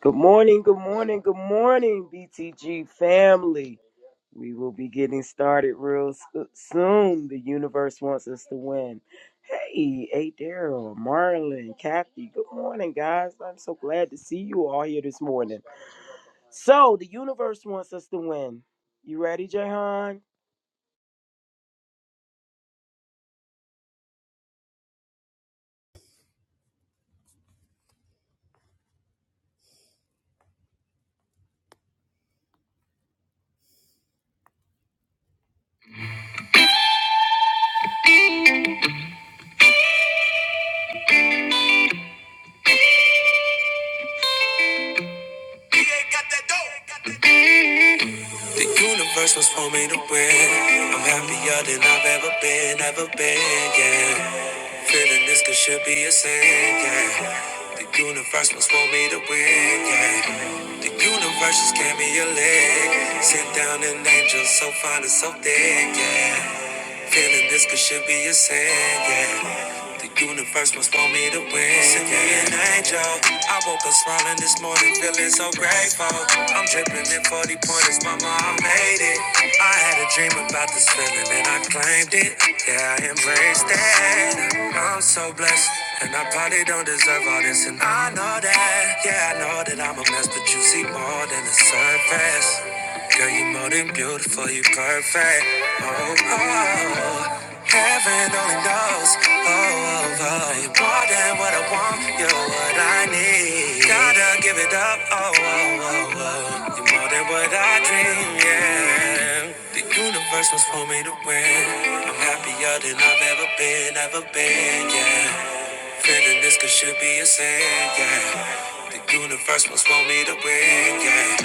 Good morning, good morning, good morning, BTG family. We will be getting started real s- soon. The universe wants us to win. Hey, hey, Daryl, Marlon, Kathy, good morning, guys. I'm so glad to see you all here this morning. So, the universe wants us to win. You ready, Jahan? The universe was for me to win. I'm happier than I've ever been, ever been, yeah. Feeling this could should be a sin, yeah. The universe was for me to win, yeah. The universe just gave me a leg. Sit down an angel so fine and so thick, yeah. Feeling this could should be a sin, yeah. The universe must want me to win. Send me an angel. I woke up smiling this morning, feeling so grateful. I'm dripping in 40 pointers, mama, I made it. I had a dream about this feeling and I claimed it. Yeah, I embraced it. I'm so blessed. And I probably don't deserve all this, and I know that. Yeah, I know that I'm a mess, but you see more than the surface. Girl, you are more than beautiful, you are perfect. Oh, oh, oh. heaven only knows. Oh, oh, oh, you more than what I want, you're what I need. Gotta give it up. Oh, oh, oh, oh, you are more than what I dream. Yeah, the universe was for me to win. I'm happier than I've ever been, ever been. Yeah. Feeling this could should be a sin, yeah. The universe must want me to win, yeah.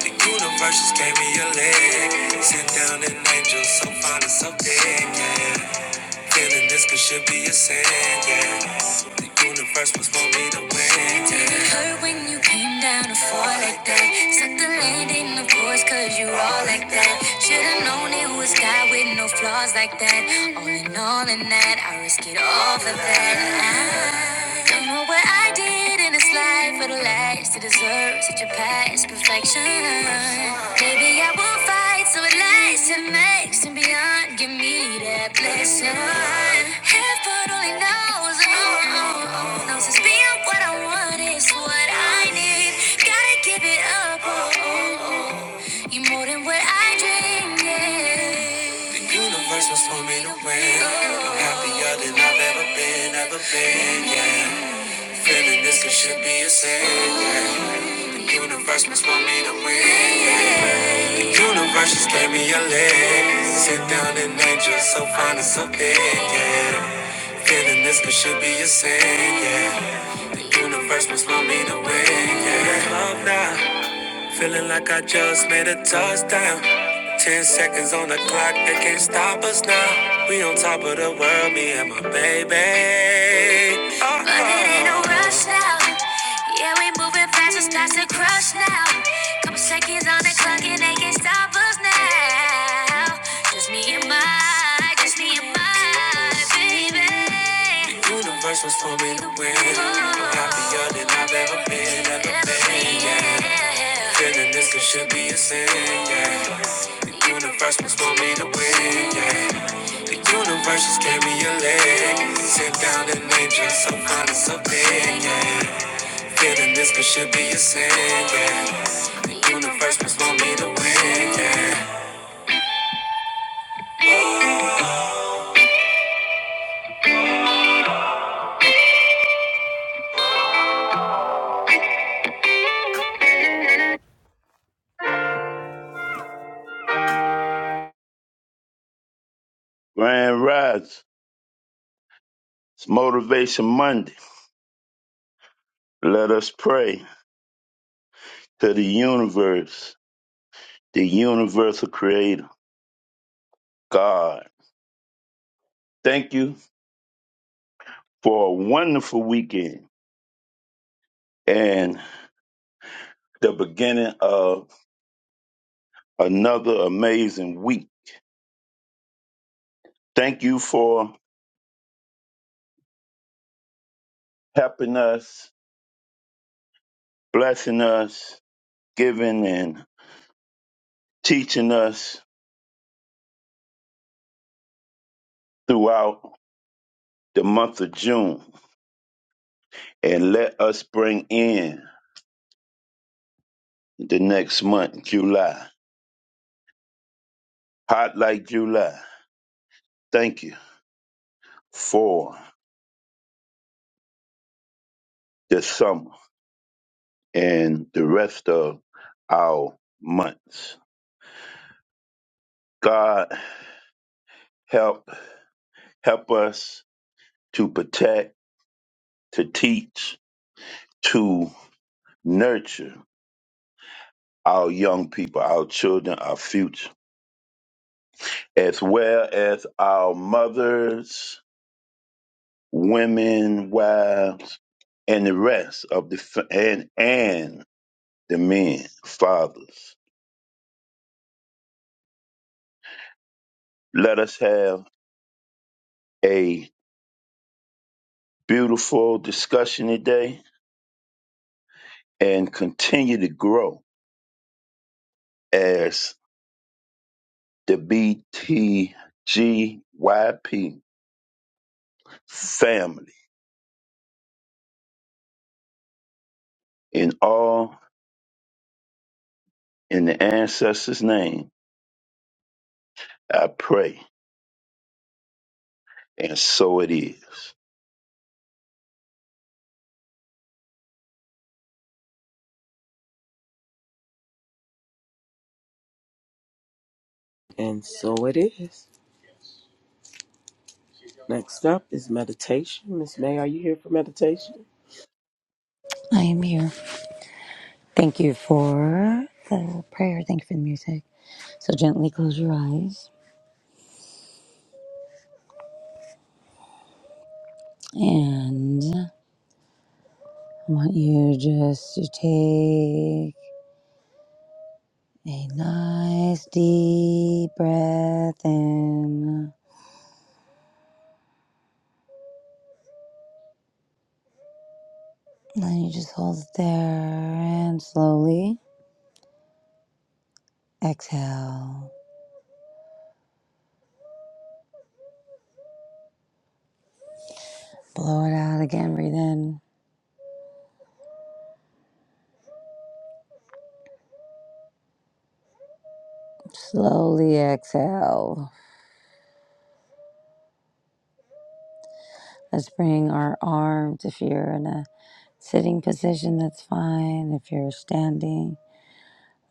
The universe just gave me a leg. Sent down an angel so fine and so big, yeah. Feeling this could should be a sin, yeah. The universe must want me to win, yeah. it hurt when you came down to fall like that? Suck the landing, of course, cause you all like that. Should've known it was God with no flaws like that. All in all, in that, I risk it all for that. I don't know what I did in this life for the last to deserve such a past perfection. Maybe I will fight so it lasts and makes and beyond. Give me that blessing. Heaven only knows, oh, oh, oh, knows it's being what I want is what I need. Gotta give it up, oh, oh, oh. you more than what I dreamed. Yeah. The universe was for me to win. I'm happier than I've ever been, ever been, yeah. Feeling this it should be a sin. yeah. Universe must want me to win. yeah. Universe just gave me a leg. Sit down and angel, so fine and so big. Yeah. Feeling this it should be a sin. Yeah. The universe must want me to win. Yeah. Love now. Feeling like I just made a touchdown. Ten seconds on the clock, they can't stop us now. We on top of the world, me and my baby. Oh, but it ain't no rush now. Yeah, we moving fast, it starts to crush now. Couple seconds on the clock, and they can't stop us now. Just me and my I just need my baby. The universe was for me to win. I'm happier than I've ever been, ever been, yeah. Feeling this could should be a sin, yeah. The universe was for me to win, yeah. The universe just gave me a leg. Sit down and name just some kind of something, yeah. Feeling this could should be a sin, yeah. The universe was for me to win, yeah. Grand Rise, it's Motivation Monday. Let us pray to the universe, the universal creator, God. Thank you for a wonderful weekend and the beginning of another amazing week. Thank you for helping us, blessing us, giving and teaching us throughout the month of June. And let us bring in the next month, July. Hot like July. Thank you for this summer and the rest of our months. God help help us to protect, to teach, to nurture our young people, our children, our future, as well as our mothers, women, wives, and the rest of the fa- and and the men, fathers. Let us have a beautiful discussion today and continue to grow as the BTGYP family. In all, in the ancestors' name, I pray, and so it is. And so it is. Next up is meditation. Miss May, are you here for meditation? I am here. Thank you for the prayer. Thank you for the music. So gently close your eyes. And I want you just to take a nice deep breath in. And then you just hold it there and slowly exhale. Blow it out again. Breathe in. Slowly exhale. Let's bring our arms if you're in a sitting position, that's fine. If you're standing,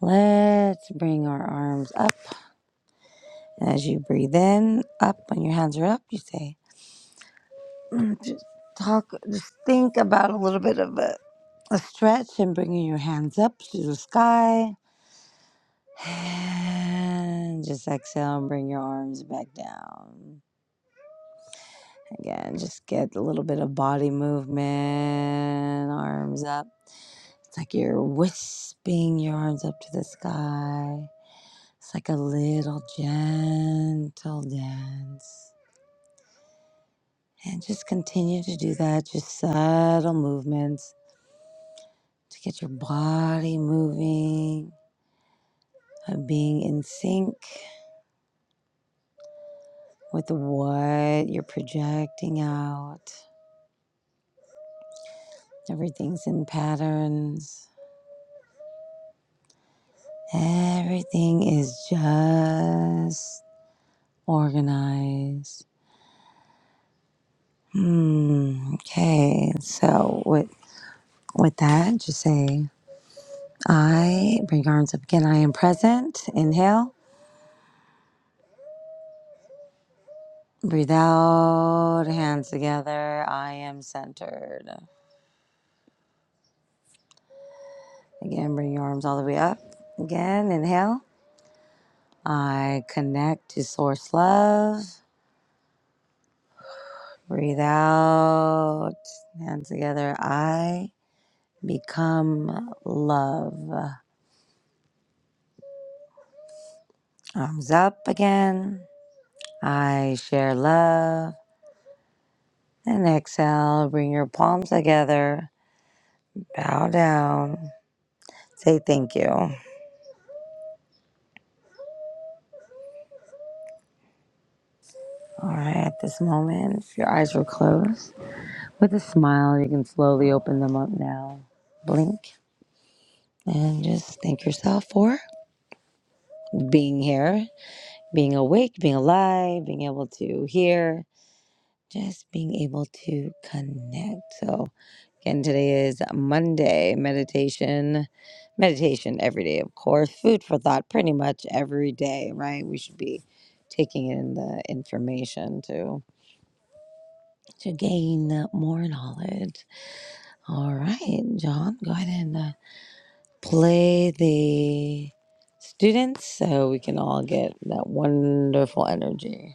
Let's bring our arms up. As you breathe in, up, when your hands are up, you say, just talk, just think about a little bit of a, a stretch and bringing your hands up to the sky. And just exhale and bring your arms back down. Again, just get a little bit of body movement, arms up. It's like you're wisping your arms up to the sky. It's like a little gentle dance. And just continue to do that, just subtle movements to get your body moving, of being in sync with what you're projecting out. Everything's in patterns, everything is just organized. Hmm. Okay. So with with that, just say I bring your arms up again. I am present. Inhale. Breathe out, hands together. I am centered. Again, bring your arms all the way up. Again, inhale. I connect to source love. Breathe out, hands together. I become love. Arms up again. I share love. And exhale, bring your palms together. Bow down. Say thank you. All right, at this moment, if your eyes were closed, With a smile, you can slowly open them up now. Blink and just thank yourself for being here, being awake, being alive, being able to hear, just being able to connect. So, again, today is Monday meditation. Meditation every day, of course. Food for thought pretty much every day, right? We should be taking in the information to to gain more knowledge. All right, John, go ahead and uh, play the students so we can all get that wonderful energy.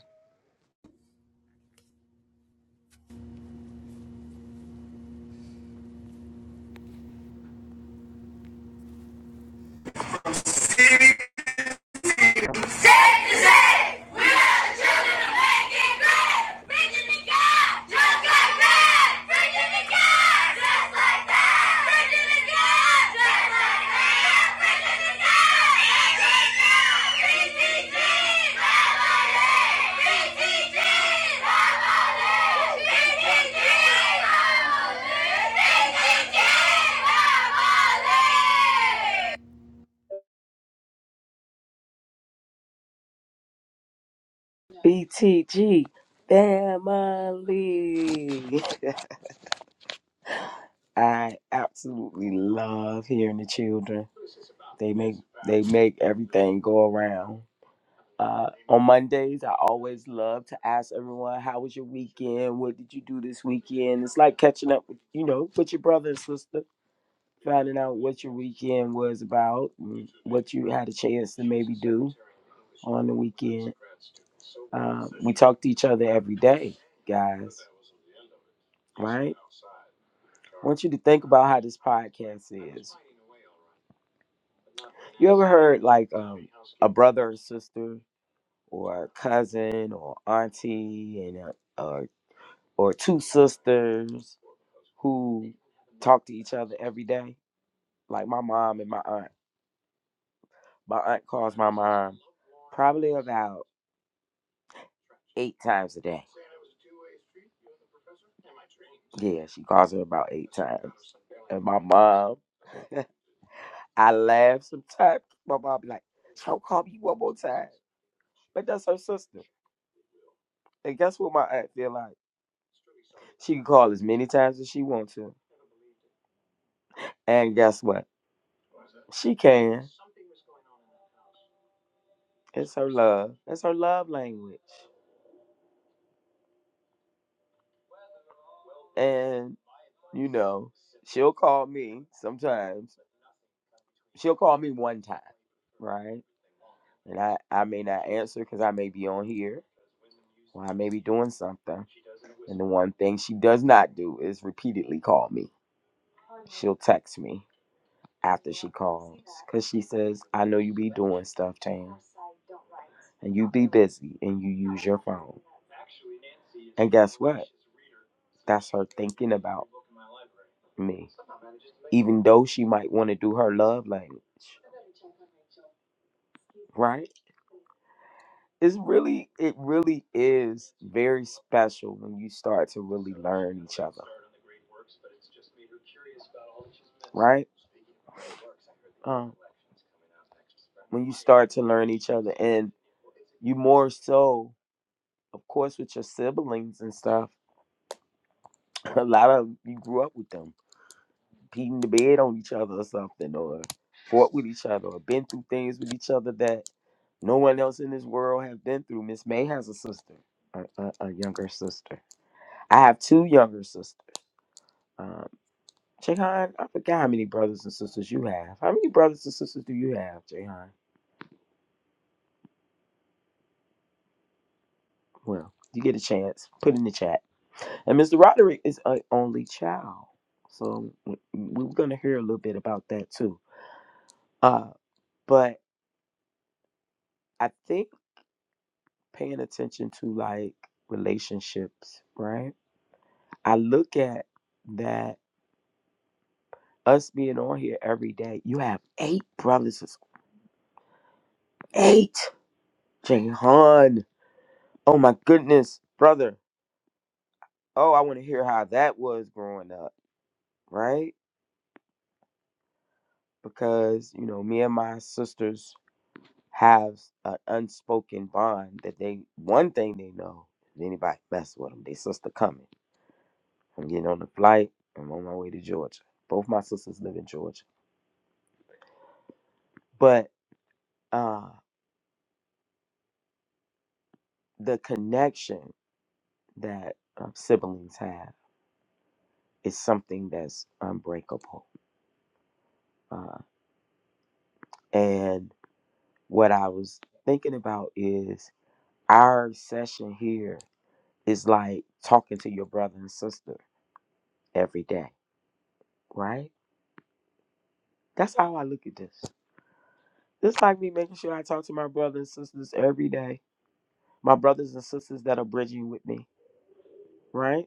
Safe to say, we are the children of making great. Preaching to God, just like that. Preaching to God, just like that. Preaching to God, just like that. Preaching to God. PTG, LLA. PTG, LLA. PTG, LLA. PTG, LLA. BTG family. I absolutely love hearing the children. They make they make everything go around. Uh, on Mondays, I always love to ask everyone, "How was your weekend? What did you do this weekend?" It's like catching up, with, you know, with your brother and sister, finding out what your weekend was about, and what you had a chance to maybe do on the weekend. Uh, we talk to each other every day, guys. Right? I want you to think about how this podcast is. You ever heard like um, a brother or sister or a cousin or auntie and a, or or two sisters who talk to each other every day? Like my mom and my aunt. My aunt calls my mom probably about eight times a day. Yeah, she calls her about eight times. And my mom, I laugh sometimes. My mom be like, "Don't call me one more time," but that's her sister. And guess what my aunt feel like? She can call as many times as she wants to. And guess what? She can. It's her love. It's her love language. And, you know, she'll call me sometimes. She'll call me one time, right? And I, I may not answer because I may be on here or I may be doing something. And the one thing she does not do is repeatedly call me. She'll text me after she calls because she says, I know you be doing stuff, Tam. And you be busy and you use your phone. And guess what? That's her thinking about me. Even though she might want to do her love language, right? It's really, it really is very special when you start to really learn each other, right? Um, when you start to learn each other, and you more so, of course, with your siblings and stuff. A lot of you grew up with them, beating the bed on each other or something, or fought with each other, or been through things with each other that No one else in this world have been through. Miss May has a sister, a, a, a younger sister. I have two younger sisters. Um, Jahan, I forgot how many brothers and sisters you have. How many brothers and sisters do you have, Jahan? Well, you get a chance. Put in the chat. And Mr. Roderick is an only child, so we- we're gonna hear a little bit about that too. Uh, but I think paying attention to like relationships, right? I look at that us being on here every day, you have eight brothers. It's eight. Jahan. Oh my goodness, brother. Oh, I want to hear how that was growing up, right? Because, you know, me and my sisters have an unspoken bond that they, one thing they know, if anybody mess with them, they sister coming. I'm getting on the flight. I'm on my way to Georgia. Both my sisters live in Georgia. But uh, the connection that uh, siblings have. is something that's unbreakable. Uh, and what I was thinking about is our session here is like talking to your brother and sister every day, right? That's how I look at this. It's like me making sure I talk to my brothers and sisters every day, my brothers and sisters that are bridging with me, right?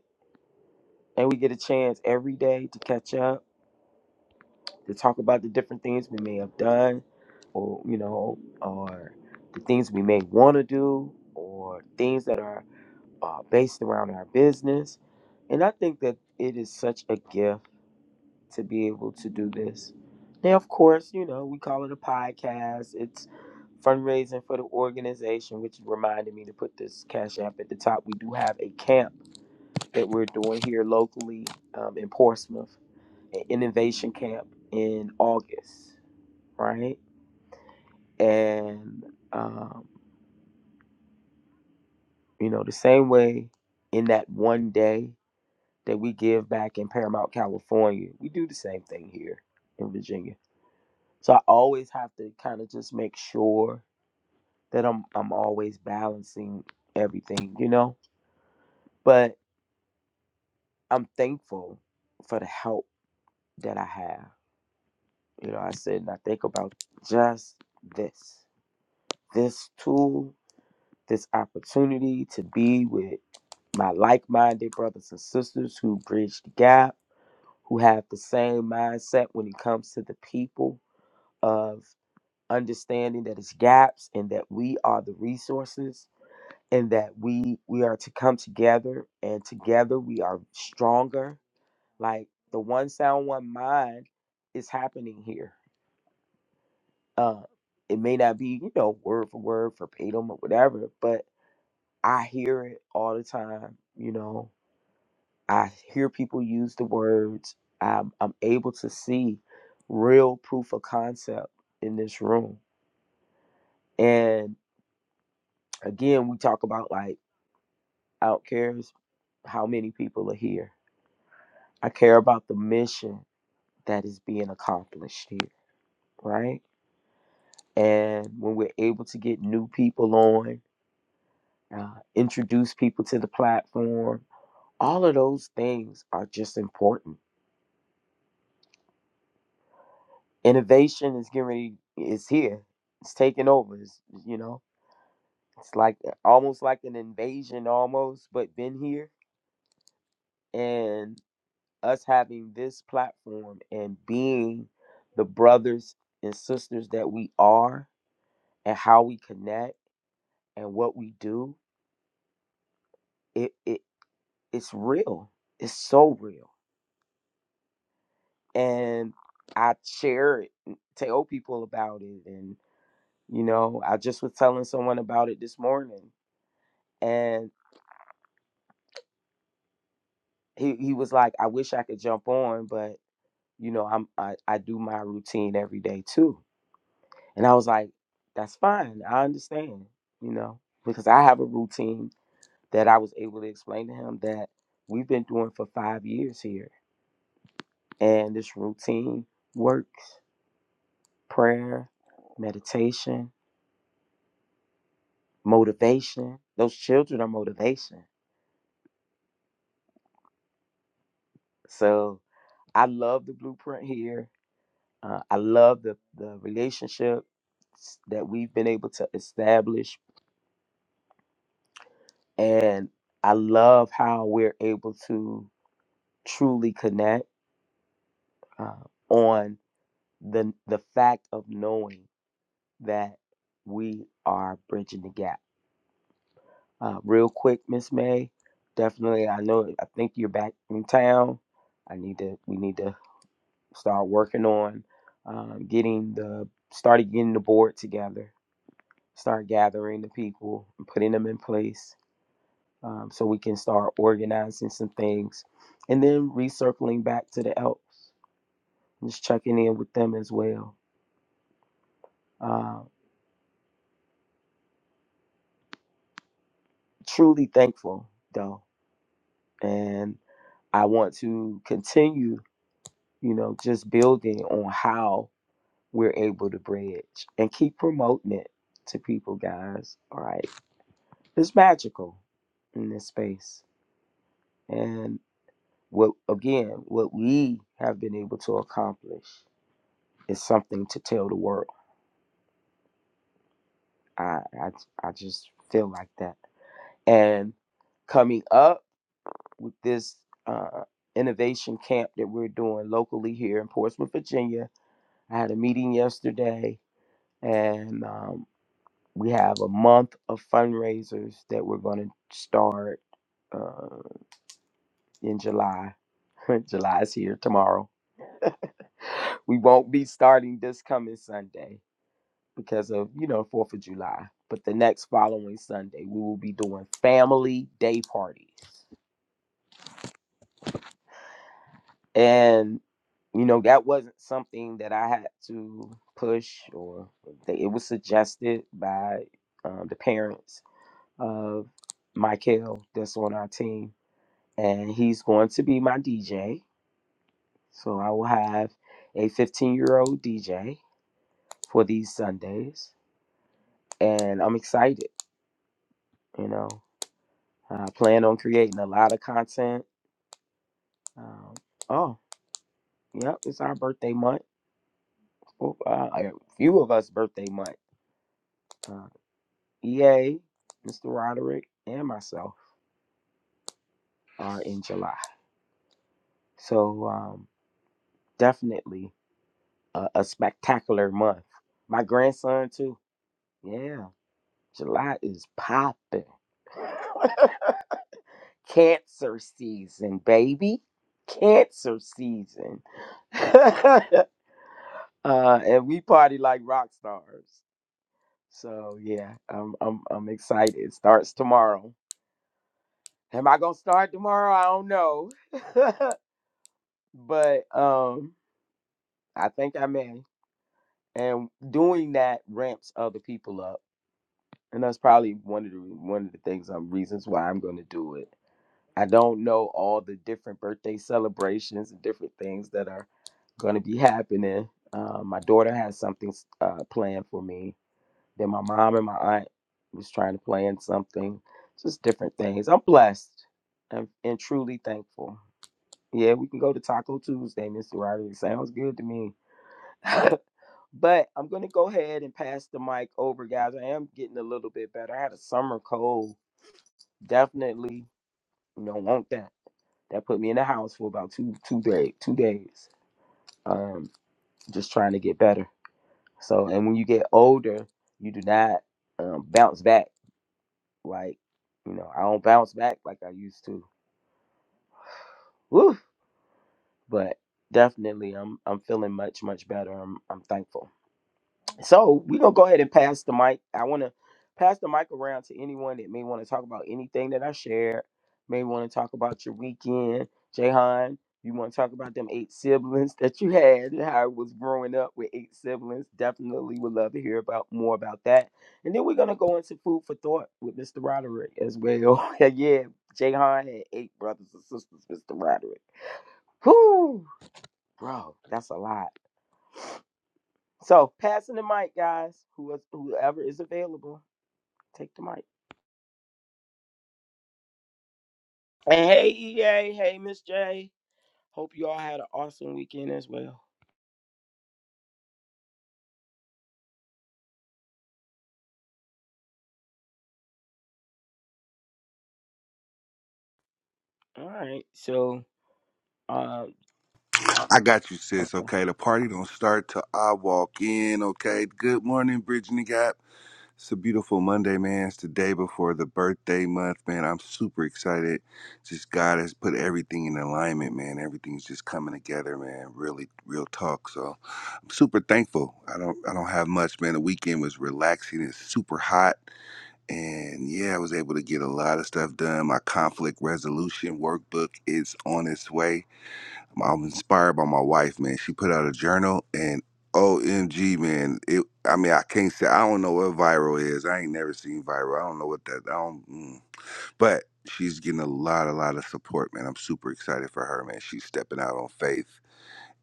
And we get a chance every day to catch up to talk about the different things we may have done or you know or the things we may want to do or things that are uh, based around our business and i think that it is such a gift to be able to do this now of course you know we call it a podcast it's fundraising for the organization which reminded me to put this cash app at the top we do have a camp that we're doing here locally um, in portsmouth an innovation camp in august right? And um, you know, the same way in that one day that we give back in Paramount, California, we do the same thing here in Virginia. So I always have to kind of just make sure that I'm I'm always balancing everything, you know. But I'm thankful for the help that I have. You know, I sit and I think about just this, this tool this opportunity to be with my like minded brothers and sisters who bridge the gap, who have the same mindset when it comes to the people of understanding that it's gaps and that we are the resources and that we we are to come together and together we are stronger like the one sound one mind is happening here uh it may not be you know word for word verbatim or whatever but I hear it all the time. You know, I hear people use the words. I'm, I'm able to see real proof of concept in this room. And again, we talk about like, I don't care how many people are here. I care about the mission that is being accomplished here, right? And when we're able to get new people on, uh, introduce people to the platform, all of those things are just important Innovation is getting ready. It's here. It's taking over. It's, you know, it's like uh, almost like an invasion, almost, but been here. And us having this platform and being the brothers and sisters that we are, and how we connect and what we do, it it it's real. It's so real, and I share it, and tell people about it, and you know, I just was telling someone about it this morning, and he he was like, I wish I could jump on, but you know, I'm I, I do my routine every day too. And I was like, That's fine, I understand, you know, because I have a routine that I was able to explain to him that we've been doing for five years here. And this routine works. Prayer, meditation, motivation. Those children are motivation. So I love the blueprint here. Uh, I love the, the relationship that we've been able to establish. And I love how we're able to truly connect uh, on the, the fact of knowing that we are bridging the gap. Uh, real quick, Miss May, definitely, I know, I think you're back in town. I need to, we need to start working on um, getting the, started getting the board together start gathering the people and putting them in place um, so we can start organizing some things and then recircling back to the elks just checking in with them as well uh, truly thankful though and i want to continue you know just building on how we're able to bridge and keep promoting it to people guys all right it's magical in this space. And What again? What we have been able to accomplish is something to tell the world. I I, I just feel like that. And coming up with this uh, innovation camp that we're doing locally here in Portsmouth, Virginia, I had a meeting yesterday, and um, we have a month of fundraisers that we're going to start uh, in July. July is here tomorrow. We won't be starting this coming Sunday because of you know Fourth of July. But the next following Sunday, we will be doing family day parties, and you know that wasn't something that I had to push or they, it was suggested by um, the parents of Michael that's on our team, and he's going to be my DJ. So I will have a 15 year old DJ for these Sundays, and I'm excited. You know, I plan on creating a lot of content Um, oh, yep, it's our birthday month. Oh, uh, a few of us birthday month. Uh, EA, Mr. Roderick, and myself are in July. So um, definitely a, a spectacular month. My grandson too. Yeah, July is popping. Cancer season, baby. Cancer season. uh, and we party like rock stars. So yeah, I'm I'm I'm excited. It starts tomorrow. Am I gonna start tomorrow? I don't know. but um I think I may. And doing that ramps other people up. And that's probably one of the one of the things um reasons why I'm gonna do it. I don't know all the different birthday celebrations and different things that are gonna be happening. Uh, my daughter has something uh, planned for me Then my mom and my aunt was trying to plan something, just different things. I'm blessed and, and truly thankful. Yeah, we can go to Taco Tuesday, Mr. Roderick. Sounds good to me. but I'm gonna go ahead and pass the mic over, guys. I am getting a little bit better. I had a summer cold. Definitely, you know, want that. That put me in the house for about two two days two days. Um, just trying to get better. So and when you get older, you do not um, bounce back Like, you know, I don't bounce back like I used to. Woo! But definitely I'm I'm feeling much, much better. I'm I'm thankful. So we're gonna go ahead and pass the mic. I wanna pass the mic around to anyone that may want to talk about anything that I shared, may want to talk about your weekend. Jahan, you wanna talk about them eight siblings that you had and how it was growing up with eight siblings. Definitely would love to hear about more about that. And then we're gonna go into food for thought with Mr. Roderick as well. yeah, Jahan had eight brothers and sisters, Mr. Roderick. Whoo, bro, that's a lot. So passing the mic, guys. Who is whoever is available, take the mic. And hey EA, hey Miss J. Hope you all had an awesome weekend as well. All right. So um I got you, sis. Okay, the party don't start till I walk in. Okay, good morning, Bridging the Gap. It's a beautiful Monday, man. It's the day before the birthday month, man. I'm super excited. Just God has put everything in alignment, man. Everything's just coming together, man. Really, real talk. So I'm super thankful. I don't, I don't have much, man. The weekend was relaxing. It's super hot, and yeah, I was able to get a lot of stuff done. My conflict resolution workbook is on its way I'm inspired by my wife, man. She put out a journal and OMG, man. It I mean, I can't say I don't know what viral is. I ain't never seen viral. I don't know what that I don't mm. but she's getting a lot, a lot of support, man. I'm super excited for her, man. She's stepping out on faith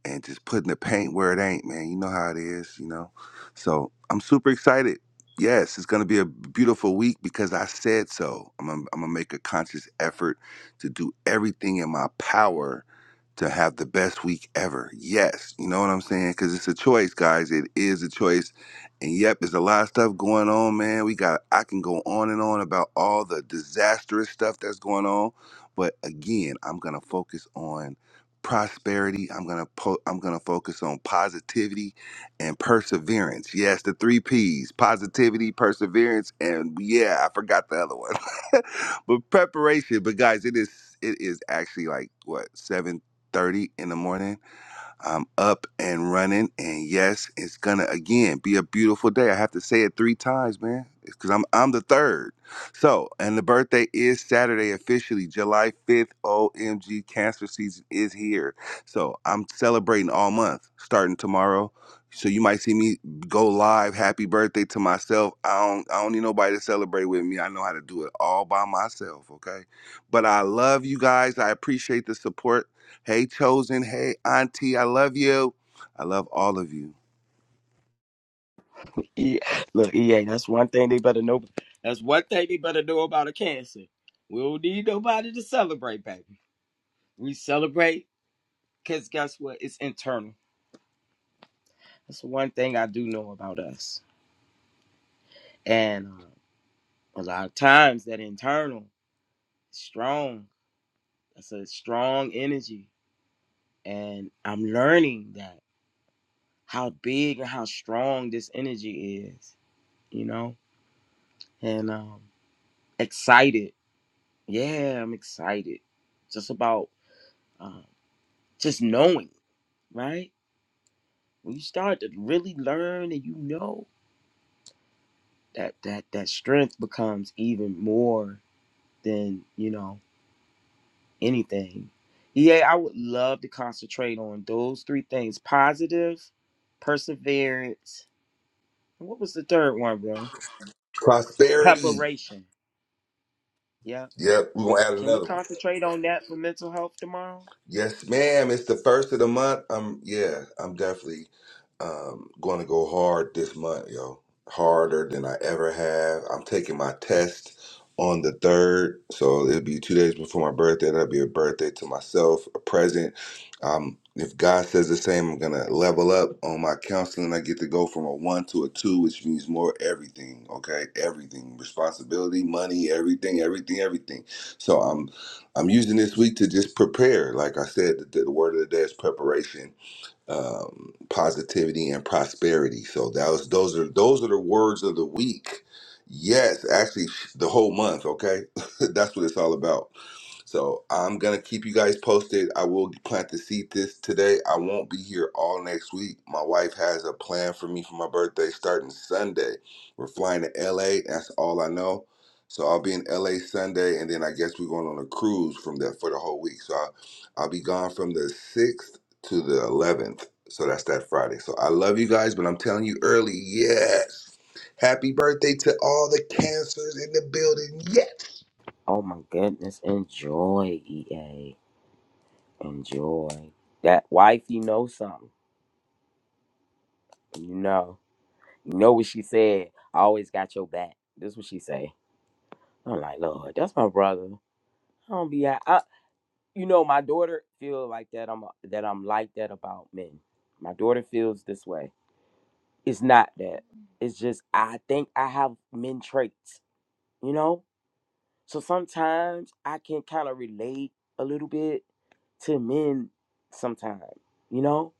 and just putting the paint where it ain't, man. You know how it is, you know. So I'm super excited. Yes, it's gonna be a beautiful week because I said so. I'm gonna, I'm gonna make a conscious effort to do everything in my power to have the best week ever. Yes, you know what I'm saying? Because it's a choice, guys. It is a choice. And yep, there's a lot of stuff going on, man. We got, I can go on and on about all the disastrous stuff that's going on. But again, I'm going to focus on prosperity. I'm gonna po- I'm gonna focus on positivity and perseverance. Yes, the three P's: positivity, perseverance, and yeah, I forgot the other one. but preparation. But guys, it is it is actually like what seven thirty in the morning I'm up and running, and yes, it's gonna again be a beautiful day. I have to say it three times, man, because I'm I'm the third. So, and the birthday is Saturday officially, July 5th. OMG, cancer season is here. So I'm celebrating all month, starting tomorrow. So you might see me go live. Happy birthday to myself. I don't I don't need nobody to celebrate with me. I know how to do it all by myself. Okay, but I love you guys. I appreciate the support. Hey, Chosen. Hey, Auntie. I love you. I love all of you. yeah, look, EA, that's one thing they better know. That's one thing they better know about a cancer. We don't need nobody to celebrate, baby. We celebrate because guess what? It's internal. That's the one thing I do know about us. And uh, a lot of times that internal, strong. That's a strong energy and I'm learning that how big and how strong this energy is, you know, and um, excited. Yeah, I'm excited just about um, just knowing, right? When you start to really learn and you know that that that strength becomes even more than you know anything. Yeah, I would love to concentrate on those three things: positive, perseverance, and what was the third one, bro? Prosperity. Preparation Yeah. Yep, we're gonna add Can we another one. concentrate on that for mental health tomorrow? Yes, ma'am. It's the first of the month. Um, yeah, I'm definitely um going to go hard this month, yo. Harder than I ever have. I'm taking my test on the third, so it'll be two days before my birthday. That'll be a birthday to myself, a present. Um, if God says the same, I'm gonna level up on my counseling. I get to go from a one to a two, which means more everything. Okay, everything, responsibility, money, everything, everything, everything. So I'm I'm using this week to just prepare. Like I said, the, the word of the day is preparation, um, positivity, and prosperity. So that was those are those are the words of the week. Yes, actually, the whole month. Okay, that's what it's all about. So I'm gonna keep you guys posted. I will plant the seed this today. I won't be here all next week. My wife has a plan for me for my birthday starting Sunday. We're flying to LA. That's all I know. So I'll be in LA Sunday, and then I guess we're going on a cruise from there for the whole week. So I'll, I'll be gone from the sixth to the eleventh. So that's that Friday. So I love you guys, but I'm telling you early, yes. Happy birthday to all the cancers in the building. yes. Oh my goodness. Enjoy, EA. Enjoy. That wife, you know something. You know. You know what she said. I always got your back. This what she say. I'm like, Lord, that's my brother. I don't be at I, you know, my daughter feel like that I'm that I'm like that about men. My daughter feels this way. It's not that. It's just I think I have men traits, you know? So sometimes I can kind of relate a little bit to men sometimes, you know?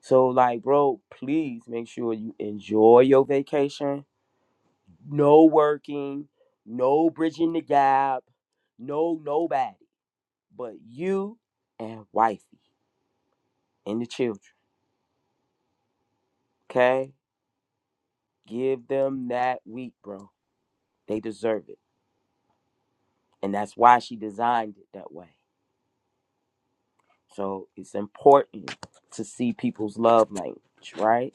So like, bro, please make sure you enjoy your vacation. No working, no bridging the gap, no nobody but you and wifey and the children. Okay? Give them that week, bro. They deserve it. And that's why she designed it that way. So it's important to see people's love language, right?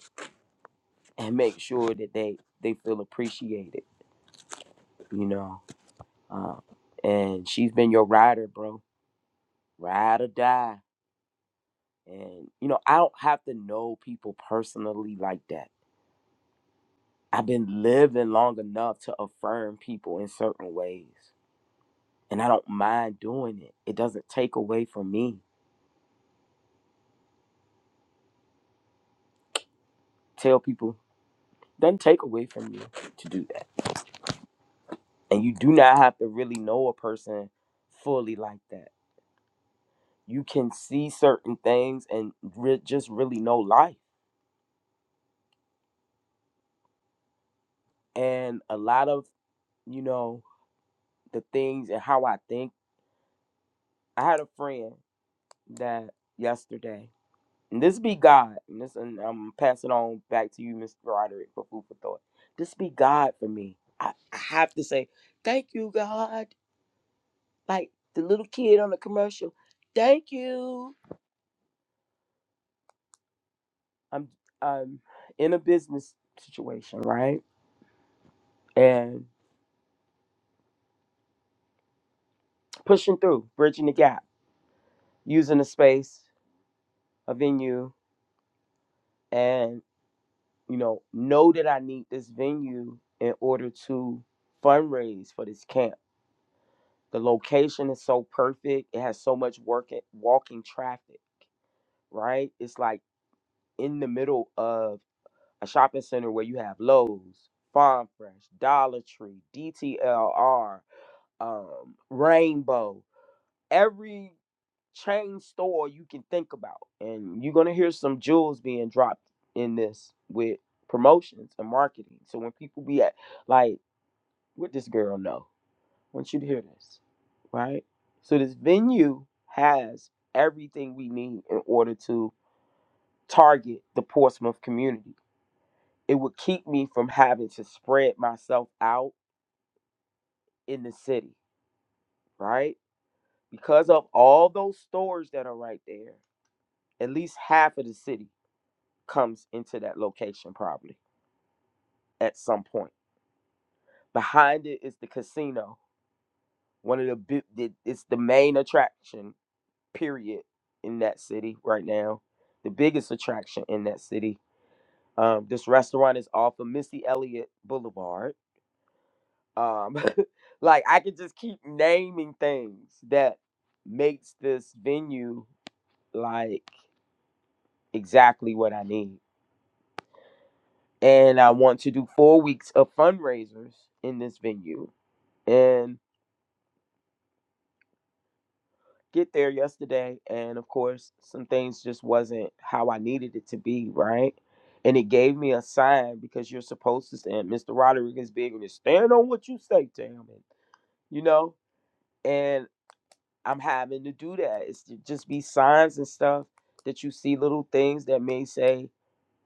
and make sure that they they feel appreciated you know um, and she's been your rider bro ride or die and you know i don't have to know people personally like that i've been living long enough to affirm people in certain ways and i don't mind doing it it doesn't take away from me tell people doesn't take away from you to do that and you do not have to really know a person fully like that you can see certain things and re- just really know life. And a lot of, you know, the things and how I think. I had a friend that yesterday, and this be God, and this, and I'm passing on back to you, Mr. Roderick, for food for thought. This be God for me. I, I have to say, thank you, God. Like the little kid on the commercial, thank you. I'm, I'm in a business situation, right? And pushing through, bridging the gap using a space, a venue, and you know, know that I need this venue in order to fundraise for this camp. The location is so perfect. It has so much work at walking traffic, right? It's like in the middle of a shopping center where you have Lowe's, Farm Fresh, Dollar Tree, DTLR, um, Rainbow. every chain store you can think about. And you're gonna hear some jewels being dropped in this with promotions and marketing. So when people be at like, what this girl know? I want you to hear this, right? So this venue has everything we need in order to target the Portsmouth community. It would keep me from having to spread myself out in the city, right? Because of all those stores that are right there, at least half of the city comes into that location probably at some point. Behind it is the casino, one of the big, the- it's the main attraction period in that city right now, the biggest attraction in that city. Um, this restaurant is off of Missy Elliott Boulevard. Um, like I could just keep naming things that makes this venue like exactly what I need. And I want to do four weeks of fundraisers in this venue. And get there yesterday and of course some things just wasn't how I needed it to be, right? And it gave me a sign because you're supposed to stand. Mr. Rodriguez big and stand on what you say, damn it. You know? And I'm having to do that. It's to just be signs and stuff that you see little things that may say,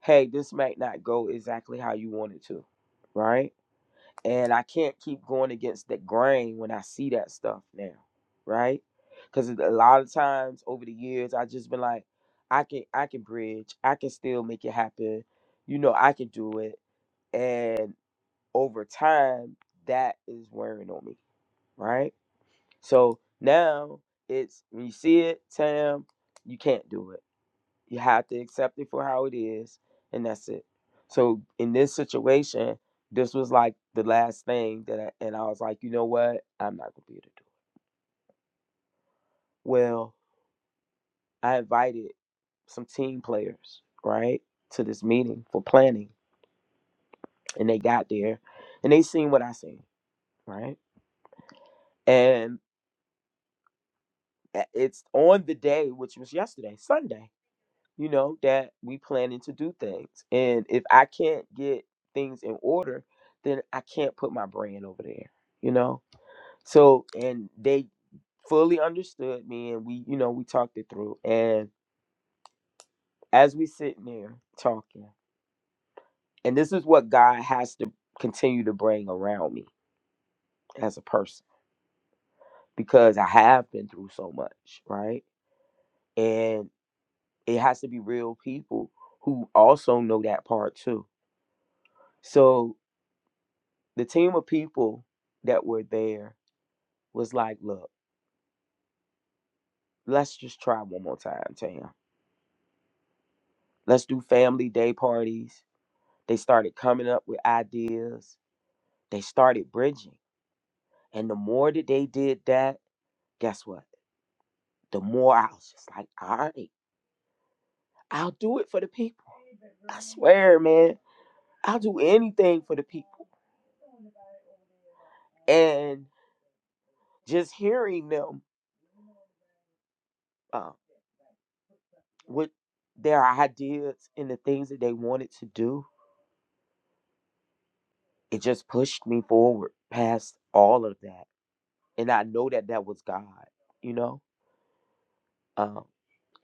hey, this might not go exactly how you want it to, right? and I can't keep going against the grain when I see that stuff now, right? Because a lot of times over the years, I just been like, I can, I can bridge, I can still make it happen, you know, I can do it, and over time, that is wearing on me, right? So now it's when you see it, Tam, you can't do it you have to accept it for how it is, and that's it. So in this situation, this was like the last thing that, I, and I was like, you know what? I'm not gonna be able to do. It. Well, I invited some team players, right, to this meeting for planning, and they got there, and they seen what I seen, right, and eh, it's on the day, which was yesterday, Sunday you know, that we planning to do things. And if I can't get things in order, then I can't put my brand over there, you know? So, and they fully understood me and we, you know, we talked it through. And as we sitting there talking, and this is what God has to continue to bring around me as a person because I have been through so much, right? And it has to be real people who also know that part too. So The team of people that were there was like, look, let's just try one more time, Tam. Let's do family day parties. They started coming up with ideas. They started bridging. And the more that they did that, guess what? The more I was just like, all right, I'll do it for the people. I swear, man, I'll do anything for the people. And just hearing them uh, with their ideas and the things that they wanted to do it just pushed me forward past all of that and i know that that was god you know um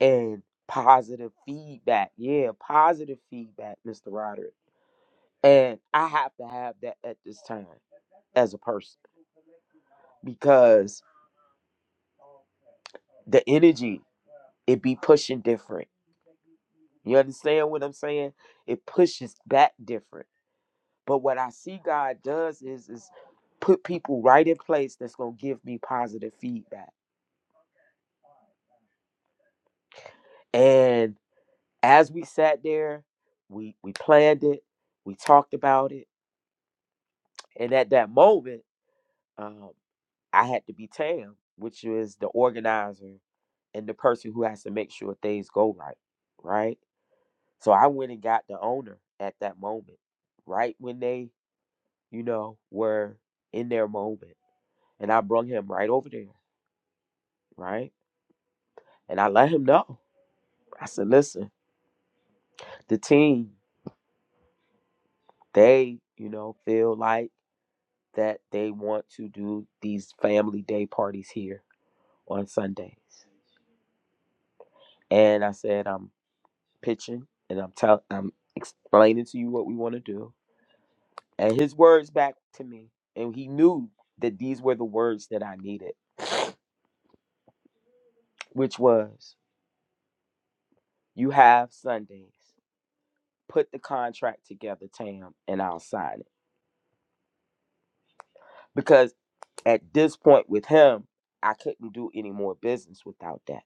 and positive feedback yeah positive feedback mr roderick and i have to have that at this time as a person because the energy it be pushing different you understand what i'm saying it pushes back different but what i see god does is is put people right in place that's gonna give me positive feedback and as we sat there, we we planned it, we talked about it, and at that moment, um, I had to be Tam, which is the organizer and the person who has to make sure things go right, right. So I went and got the owner at that moment, right when they, you know, were in their moment, and I brung him right over there, right, and I let him know. I said, listen, the team, they, you know, feel like that they want to do these family day parties here on Sundays. And I said, I'm pitching and I'm tell I'm explaining to you what we want to do. And his words back to me, and he knew that these were the words that I needed, which was, you have Sundays. Put the contract together, Tam, and I'll sign it. Because at this point with him, I couldn't do any more business without that.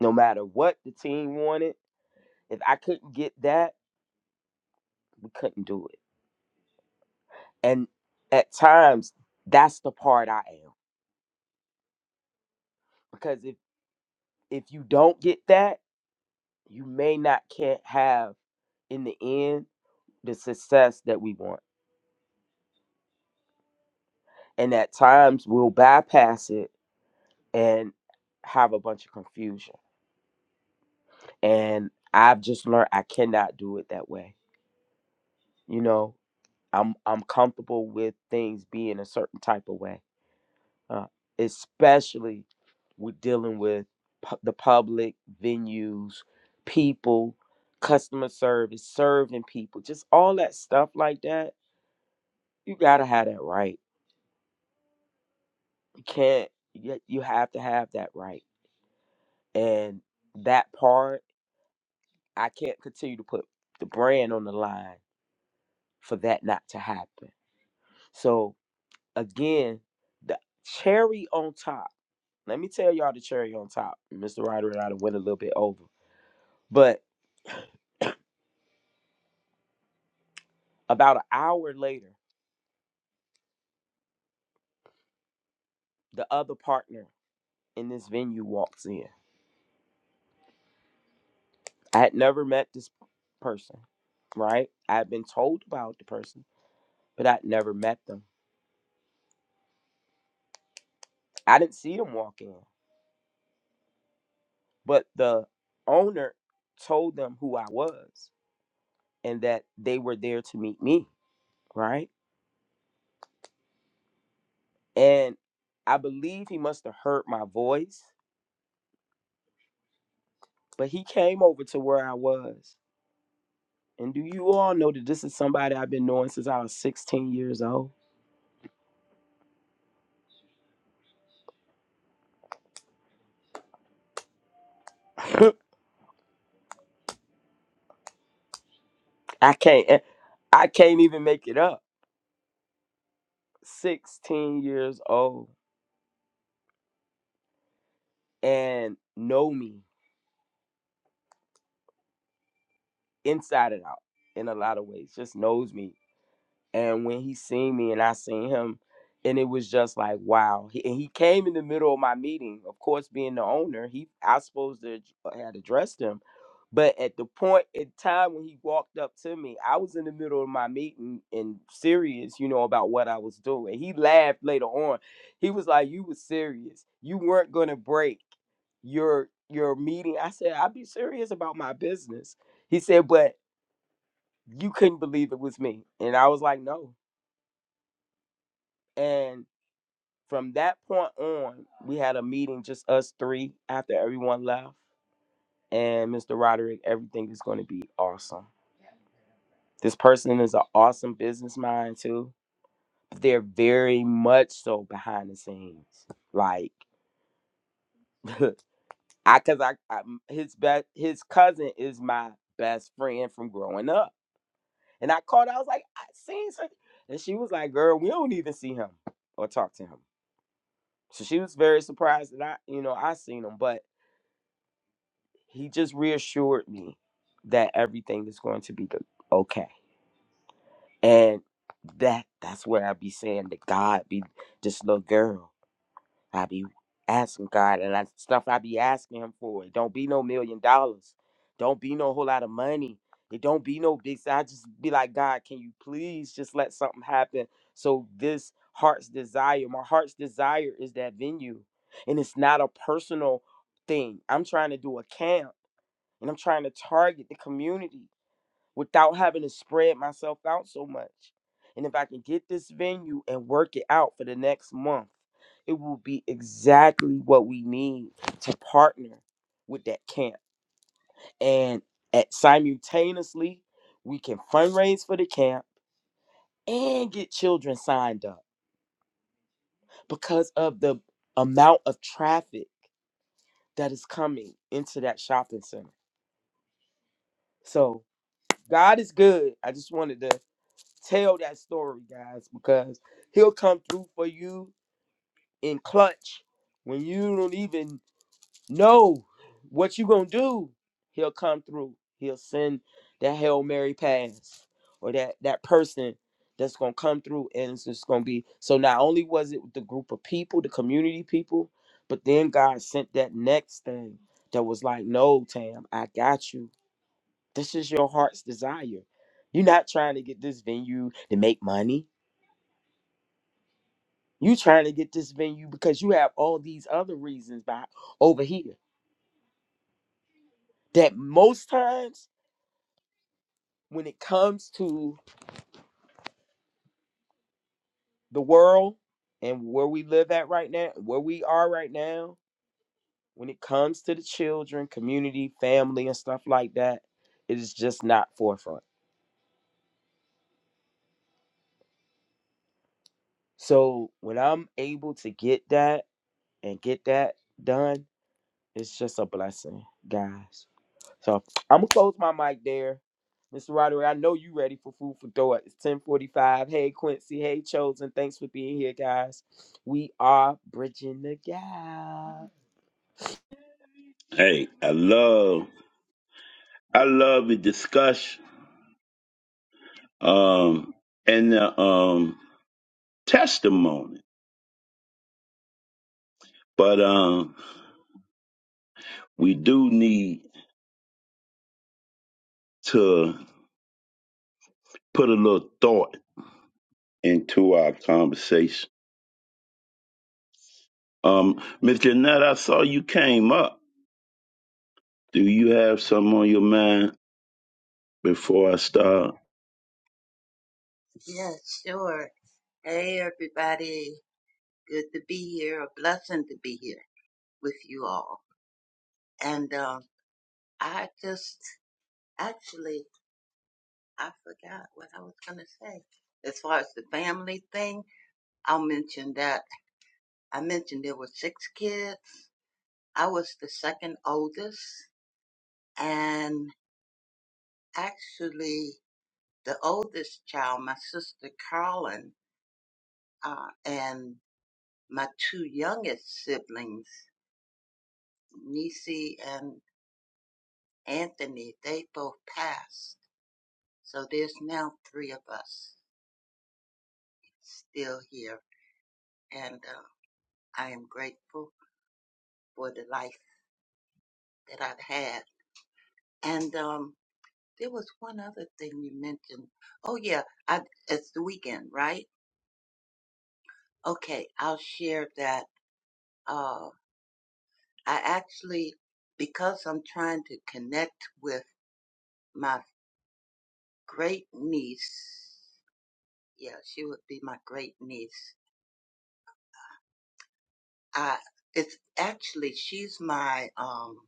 No matter what the team wanted, if I couldn't get that, we couldn't do it and at times that's the part i am because if if you don't get that you may not can't have in the end the success that we want and at times we'll bypass it and have a bunch of confusion and i've just learned i cannot do it that way you know i'm i'm comfortable with things being a certain type of way uh, especially with dealing with pu- the public venues, people, customer service, serving people, just all that stuff like that. You gotta have that right. You can't. You you have to have that right, and that part I can't continue to put the brand on the line for that not to happen. So again, the cherry on top. Let me tell y'all the cherry on top. Mr. Roderick, and I done went a little bit over, but About an hour later, the other partner in this venue walks in. I had never met this person, right? I had been told about the person, but I'd never met them. I didn't see them walk in, but the owner told them who I was and that they were there to meet me, right? And I believe he must have heard my voice, but he came over to where I was. And do you all know that this is somebody I've been knowing since I was 16 years old? I can't eh, I can't even make it up. 16 years old and know me inside and out in a lot of ways. Just knows me. And when he seen me and I seen him, and it was just like wow. He, and he came in the middle of my meeting. Of course, being the owner, he I supposed to uh, had addressed him But at the point in time when he walked up to me, I was in the middle of my meeting and serious, you know, about what I was doing. He laughed later on. He was like, "You was serious. You weren't gonna break your your meeting." I said, "I'd be serious about my business." He said, "But you couldn't believe it was me," and I was like, "No." And from that point on, we had a meeting, just us three, after everyone left. And Mr. Roderick, everything is going to be awesome. This person is an awesome business mind too, but they're very much so behind the scenes. Like, I cause I, I, his best his cousin is my best friend from growing up, and I called. I was like, I seen her, and she was like, "Girl, we don't even see him or talk to him." So she was very surprised that I, you know, I seen him, but he just reassured me that everything is going to be good, okay, and that that's where I be saying that God be this little girl. I be asking God and that stuff I be asking him for. It don't be no million dollars. Don't be no whole lot of money. It don't be no big si-, I just be like, God, can you please just let something happen? So this heart's desire, my heart's desire is that venue. And it's not a personal thing. I'm trying to do a camp and I'm trying to target the community without having to spread myself out so much. And if I can get this venue and work it out for the next month, it will be exactly what we need to partner with that camp. And at simultaneously, we can fundraise for the camp and get children signed up because of the amount of traffic that is coming into that shopping center. So God is good. I just wanted to tell that story, guys, because he'll come through for you in clutch when you don't even know what you're gonna do. He'll come through. He'll send that Hail Mary pass or that that person that's gonna come through and it's just gonna be so not only was it the group of people, the community people, but then God sent that next thing that was like, No, Tam, I got you. This is your heart's desire. You're not trying to get this venue to make money. You trying to get this venue because you have all these other reasons by over here. That most times when it comes to the world and where we live at right now, where we are right now, when it comes to the children, community, family, and stuff like that, it is just not forefront. So when I'm able to get that and get that done, it's just a blessing, guys. So I'm gonna close my mic there. Mr. Roderick, I know you ready for food for thought. It's 1045. Hey Quincy, hey Chosen. Thanks for being here, guys. We are bridging the gap. Hey, I love, I love the discussion, um, and the um testimony, but um, we do need to put a little thought into our conversation. Um, Miss Jeanette, I saw you came up. Do you have something on your mind before I start? Yeah, sure. Hey, everybody. Good to be here. A blessing to be here with you all. And um, I just actually I forgot what I was going to say. As far as the family thing, I'll mention that I mentioned there were six kids. I was the second oldest, and actually the oldest child, my sister Carolyn, uh, and my two youngest siblings, Nisi and Anthony, they both passed. So there's now three of us still here, and uh, I am grateful for the life that I've had. And um, there was one other thing you mentioned. Oh yeah, I, it's the weekend, right? Okay, I'll share that. Uh, I actually, because I'm trying to connect with my great niece. Yeah, she would be my great niece I it's actually she's my um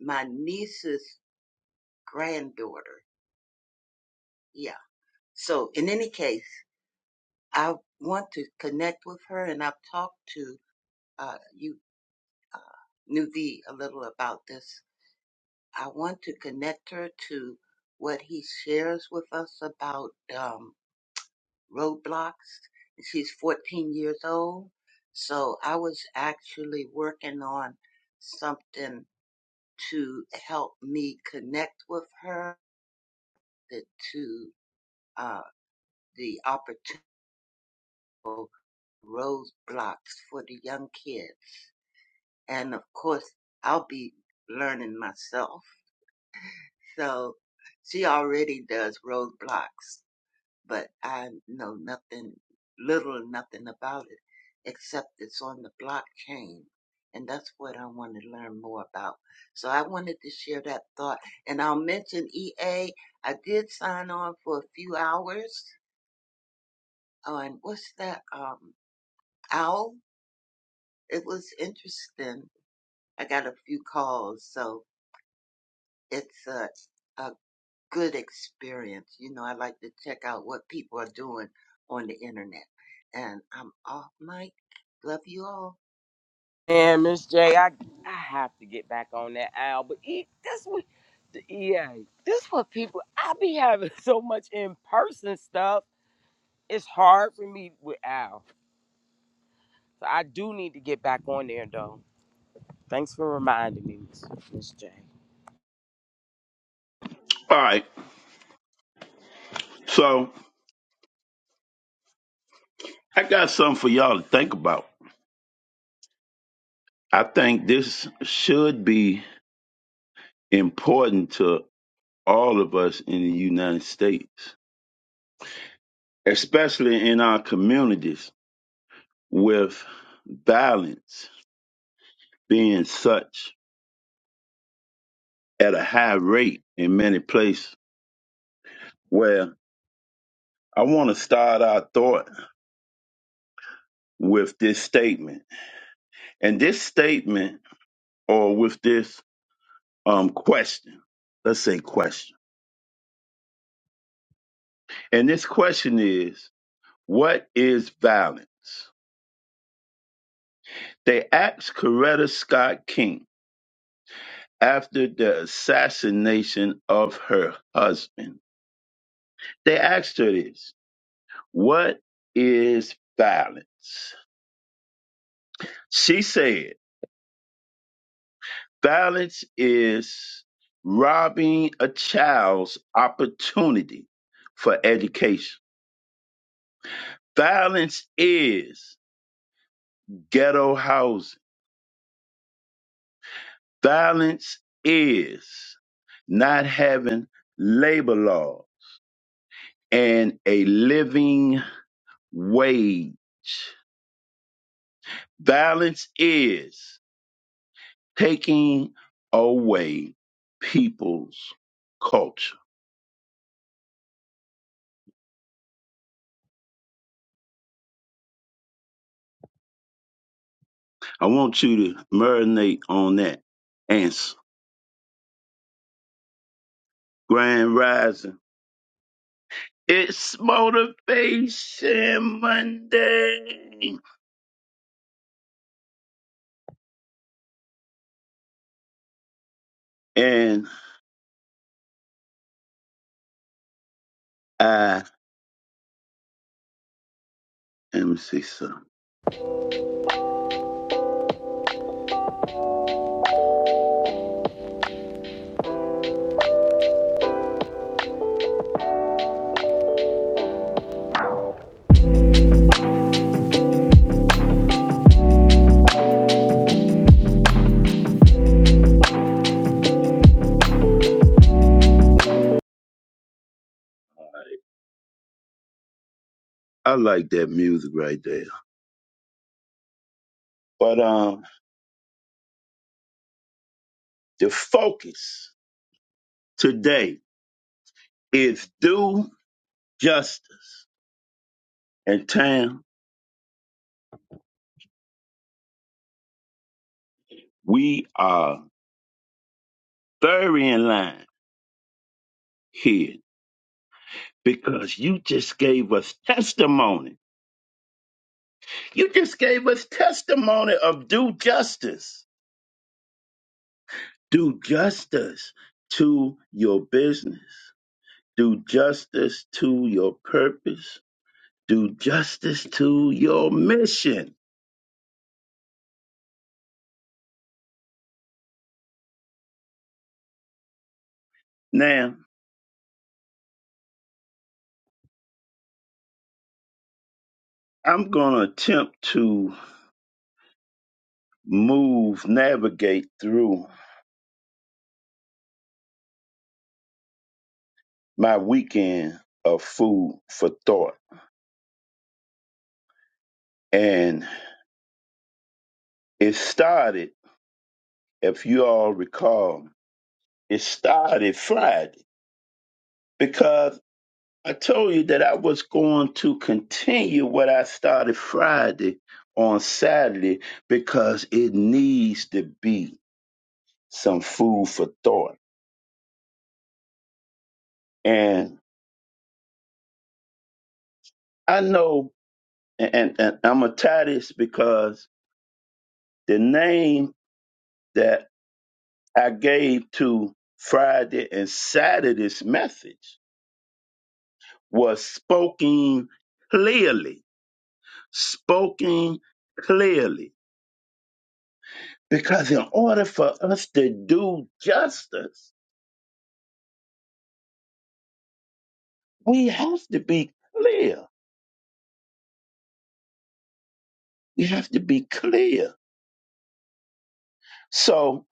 my niece's granddaughter. Yeah. So in any case, I want to connect with her, and I've talked to uh, you, uh, Nuvi, a little about this. I want to connect her to what he shares with us about um, roadblocks. She's 14 years old, so I was actually working on something to help me connect with her the, to uh, the opportunity roadblocks for the young kids. And of course, I'll be learning myself. So she already does roadblocks. but I know nothing, little or nothing about it, except it's on the blockchain. And that's what I want to learn more about. So I wanted to share that thought. And I'll mention EA. I did sign on for a few hours on what's that? Um, OWL. It was interesting. I got a few calls. So it's a, a good experience. You know, I like to check out what people are doing on the internet. And I'm off mic. Love you all. And Miss J, I I have to get back on that owl. But e, this what the EA. This what people I be having so much in person stuff. It's hard for me with Al. So I do need to get back on there though. Thanks for reminding me, Miss Miss J. All right. So I got something for y'all to think about. I think this should be important to all of us in the United States, especially in our communities with violence being such at a high rate in many places. Where I want to start our thought with this statement. And this statement, or with this um, question. Let's say question. And this question is, what is violence? They asked Coretta Scott King after the assassination of her husband. They asked her this, what is violence? She said, violence is robbing a child's opportunity for education. Violence is ghetto housing. Violence is not having labor law and a living wage. Violence is taking away people's culture. I want you to marinate on that answer. Grand Rising. It's Motivation Monday. And I, let me see something. I like that music right there. But, um. The focus today is due justice. And Tam, we are very in line here because you just gave us testimony. You just gave us testimony of due justice. Do justice to your business. Do justice to your purpose. Do justice to your mission. Now, I'm going to attempt to move, navigate through my weekend of food for thought. And it started, if you all recall, it started Friday because I told you that I was going to continue what I started Friday on Saturday because it needs to be some food for thought. And I know, and, and, and I'm going to tie this because the name that I gave to Friday and Saturday's message was spoken clearly, spoken clearly. Because in order for us to do justice, we have to be clear. We have to be clear. So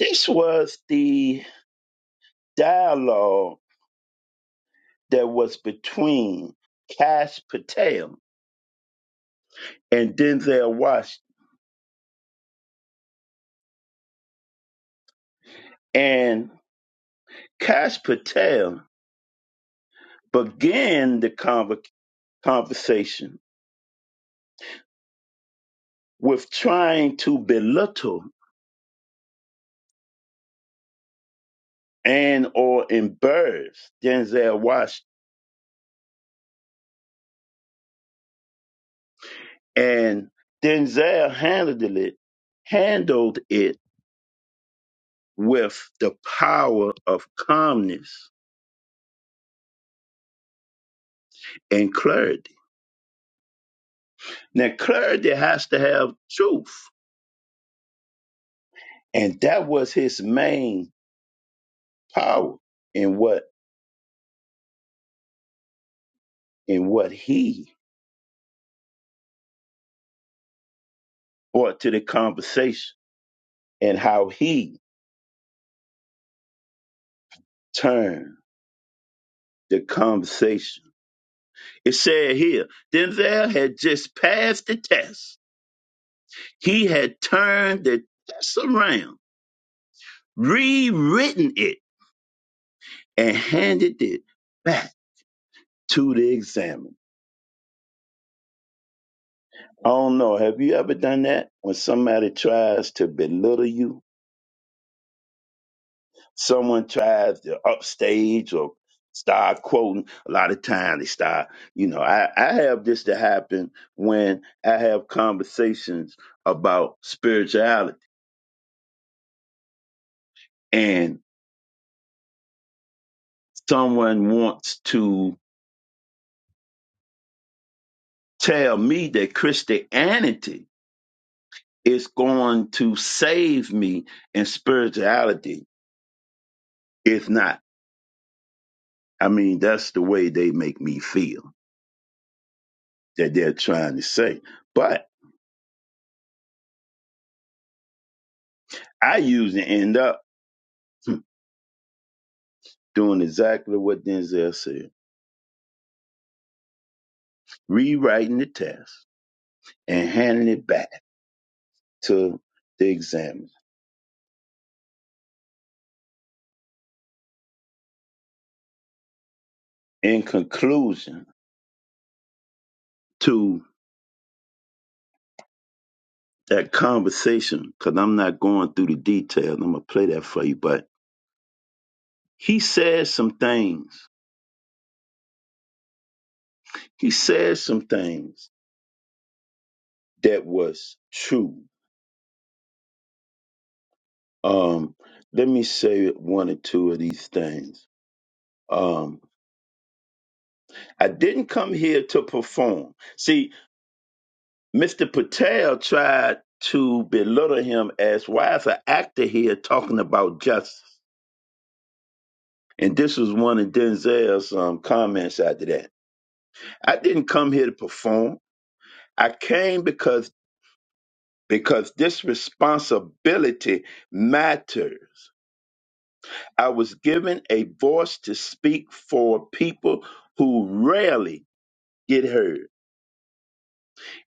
this was the dialogue that was between Cash Patel and Denzel Washington. And Cash Patel began the conversation conversation with trying to belittle and or embarrass Denzel Washington. And Denzel handled it, handled it with the power of calmness and clarity. Now clarity has to have truth. And that was his main power in what in what he brought to the conversation and how he turned the conversation It said here, Denzel had just passed the test. He had turned the test around, rewritten it, and handed it back to the examiner. I don't know. Have you ever done that? When somebody tries to belittle you, someone tries to upstage or start quoting. A lot of times they start, you know, I, I have this to happen when I have conversations about spirituality. and. someone wants to tell me that Christianity is going to save me and spirituality is not. I mean, that's the way they make me feel that they're trying to say. But I usually end up hmm, doing exactly what Denzel said, rewriting the test and handing it back to the examiner. In conclusion to that conversation, because I'm not going through the details, I'm going to play that for you, but He said some things. He said some things that was true. Um, let me say one or two of these things. Um, I didn't come here to perform. See, Mr. Patel tried to belittle him as why is an actor here talking about justice? And this was one of Denzel's um, comments after that. I didn't come here to perform. I came because because this responsibility matters. I was given a voice to speak for people who rarely get heard.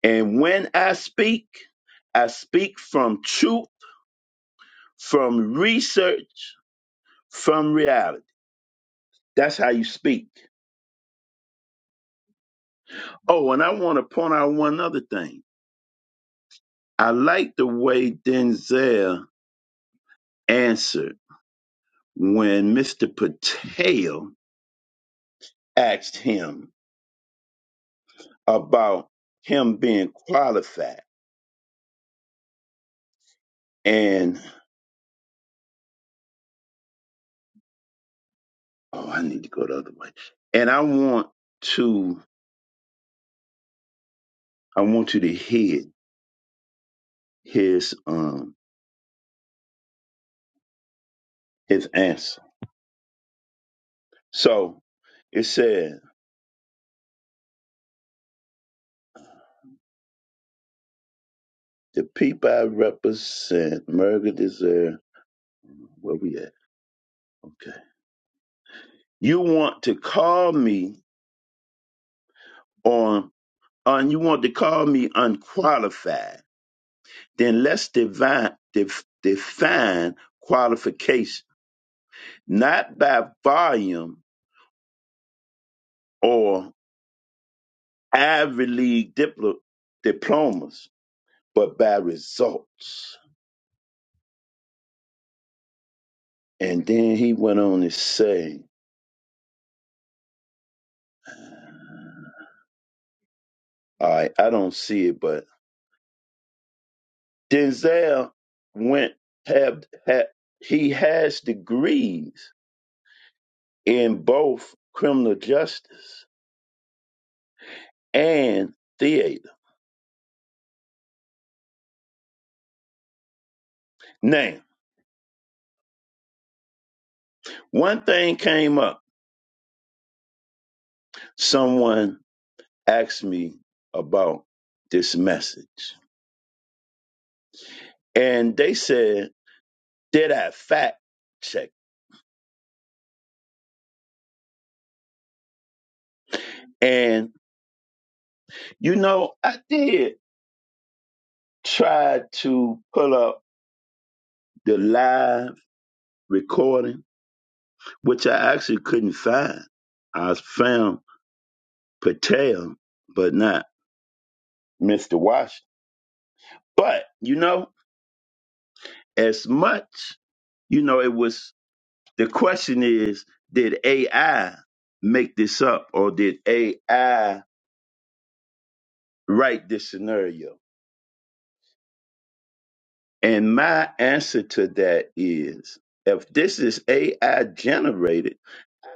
And when I speak, I speak from truth, from research, from reality. That's how you speak. Oh, and I want to point out one other thing. I like the way Denzel answered when Mr. Patel asked him about him being qualified. and. Oh, I need to go the other way. And I want to I want you to hear his um his answer. So it said the people I represent, Merger deserve. where we at? Okay. You want to call me on on you want to call me unqualified. Then let's divine def, define qualification, not by volume or Ivy League diplo, diplomas but by results. And then he went on to say, all right, I don't see it, but Denzel went have, had he has degrees in both criminal justice and theater. Now, one thing came up. Someone asked me about this message. And they said, did I fact check? And you know, I did try to pull up the live recording, which I actually couldn't find. I found Patel, but not Mr. Washington. But, you know, as much, you know, it was the question is did AI make this up or did AI write this scenario? And my answer to that is if this is AI generated,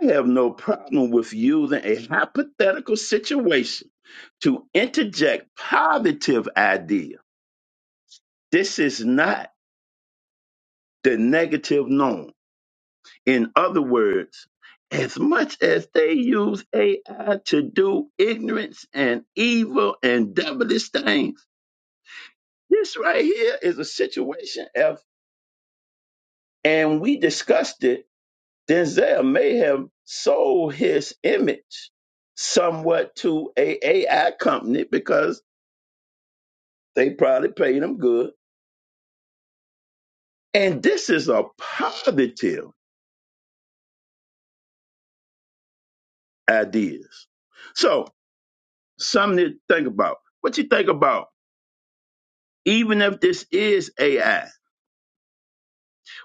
I have no problem with using a hypothetical situation to interject positive idea. This is not the negative norm. In other words, as much as they use AI to do ignorance and evil and devilish things, this right here is a situation F, and we discussed it. Denzel may have sold his image somewhat to a AI company because they probably paid him good. And this is a positive. ideas. So, something to think about. What you think about, even if this is AI,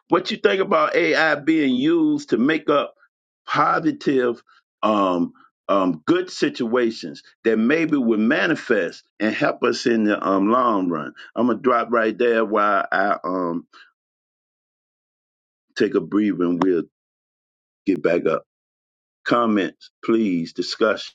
what you think about AI being used to make up positive, um, um, good situations that maybe would manifest and help us in the um, long run. I'm gonna drop right there while I um take a breather and we'll get back up. Comments, please. Discussion.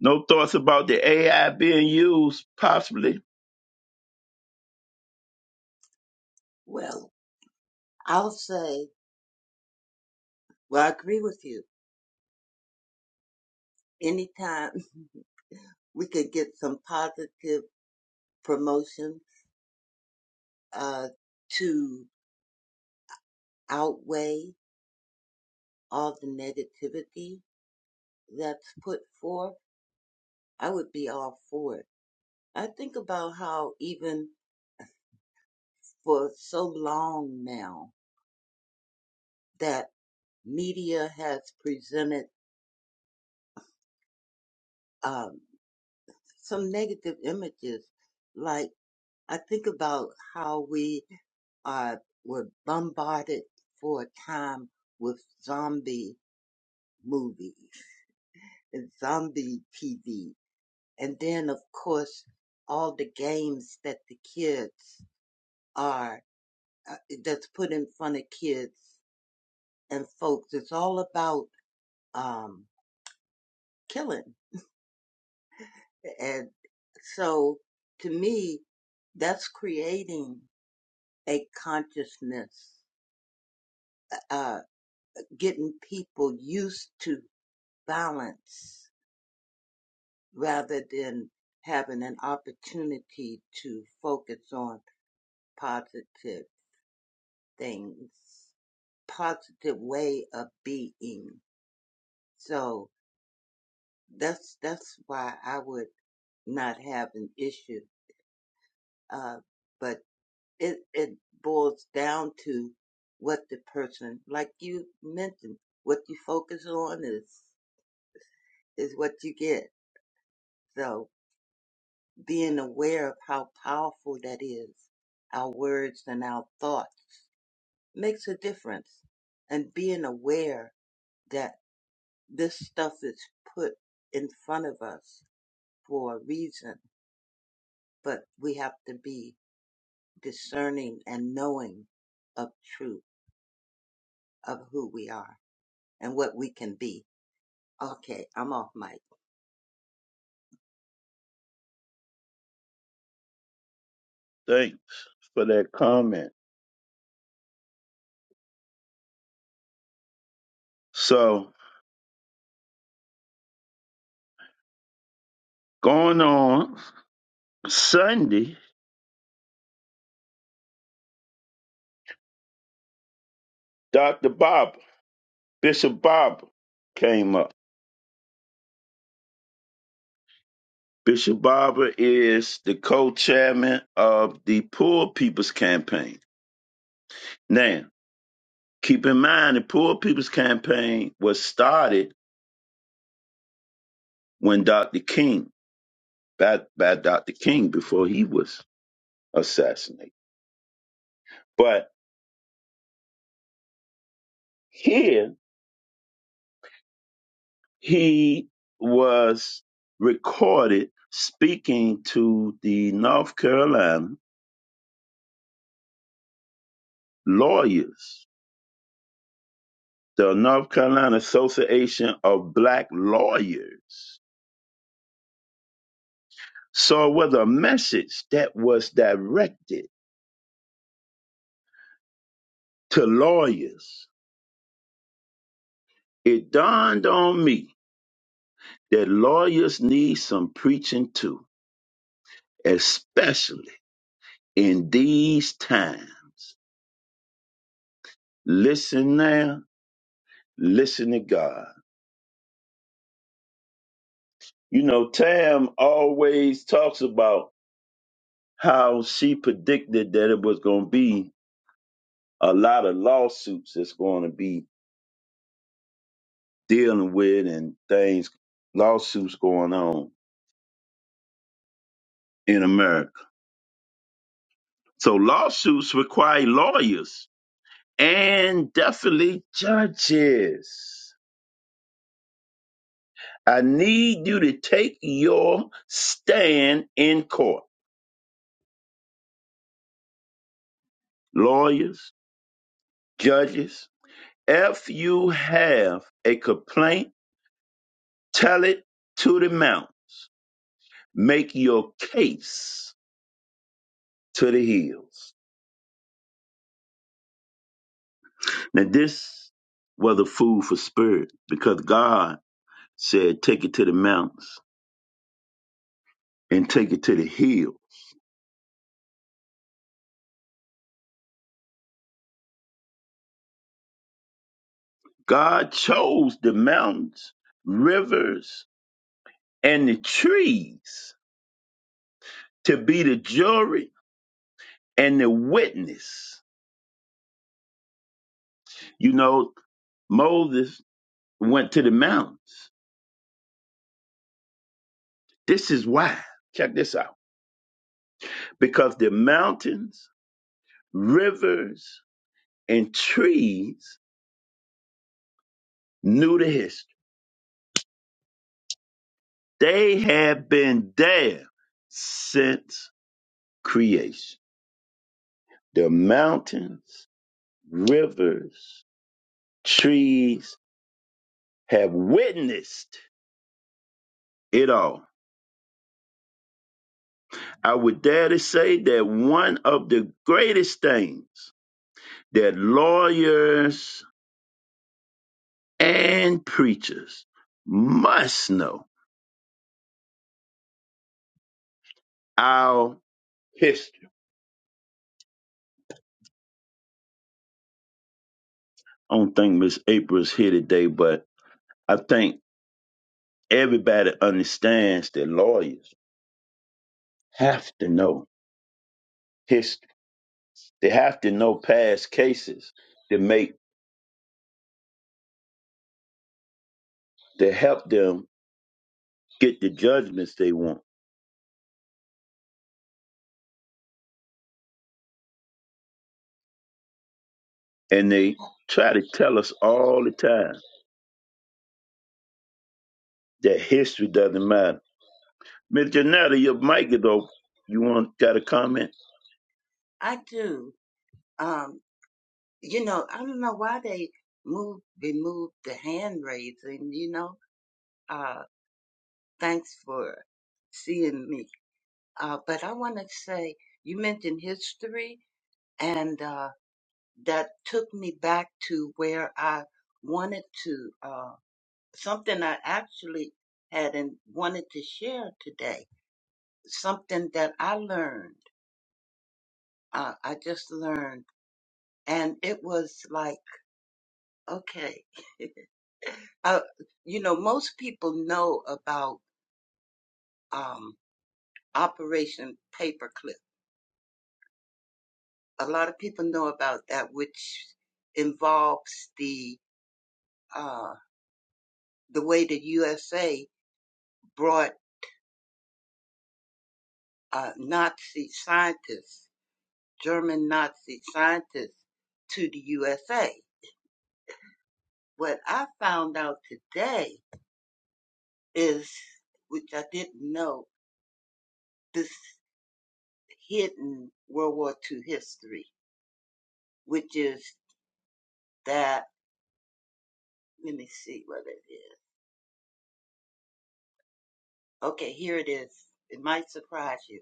No thoughts about the AI being used, possibly. Well, I'll say, well, I agree with you. Anytime we could get some positive promotion, uh, to outweigh all the negativity that's put forth, I would be all for it. I think about how even for so long now that media has presented um, some negative images. Like I think about how we are were bombarded for a time with zombie movies and zombie TV, and then of course all the games that the kids are uh, that's put in front of kids and folks. It's all about um, killing, and so to me, that's creating. a consciousness, uh, getting people used to balance rather than having an opportunity to focus on positive things, positive way of being. So that's that's why I would not have an issue. Uh, but it it boils down to what the person, like you mentioned, what you focus on is is what you get So being aware of how powerful that is, our words and our thoughts makes a difference. And being aware that this stuff is put in front of us for a reason, but we have to be discerning and knowing of truth, of who we are and what we can be. Okay, I'm off mic. Thanks for that comment. So, going on Sunday, Dr. Barber, Bishop Barber came up. Bishop Barber is the co chairman of the Poor People's Campaign. Now, keep in mind, the Poor People's Campaign was started when Dr. King, by, by Dr. King before he was assassinated. But here He was recorded speaking to the North Carolina lawyers, the North Carolina Association of Black Lawyers. So it was a message that was directed to lawyers. It dawned on me that lawyers need some preaching too, especially in these times. Listen now, listen to God. You know, Tam always talks about how she predicted that it was going to be a lot of lawsuits that's going to be dealing with and things, lawsuits going on in America. So lawsuits require lawyers and definitely judges. I need you to take your stand in court. Lawyers, judges, if you have a complaint Tell it to the mountains. Make your case to the hills. Now, this was the food for spirit because God said, take it to the mountains and take it to the hills. God chose the mountains, rivers, and the trees to be the jury and the witness. You know, Moses went to the mountains. This is why. Check this out. Because the mountains, rivers, and trees knew the history. They had been there since creation. The mountains, rivers, trees have witnessed it all. I would dare to say that one of the greatest things that lawyers and preachers must know our history. I don't think Miss April's here today, but I think everybody understands that lawyers have to know history. They have to know past cases to make to help them get the judgments they want. And they try to tell us all the time that history doesn't matter. Miss Janetta, your mic is open. You want got a comment? I do. Um, you know, I don't know why they move, removed the hand raising, you know. Thanks for seeing me. Uh, but I want to say you mentioned history, and uh, that took me back to where I wanted to uh, something I actually had and wanted to share today. Something that I learned. Uh, I just learned, and it was like okay, uh, you know, most people know about um, Operation Paperclip a lot of people know about that, which involves the uh, the way the USA brought uh, Nazi scientists, German Nazi scientists, to the USA. What I found out today is, which I didn't know, this hidden World War II history, which is that. Let me see what it is. Okay, here it is. It might surprise you.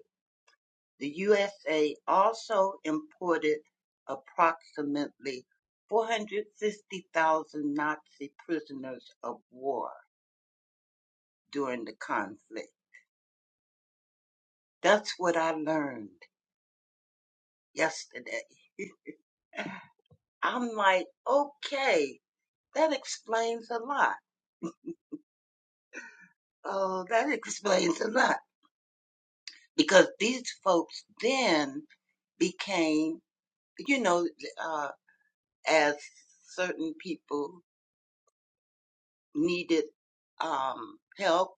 The USA also imported approximately 450,000 Nazi prisoners of war during the conflict. That's what I learned yesterday. I'm like, okay, that explains a lot. Oh, that explains a lot. Because these folks then became, you know, uh, as certain people needed um, help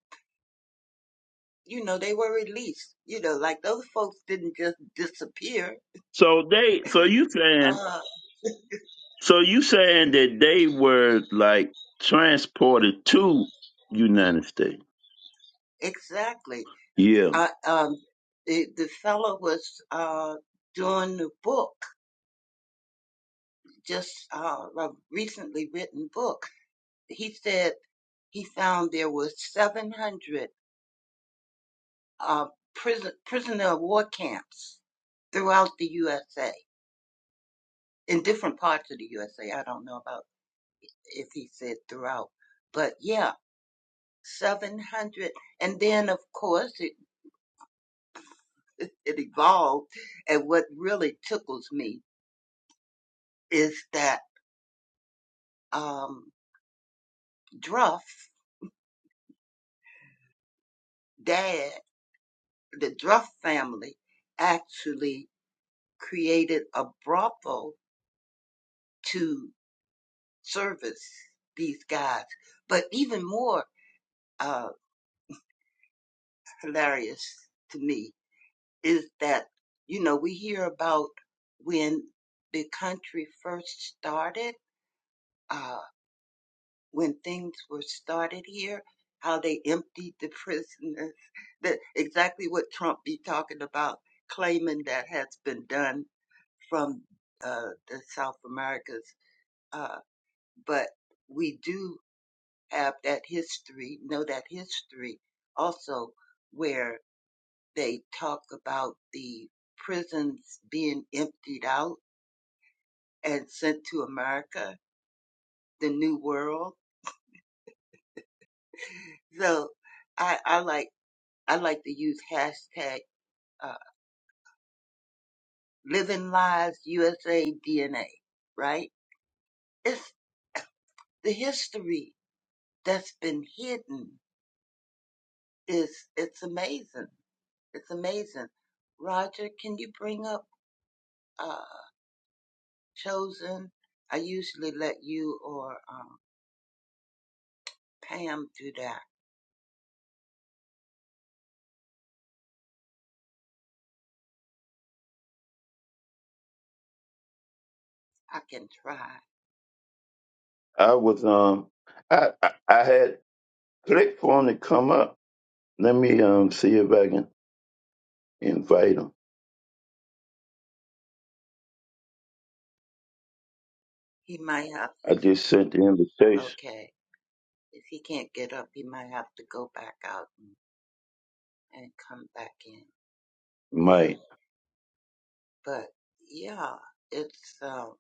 you know, they were released. You know, like those folks didn't just disappear. So they so you saying Uh, so you saying that they were like transported to United States. exactly. Yeah. I, um, the, the fellow was uh, doing a book, just uh, a recently written book. He said he found there was 700 uh, prison, prisoner of war camps throughout the USA, in different parts of the USA. I don't know about if he said throughout, but yeah, 700. And then, of course, it, it evolved. And what really tickles me is that um, Druff dad, the Druff family, actually created a brothel to service these guys. But even more uh, hilarious to me is that you know we hear about when the country first started. uh, when things were started here, how they emptied the prisoners, that exactly what Trump be talking about, claiming that has been done from uh, the South Americas. Uh, but we do have that history, know that history also, where they talk about the prisons being emptied out and sent to America, the New World. So I, I like I like to use hashtag. uh, Living Lives USA DNA, right? It's the history that's been hidden. Is it's amazing. It's amazing. Roger, can you bring up uh, Chosen? I usually let you or um, Pam do that. I can try. I was um I I, I had Click for him to come up. Let me um see if I can invite him. He might have to. I just sent the invitation. Okay, if he can't get up, he might have to go back out and, and come back in. Yeah, Mike. but yeah, it's um,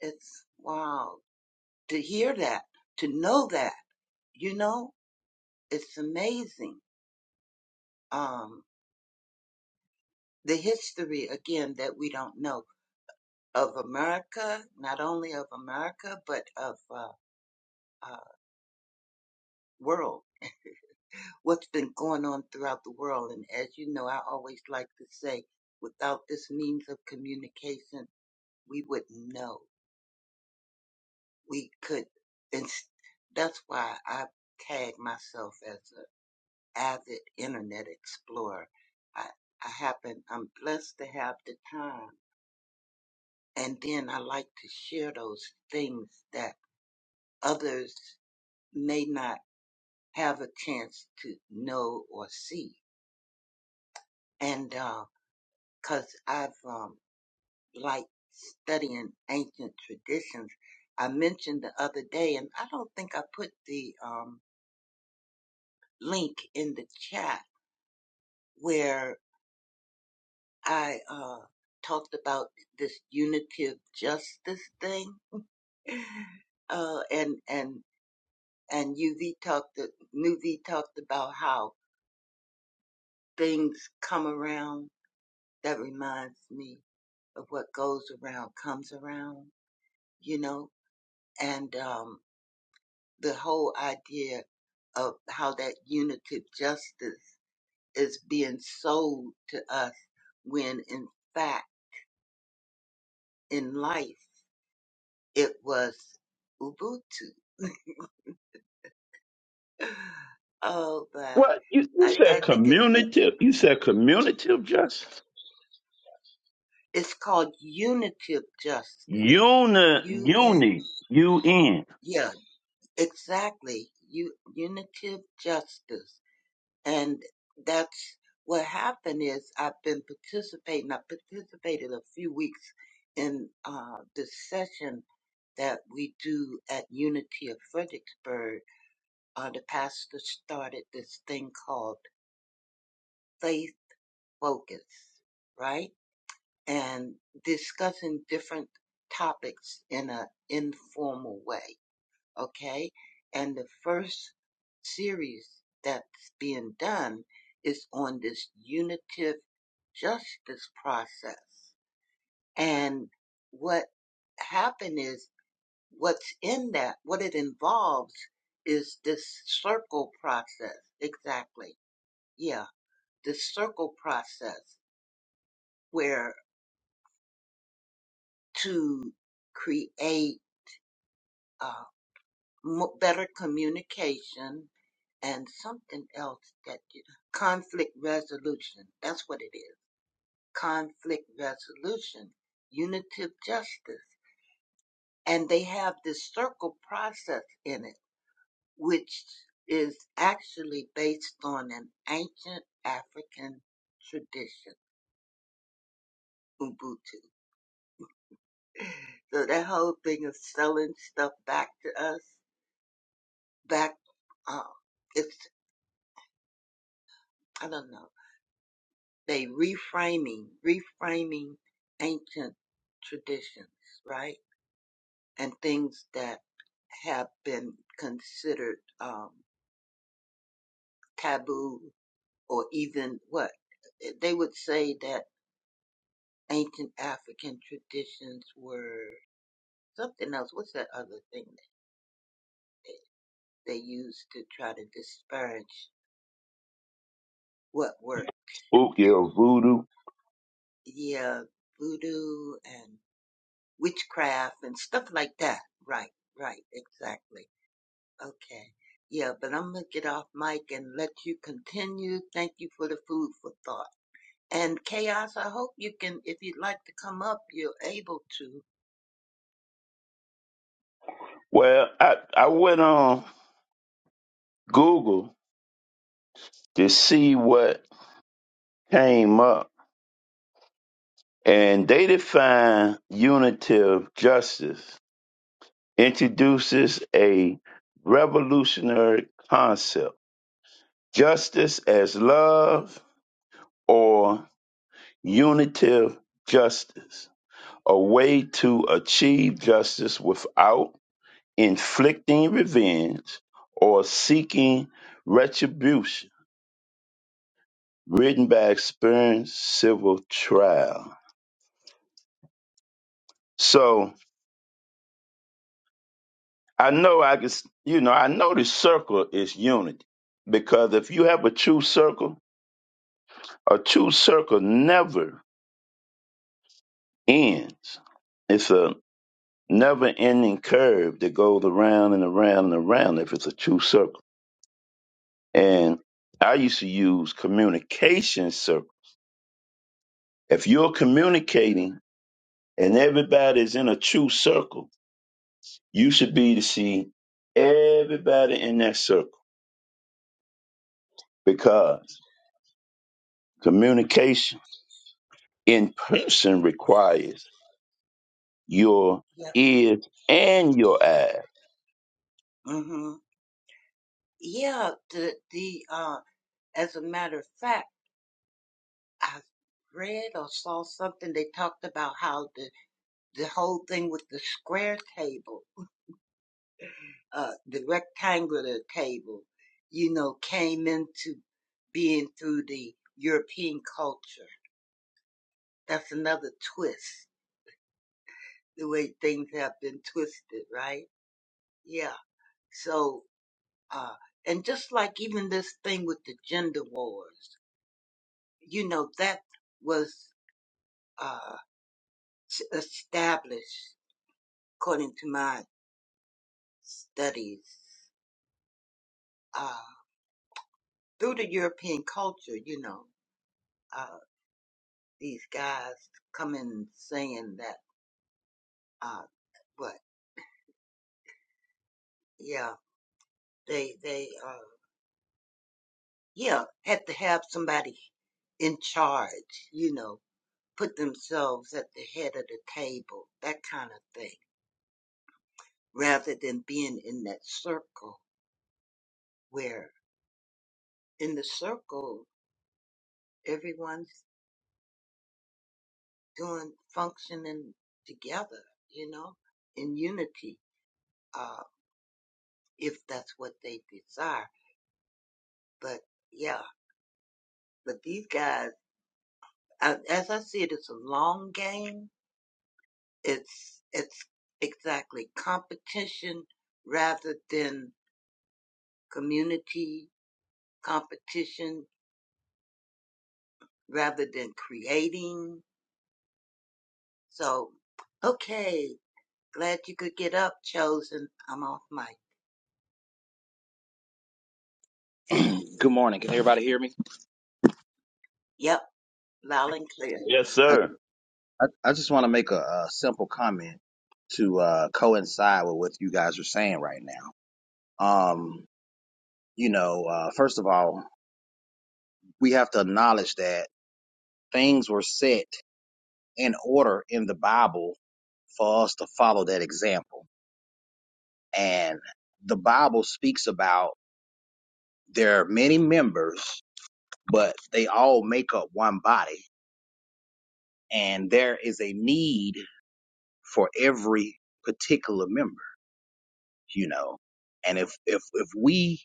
it's wow. to hear that, to know that, you know, it's amazing. Um, the history again that we don't know of America, not only of America, but of, uh, uh, world, what's been going on throughout the world. And as you know, I always like to say, without this means of communication, we wouldn't know. We could, and that's why I tag myself as avid internet explorer. I, I happen, I'm blessed to have the time. And then I like to share those things that others may not have a chance to know or see. And, uh, cause I've, um, liked studying ancient traditions. I mentioned the other day, and I don't think I put the, um, link in the chat where I uh, talked about this unitive justice thing, uh, and and and UV talked Nuvi talked about how things come around. That reminds me of what goes around comes around, you know, and um, the whole idea of how that unitive justice is being sold to us when in fact in life it was Ubuntu Oh, but What you, you I, I said think it's it's community you said community of justice? it's called unity of justice. Uni U N uni U N yeah, exactly. U unity of justice. And that's what happened is I've been participating. I participated a few weeks in uh the session that we do at Unity of Fredericksburg. Uh the pastor started this thing called Faith Focus, right? and discussing different topics in an informal way. Okay. And the first series that's being done is on this unitive justice process. And what happened is what's in that, what it involves is this circle process. Exactly. Yeah. The circle process where to create uh, mo- better communication and something else that you, conflict resolution. That's what it is. Conflict resolution, unitive justice. And they have this circle process in it, which is actually based on an ancient African tradition, Ubuntu. So that whole thing of selling stuff back to us, back, uh, it's, I don't know They reframing, reframing ancient traditions, right? And things that have been considered um, taboo or even what eh, they would say that ancient African traditions were something else. What's that other thing that they used to try to disparage what were Spooky or voodoo. yeah voodoo and witchcraft and stuff like that? Right, right, exactly. Okay. Yeah, but I'm gonna get off mic and let you continue. Thank you for the food for thought. And chaos, I hope you can, if you'd like to come up, you're able to. Well, I, I went on Google to see what came up and they define unitive justice introduces a revolutionary concept justice as love or unitive justice, a way to achieve justice without inflicting revenge or seeking retribution, written by experienced civil trial. So I know I can, you know, I know the circle is unity because if you have a true circle, a true circle never ends It's a never ending curve that goes around and around and around if it's a true circle. And I used to use communication circle. If you're communicating and everybody's in a true circle, you should be to see everybody in that circle because communication in person requires your Yep. ears and your eyes. hmm Yeah. The the uh, as a matter of fact, I read or saw something. They talked about how the the whole thing with the square table, uh, the rectangular table, you know, came into being through the European culture That's another twist, the way things have been twisted, right? Yeah. So, uh, and just like even this thing with the gender wars, you know, that was, uh, s- established according to my studies, uh, through the European culture, you know, uh, these guys coming saying that, uh, what, yeah, they, they, uh, yeah, had to have somebody in charge, you know, put themselves at the head of the table, that kind of thing, rather than being in that circle where in the circle everyone's doing functioning together, you know, in unity, uh, if that's what they desire. But yeah, but these guys, I, as I see it, it's a long game. It's it's exactly competition rather than community competition rather than creating. So, okay. Glad you could get up, Chosen. I'm off mic. Good morning. Can everybody hear me? Yep, loud and clear. Yes, I, sir. I, I just want to make a, a simple comment to uh, coincide with what you guys are saying right now. Um, you know, uh, first of all, we have to acknowledge that things were set in order in the Bible for us to follow that example. And the Bible speaks about there are many members, but they all make up one body. And there is a need for every particular member you know and if if if we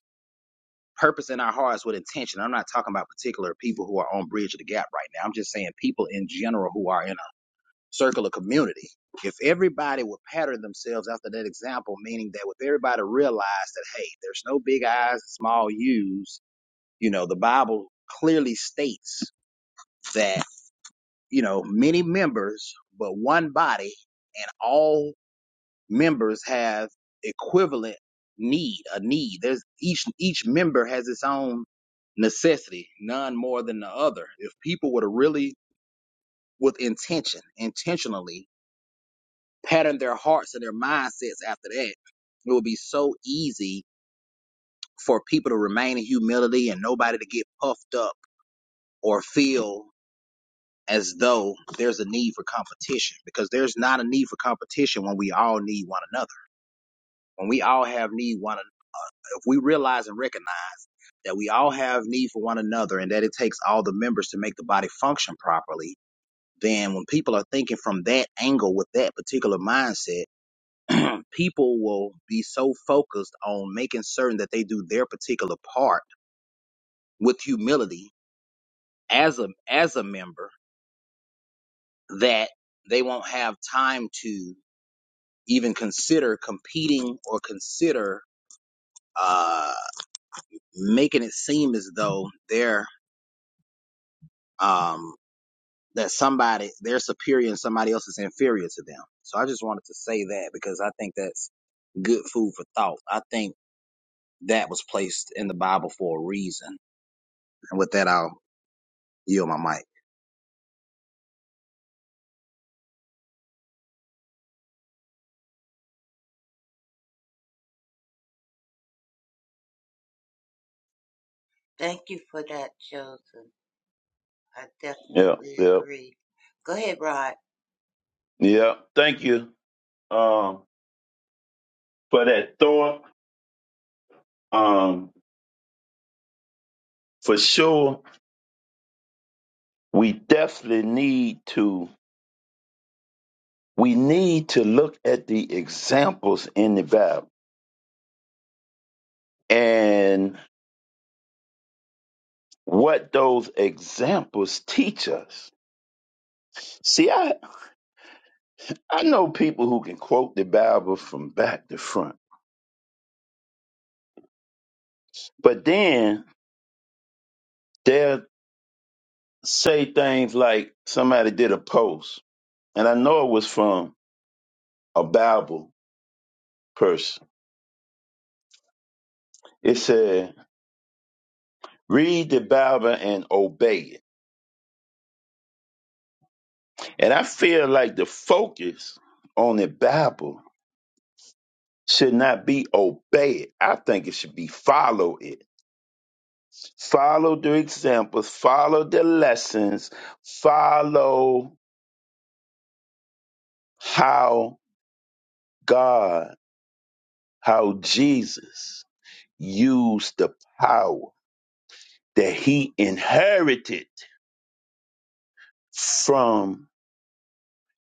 purpose in our hearts with intention i'm not talking about particular people who are on bridge of the gap right now i'm just saying people in general who are in a circle of community if everybody would pattern themselves after that example meaning that if everybody realized that hey there's no big i's and small u's you know the bible clearly states that you know many members but one body and all members have equivalent need, a need. There's each each member has its own necessity, none more than the other. If people were to really with intention, intentionally pattern their hearts and their mindsets after that, it would be so easy for people to remain in humility and nobody to get puffed up or feel as though there's a need for competition because there's not a need for competition when we all need one another. When we all have need one another, if we realize and recognize that we all have need for one another and that it takes all the members to make the body function properly, then when people are thinking from that angle with that particular mindset, people will be so focused on making certain that they do their particular part with humility as a as a member that they won't have time to even consider competing or consider uh, making it seem as though they're um, that somebody they're superior and somebody else is inferior to them. So I just wanted to say that because I think that's good food for thought. I think that was placed in the Bible for a reason. And with that, I'll yield my mic. Thank you for that, Chosen. I Yeah, definitely yeah, agree. Go ahead, Rod. yeah. Thank you um, for that thought. Um, for sure we definitely need to we need to look at the examples in the bible and what those examples teach us see i i know people who can quote the bible from back to front but then they'll say things like somebody did a post and i know it was from a bible person it said read the bible and obey it And I feel like the focus on the Bible should not be obey it. I think it should be follow it. Follow the examples, follow the lessons, follow how God, how Jesus used the power that he inherited from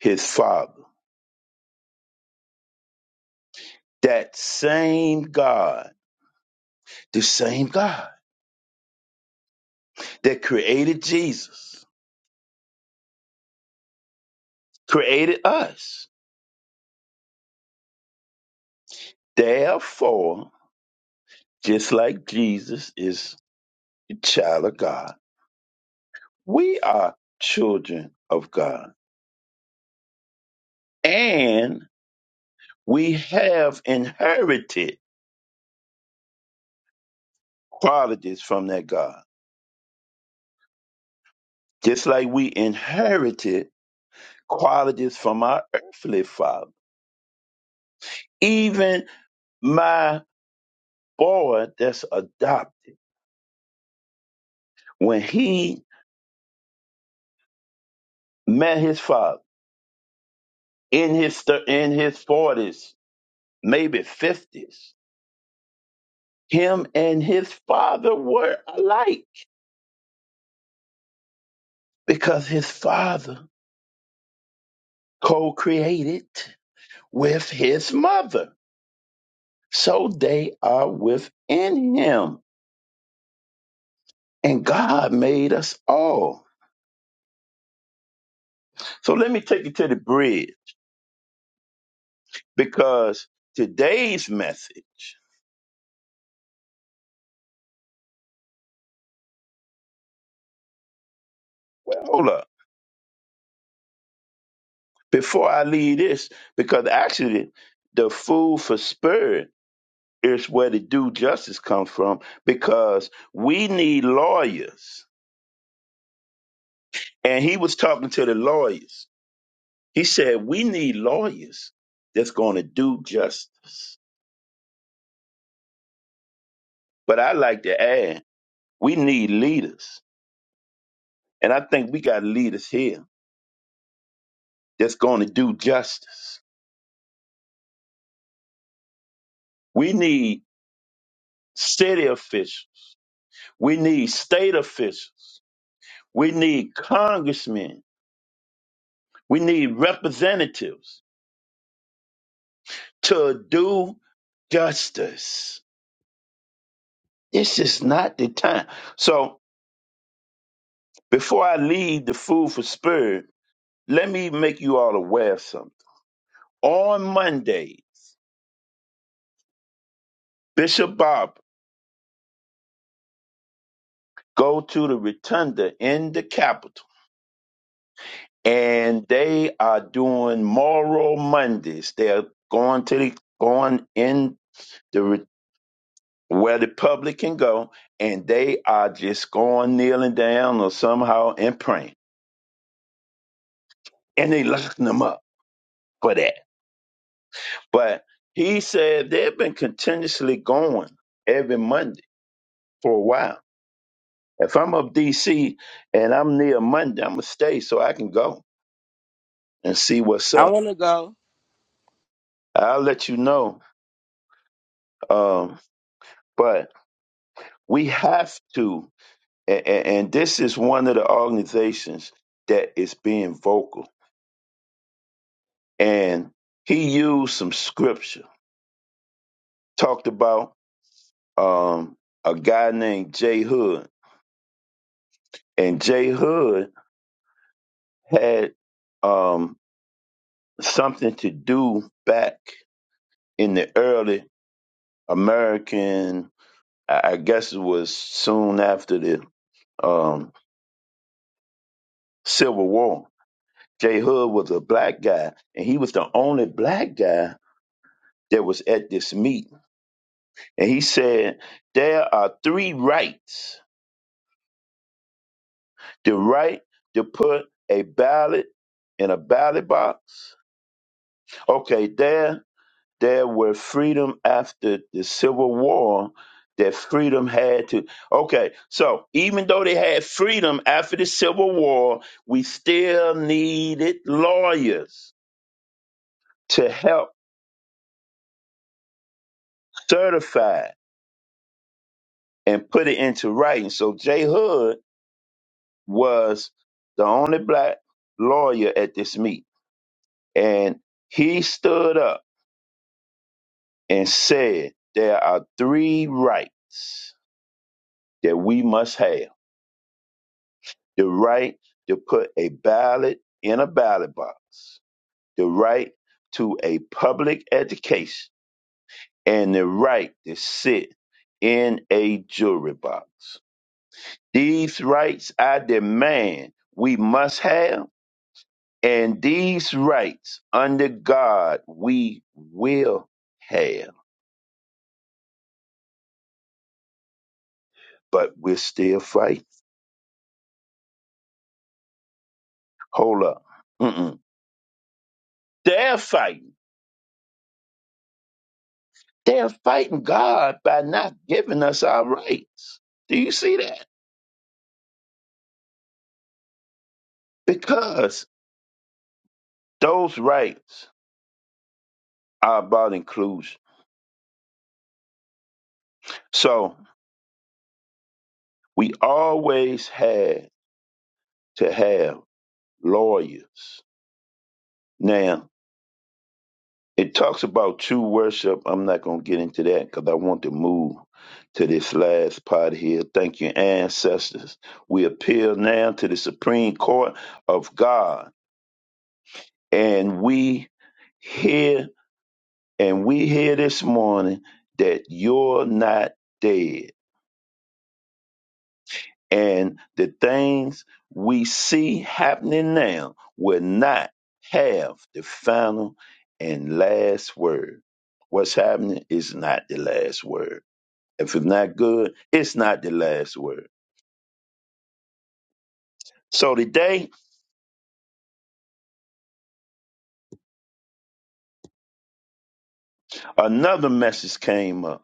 his father. That same God, the same God that created Jesus, created us Therefore, just like Jesus is a child of God, we are children of God. And we have inherited qualities from that God. Just like we inherited qualities from our earthly father. Even my boy that's adopted, when he met his father in his thir- in his 40s, maybe 50s, Him and his father were alike because his father co created with his mother. So they are within him. And God made us all. So let me take you to the bridge because today's message, hold up, before I leave this, because actually the food for spirit is where the due justice comes from because we need lawyers And he was talking to the lawyers. He said, We need lawyers that's going to do justice. But I like to add, we need leaders. And I think we got leaders here that's going to do justice. We need city officials. We need state officials. We need congressmen. We need representatives to do justice. This is not the time. So before I leave the food for spirit, Let me make you all aware of something. On Monday, Bishop Bob go to the Rotunda in the Capitol, and they are doing Moral Mondays. They're going to the going in the re- where the public can go, and they are just going kneeling down or somehow and praying, and they locking them up for that. But he said they've been continuously going every Monday for a while If I'm up DC and I'm near Monday, I'm gonna stay so I can go and see what's I up. wanna go. I'll let you know. Um, but we have to, and, and this is one of the organizations that is being vocal. And he used some scripture, talked about um, a guy named Jay Hood, and Jay Hood had um, something to do back in the early American I I guess it was soon after the um, Civil War. J. Hood was a black guy, and he was the only black guy that was at this meeting. And he said, There are three rights the right to put a ballot in a ballot box. Okay, there there were freedom after the Civil War that freedom had to. Okay, so even though they had freedom after the Civil War, we still needed lawyers to help certify and put it into writing. So Jay Hood was the only black lawyer at this meet. And he stood up and said, There are three rights that we must have. the right to put a ballot in a ballot box, the right to a public education, and the right to sit in a jury box. These rights I demand we must have, and these rights under God we will have. But we're still fighting. Hold up. Mm-mm. They're fighting. They're fighting God by not giving us our rights. Do you see that? because those rights are about inclusion. So we always had to have lawyers. Now, it talks about true worship. I'm not going to get into that because I want to move to this last part here. Thank you, ancestors. We appeal now to the Supreme Court of God. And we hear, and we hear this morning that you're not dead and the things we see happening now will not have the final and last word. What's happening is not the last word. If it's not good, it's not the last word. So today, another message came up,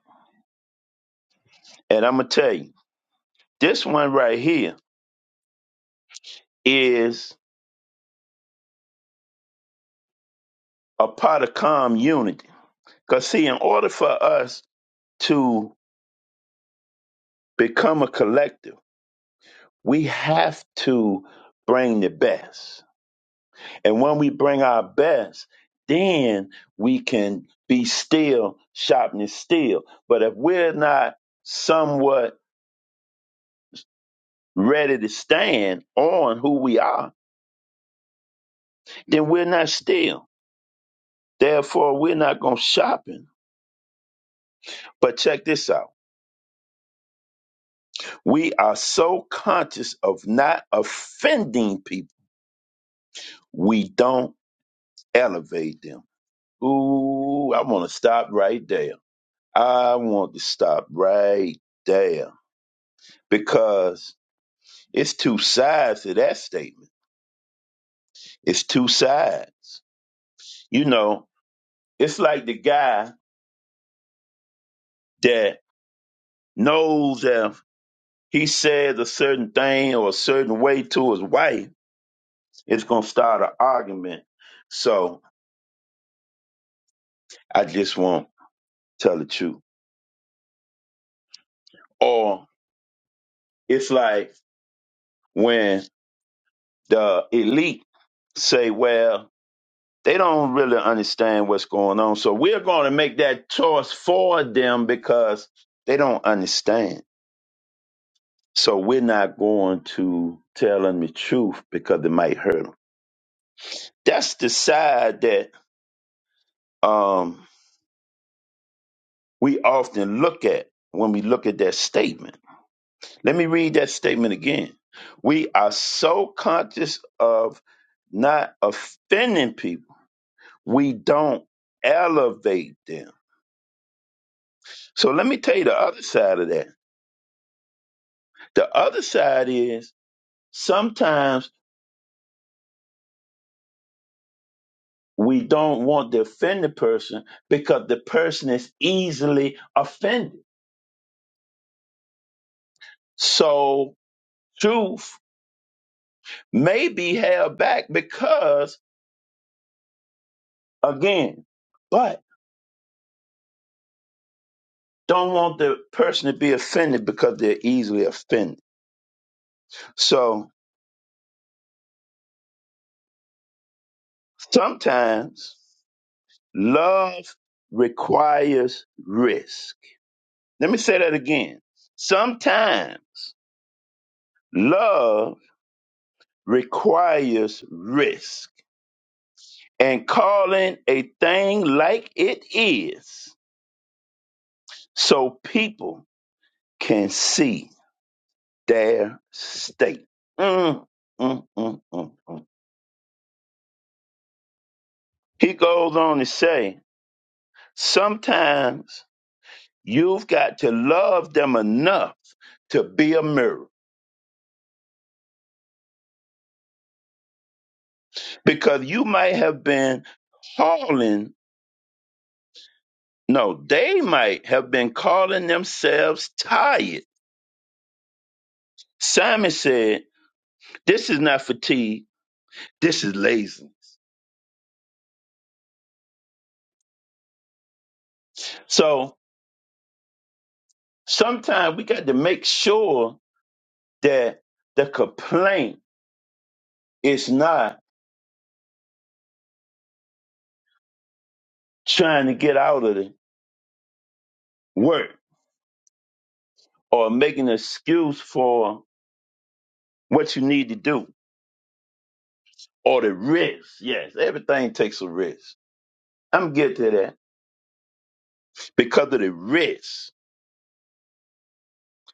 and I'm gonna tell you, this one right here is a part of calm unity. Cause see, in order for us to become a collective, we have to bring the best And when we bring our best, then we can be still, sharpening steel. But if we're not somewhat ready to stand on who we are, then we're not still. Therefore, we're not going shopping. But check this out. We are so conscious of not offending people, we don't elevate them. Ooh, I want to stop right there. I want to stop right there because It's two sides to that statement. It's two sides. You know, it's like the guy that knows if he says a certain thing or a certain way to his wife, it's going to start an argument. So I just won't tell the truth. Or it's like when the elite say, well, they don't really understand what's going on. So we're going to make that choice for them because they don't understand So we're not going to tell them the truth because it might hurt them. That's the side that um, we often look at when we look at that statement. Let me read that statement again. We are so conscious of not offending people, we don't elevate them. So let me tell you the other side of that. The other side is sometimes we don't want to offend the person because the person is easily offended. So truth may be held back because, again, but don't want the person to be offended because they're easily offended. So sometimes love requires risk. Let me say that again. Sometimes love requires risk. and calling a thing like it is, so people can see their state. Mm, mm, mm, mm, mm. He goes on to say, sometimes you've got to love them enough to be a mirror because you might have been calling, no, they might have been calling themselves tired. Simon said, This is not fatigue, this is laziness. So sometimes we got to make sure that the complaint is not trying to get out of the work or making an excuse for what you need to do or the risk. Yes, everything takes a risk. I'm getting to that because of the risk.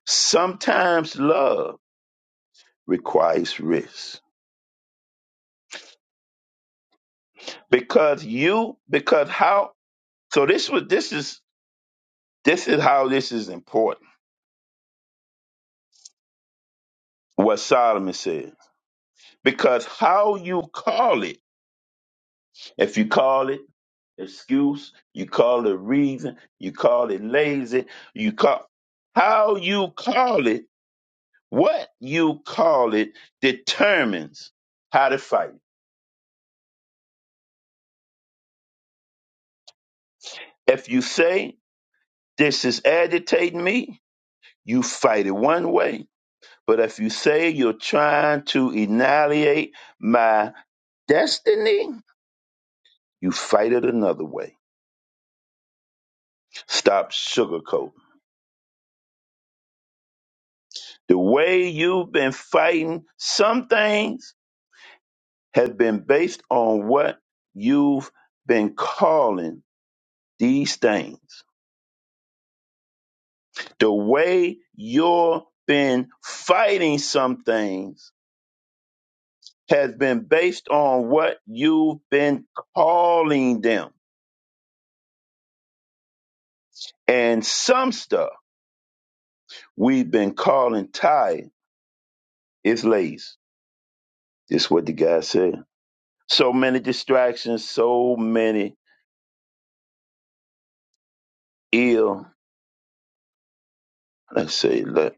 Sometimes love requires risk because you because how so this was this is this is how this is important what Solomon says because how you call it If you call it excuse, you call it reason, you call it lazy, you call how you call it, what you call it determines how to fight. If you say this is agitating me, you fight it one way. But if you say you're trying to annihilate my destiny, you fight it another way. Stop sugarcoating. The way you've been fighting some things has been based on what you've been calling these things. The way you've been fighting some things has been based on what you've been calling them. And some stuff we've been calling tired is lazy. This is what the guy said. So many distractions, so many ill, let's say, le-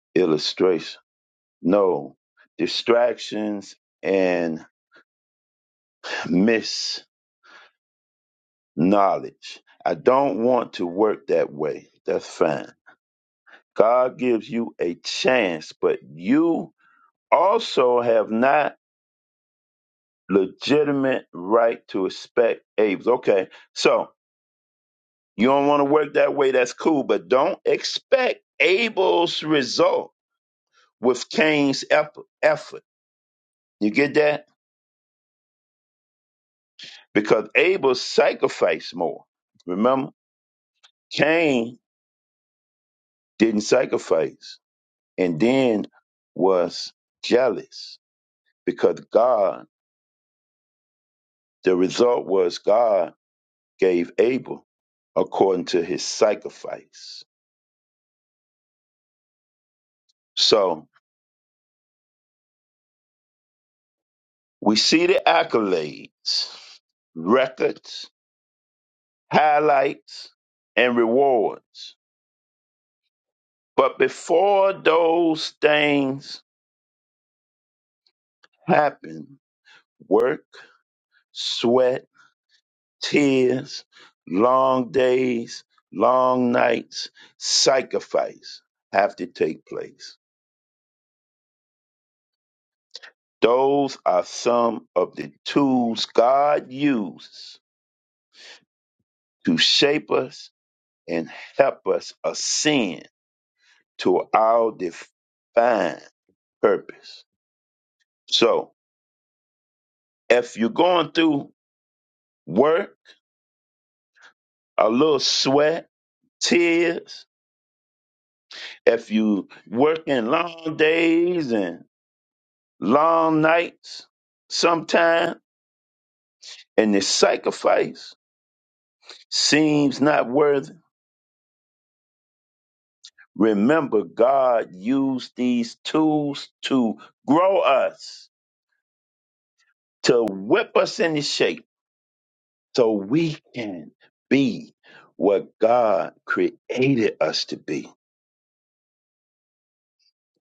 illustration. No, distractions and miss knowledge. I don't want to work that way. That's fine. God gives you a chance, but you also have not legitimate right to expect Abel's. Okay, so you don't want to work that way. That's cool, but don't expect Abel's result with Cain's effort. effort. You get that? Because Abel sacrificed more. Remember, Cain didn't sacrifice. and then was jealous because God, the result was God gave Abel according to his sacrifice. So we see the accolades, records, highlights, and rewards. But before those things happen, work, sweat, tears, long days, long nights, sacrifice have to take place. Those are some of the tools God uses to shape us and help us ascend to our defined purpose. So, if you're going through work, a little sweat, tears, if you working long days and long nights sometime, and the sacrifice seems not worthy. Remember, God used these tools to grow us, to whip us into shape, so we can be what God created us to be,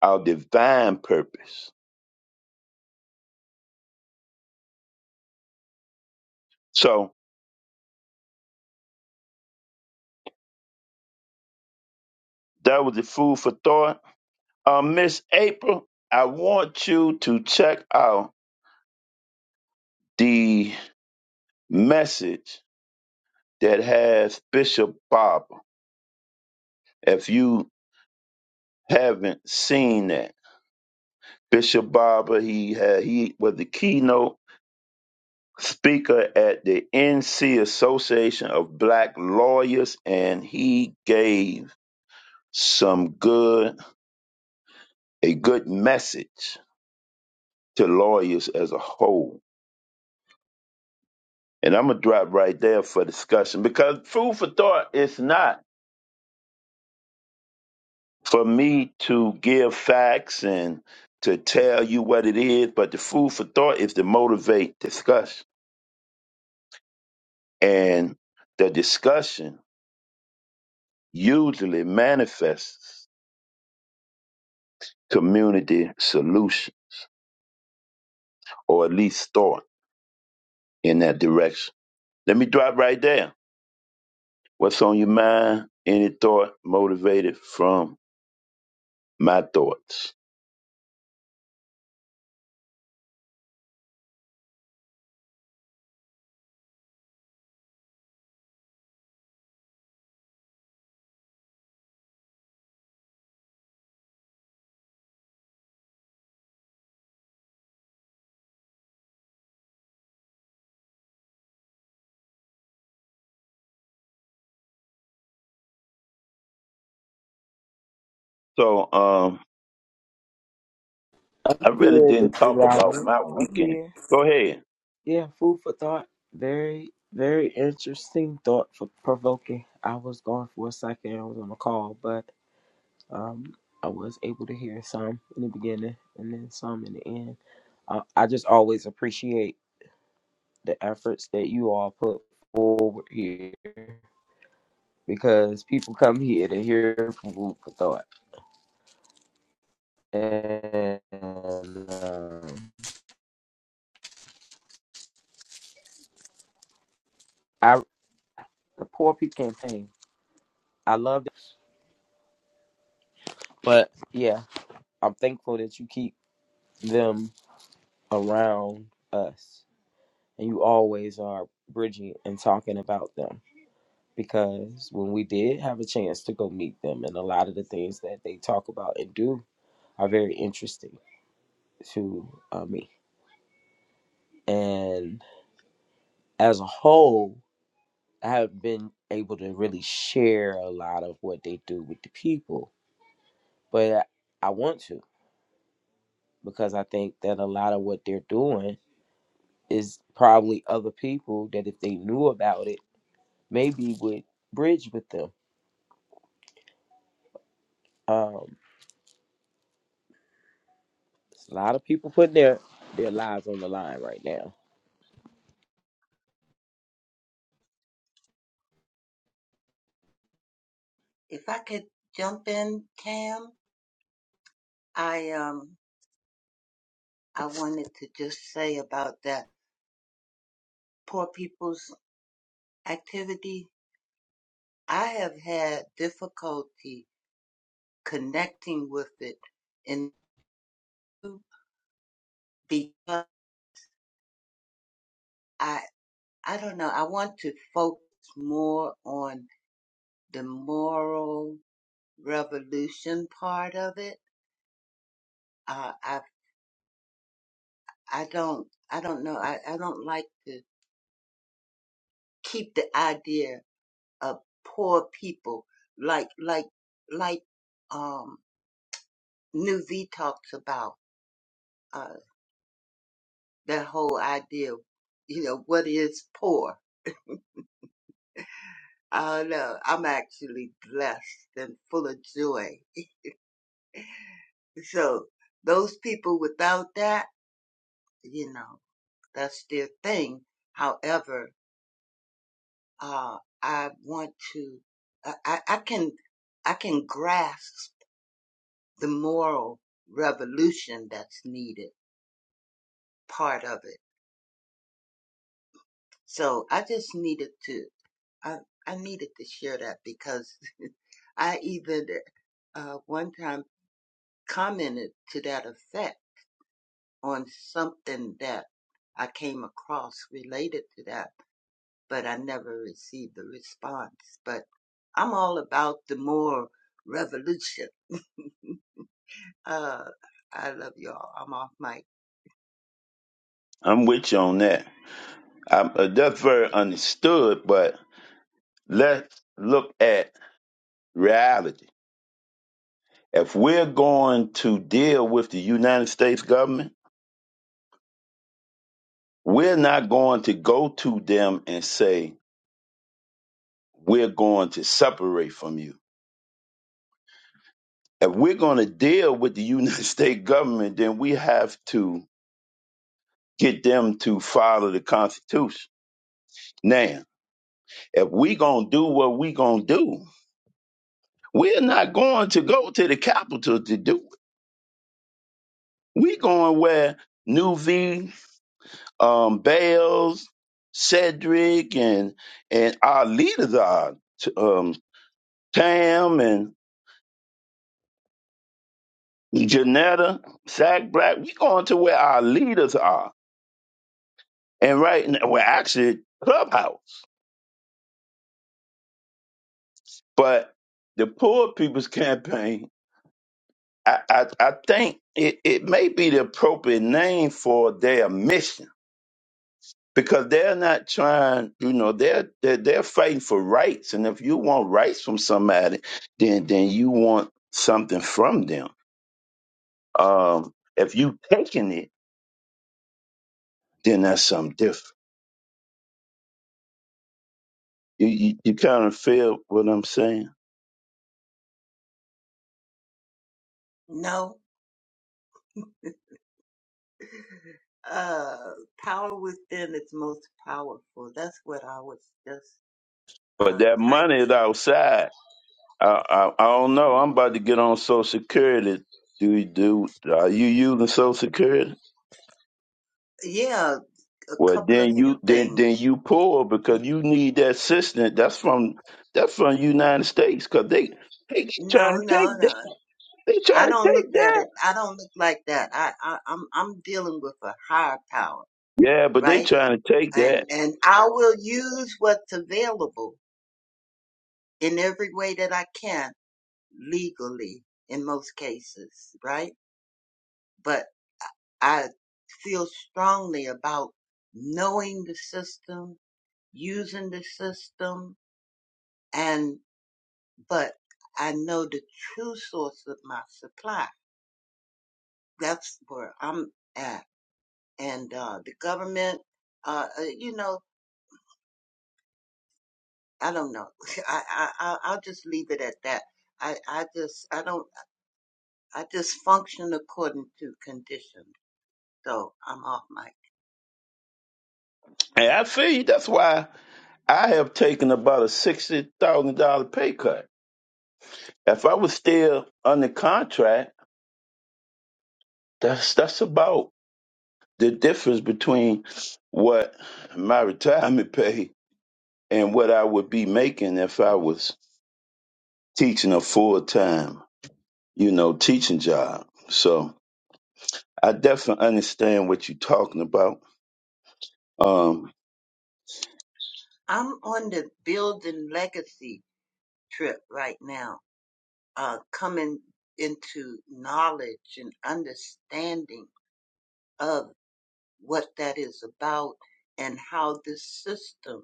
our divine purpose. So that was the food for thought. Uh, Miss April, I want you to check out the message that has Bishop Barber. If you haven't seen that, Bishop Barber, he had, he was the keynote speaker at the NC Association of Black Lawyers, and he gave some good a good message to lawyers as a whole. And I'm gonna drop right there for discussion because food for thought is not for me to give facts and to tell you what it is, but the food for thought is to motivate discussion. And the discussion usually manifests community solution or at least thought in that direction. Let me drop right there. What's on your mind? Any thought motivated from my thoughts? So um I'm I really here, didn't Mr. talk about Robert. my I'm weekend. here. Go ahead. Yeah, food for thought. Very, very interesting thought for provoking. I was gone for a second. I was on a call, but um, I was able to hear some in the beginning and then some in the end. Uh, I just always appreciate the efforts that you all put forward here because people come here to hear food for thought, and um, I the poor people campaign. I love But yeah, I'm thankful that you keep them around us. And you always are bridging and talking about them. Because when we did have a chance to go meet them, and a lot of the things that they talk about and do are very interesting to uh, me. And as a whole, I haven't been able to really share a lot of what they do with the people, but I want to because I think that a lot of what they're doing is probably other people that if they knew about it, maybe would bridge with them. Um, it's a lot of people putting their their lives on the line right now. If I could jump in, Tam, I um I wanted to just say about that poor people's activity. I have had difficulty connecting with it and because I I don't know. I want to focus more on the moral revolution part of it. Uh, I I don't I don't know. I, I don't like to keep the idea of poor people like like like um New V talks about uh that whole idea. You know what is poor? I don't know. I'm actually blessed and full of joy. So those people without that, you know. that's their thing. However, uh, I want to, I, I I can, I can grasp the moral revolution that's needed, part of it. So I just needed to, I, I needed to share that because I even uh, one time commented to that effect on something that I came across related to that but I never received a response. But I'm all about the more revolution. Uh, I love y'all. I'm off mic. I'm with you on that. Um, uh, that's very understood, but let's look at reality. If we're going to deal with the United States government, we're not going to go to them and say, we're going to separate from you. If we're going to deal with the United States government, then we have to get them to follow the Constitution. Now, if we're going to do what we're going to do, we're not going to go to the Capitol to do it. We're going where New V. um, Bales, Cedric, and and our leaders are um, Tam and Janetta, Sack Black. We going to where our leaders are, and right now we're actually Clubhouse. But the Poor People's Campaign, I I, I think it, it may be the appropriate name for their mission because they're not trying, you know, they're, they're they're fighting for rights. And if you want rights from somebody, then then you want something from them. Um, if you taking it, then that's something different. You you, you kind of feel what I'm saying. No, uh, power within is most powerful. That's what I was just But uh, that money is typing. outside. I, I I don't know. I'm about to get on Social Security. Do you do? Are you using Social Security? Yeah, a Well, couple of then you few then then things. you poor because you need that assistance. That's from that's from United States because they they No, trying to no, take no. that. They trying I to don't look take at that. it. I don't look like that. I, I I'm I'm dealing with a higher power, Yeah, but they right? trying to take and that. and I will use what's available in every way that I can legally in most cases, right? But I feel strongly about knowing the system, using the system, and but I know the true source of my supply. That's where I'm at, and uh, the government, uh, uh, you know, I don't know. I, I I- I'll just leave it at that. I, I just I don't. I just function according to conditions, So I'm off mic. And I feel you. That's why I have taken about a sixty thousand dollar pay cut. If I was still under contract, that's that's about the difference between what my retirement pay and what I would be making if I was teaching a full time. you know, teaching job. So I definitely understand what you're talking about. Um, I'm on the building legacy trip right now, uh, coming into knowledge and understanding of what that is about and how this system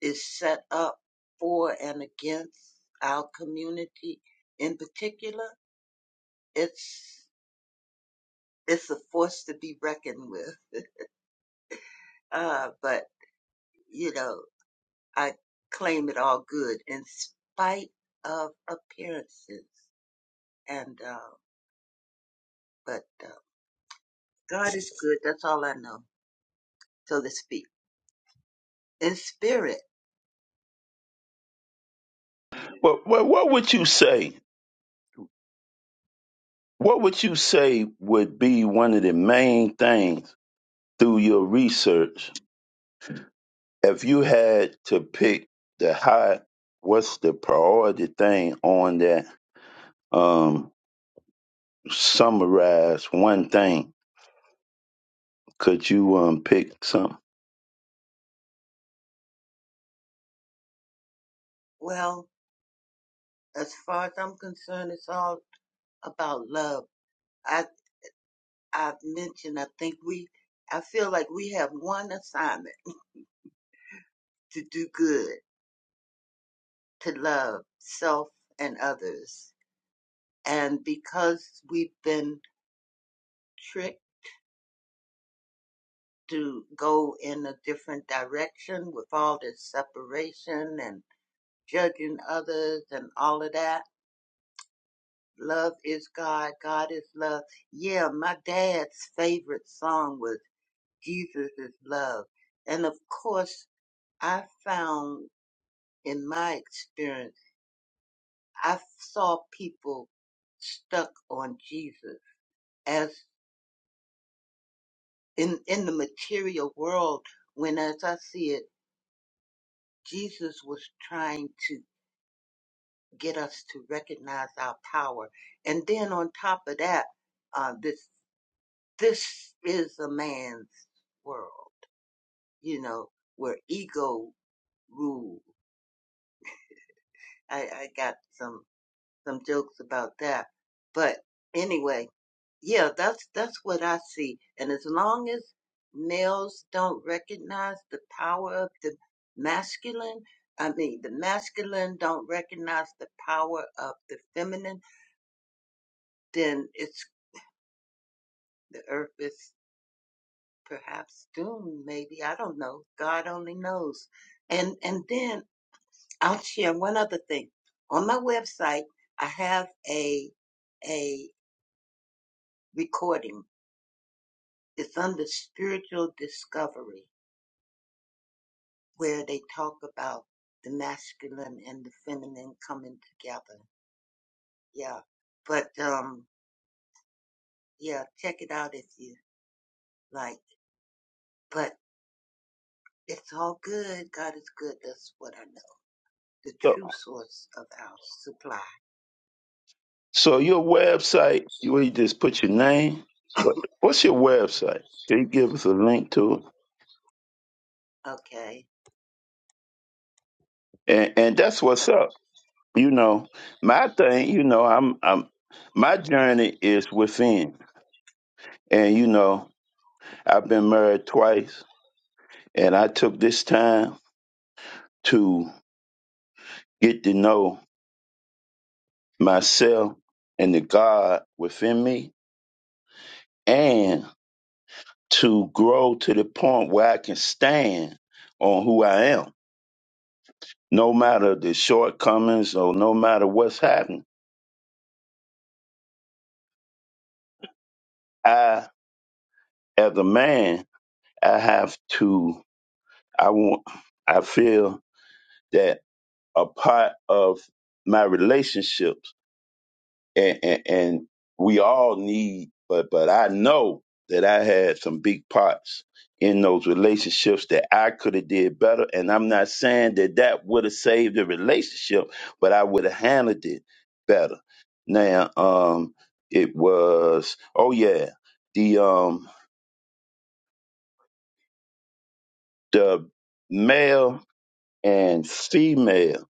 is set up for and against our community in particular. It's, it's a force to be reckoned with. Uh, but, you know, I claim it all good in spite of appearances. And, uh, but, uh, God is good. That's all I know, so to speak. In spirit, but what, what would you say? What would you say would be one of the main things through your research if you had to pick the high? What's the priority thing on that? Um, summarize one thing. Could you um pick something? well, as far as I'm concerned, it's all about love. I, I've mentioned, I think we, I feel like we have one assignment to do good, to love self and others. And because we've been tricked to go in a different direction with all this separation and judging others and all of that. Love is God, God is love. Yeah, my dad's favorite song was Jesus is Love. And of course, I found in my experience, I saw people stuck on Jesus as in, in the material world when as I see it, Jesus was trying to get us to recognize our power. And then on top of that, uh, this this is a man's world, you know, where ego rules. I, I got some some jokes about that, but anyway, yeah, that's that's what I see. And as long as males don't recognize the power of the masculine, I mean, the masculine don't recognize the power of the feminine, then it's the earth is perhaps doom, maybe. I don't know. God only knows. And and then I'll share one other thing. On my website, I have a a recording. It's under spiritual discovery where they talk about the masculine and the feminine coming together. Yeah. But um yeah, check it out if you like. But it's all good. God is good. That's what I know. The true source of our supply. So your website, you where you just put your name. What what's your website? Can you give us a link to it? Okay. And and that's what's up. You know, my thing, you know, I'm I'm my journey is within. And you know, I've been married twice and I took this time to get to know myself and the God within me and to grow to the point where I can stand on who I am no matter the shortcomings or no matter what's happened, I, as a man, I have to, I want, I feel that a part of my relationship and, and, and we all need, but but I know that I had some big parts in those relationships that I could have did better, and I'm not saying that that would have saved the relationship, but I would have handled it better. Now, um, it was oh yeah, the um the male and female,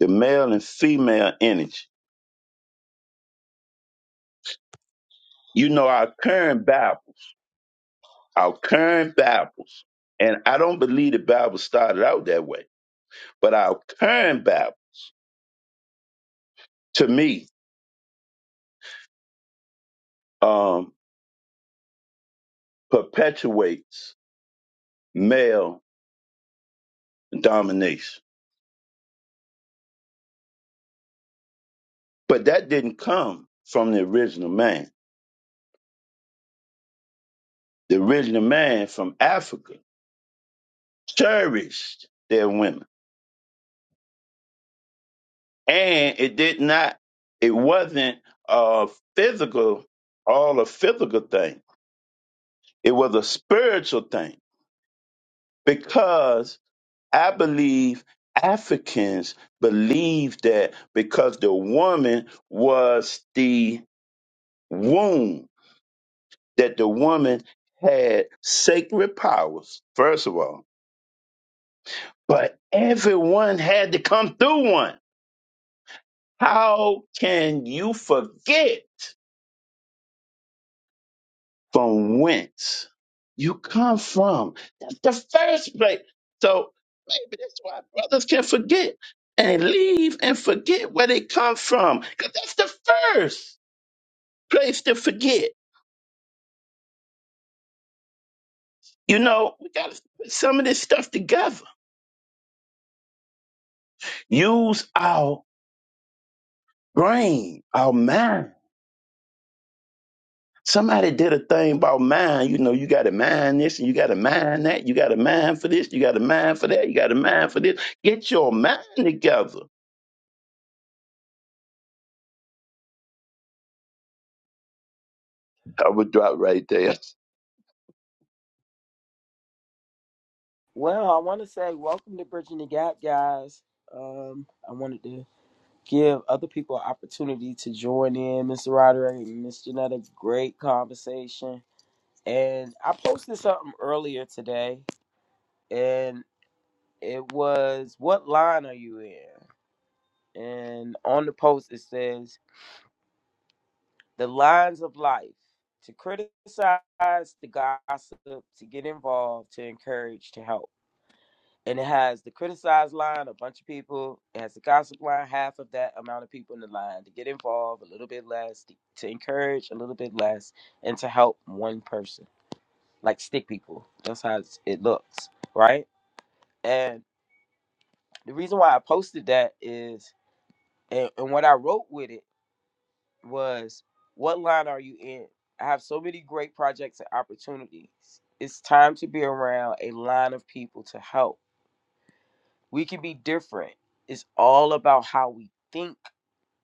the male and female energy. You know our current Bible. our current Bibles, and I don't believe the Bible started out that way, but our current Bible, to me, um, perpetuates male domination. But that didn't come from the original man. The original man from Africa cherished their women, and it did not. It wasn't a physical, all a physical thing. It was a spiritual thing because I believe Africans believe that because the woman was the womb, that the woman had sacred powers, first of all, but everyone had to come through one. How can you forget from whence you come from. That's the first place. So maybe that's why brothers can forget and leave and forget where they come from. Because that's the first place to forget. You know, we got to put some of this stuff together. Use our brain, our mind. Somebody did a thing about mind. You know, you got to mind this and you got to mind that. You got to mind for this. You got to mind for that. You got to mind for this. Get your mind together I would drop right there. Well, I want to say welcome to Bridging the Gap, guys. Um, I wanted to give other people an opportunity to join in. Mr. Roderick and Miss Janetta, great conversation. And I posted something earlier today, and it was, "What line are you in?" And on the post it says, the lines of life to criticize, to gossip, to get involved, to encourage, to help. And it has the criticize line, a bunch of people. It has the gossip line, half of that amount of people in the line to get involved, a little bit less, to, to encourage, a little bit less, and to help one person, like stick people. That's how it's- it looks, right? And the reason why I posted that is, and, and what I wrote with it was what line are you in? I have so many great projects and opportunities. It's time to be around a line of people to help. We can be different. It's all about how we think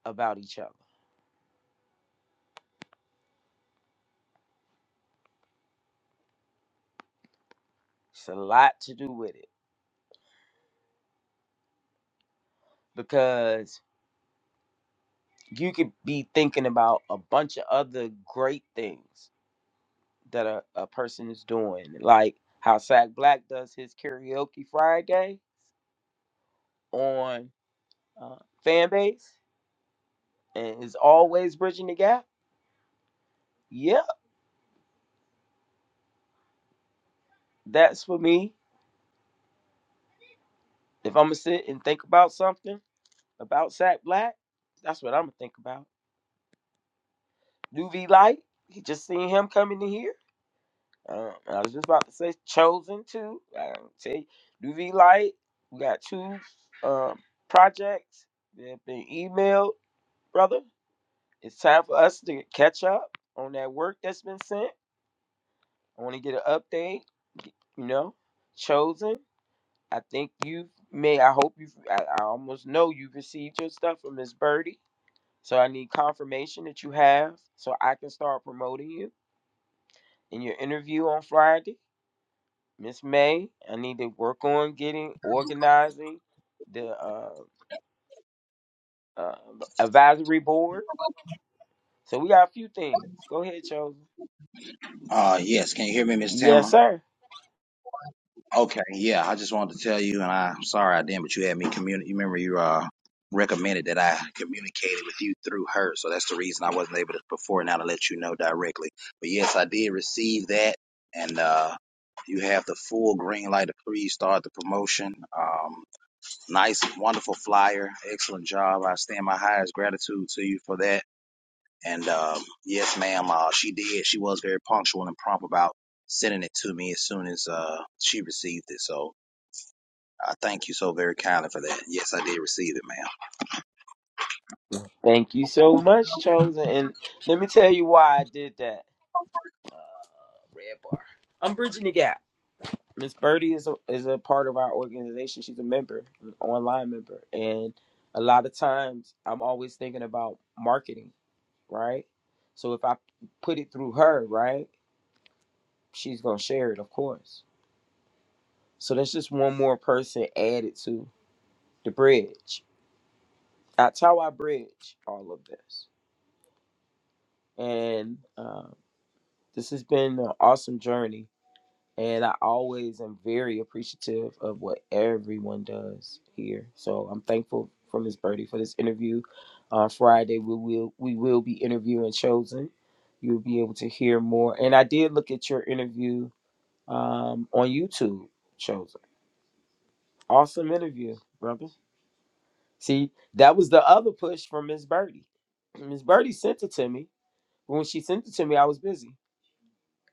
about each other. It's a lot to do with it because you could be thinking about a bunch of other great things that a, a person is doing, like how Sack Black does his karaoke Friday on uh, fan base and is always bridging the gap Yeah, that's for me. If I'm gonna sit and think about something about Sack Black, that's what I'm gonna think about. New V Light, you just seen him coming in here. Uh, I was just about to say Chosen too. I say New V Light. We got two um, projects that have been emailed, brother. It's time for us to catch up on that work that's been sent. I want to get an update. You know, Chosen. I think you've may. I hope you've. I, I almost know you've received your stuff from Miss Birdie. So I need confirmation that you have, so I can start promoting you in your interview on Friday. Miss May, I need to work on getting organizing the uh, uh, advisory board. So we got a few things. Go ahead, chosen. Uh, yes, can you hear me, Miss Tamara? Yes, sir. Okay, yeah, I just wanted to tell you, and I'm sorry I didn't, but you had me communicate. You remember you uh recommended that I communicated with you through her, so that's the reason I wasn't able to before now to let you know directly. But yes, I did receive that, and uh you have the full green light to please start the promotion. Um, nice, wonderful flyer, excellent job. I stand my highest gratitude to you for that. And um, yes, ma'am, uh, she did. She was very punctual and prompt about sending it to me as soon as uh she received it. So. I thank you so very kindly for that. Yes, I did receive it, ma'am. Thank you so much, chosen. And let me tell you why I did that. Uh, red bar. I'm bridging the gap. Miss Birdie is a, is a part of our organization. She's a member, an online member, and a lot of times I'm always thinking about marketing, right? So if I put it through her, right, she's gonna share it, of course. So that's just one more person added to the bridge. That's how I bridge all of this, and uh, this has been an awesome journey and I always am very appreciative of what everyone does here. So I'm thankful for Miss Birdie for this interview. On Friday, we will we will be interviewing Chosen. You'll be able to hear more. And I did look at your interview um, on YouTube, Chosen. Awesome interview, brother. See, that was the other push from Miss Birdie. Miss Birdie sent it to me. When she sent it to me, I was busy.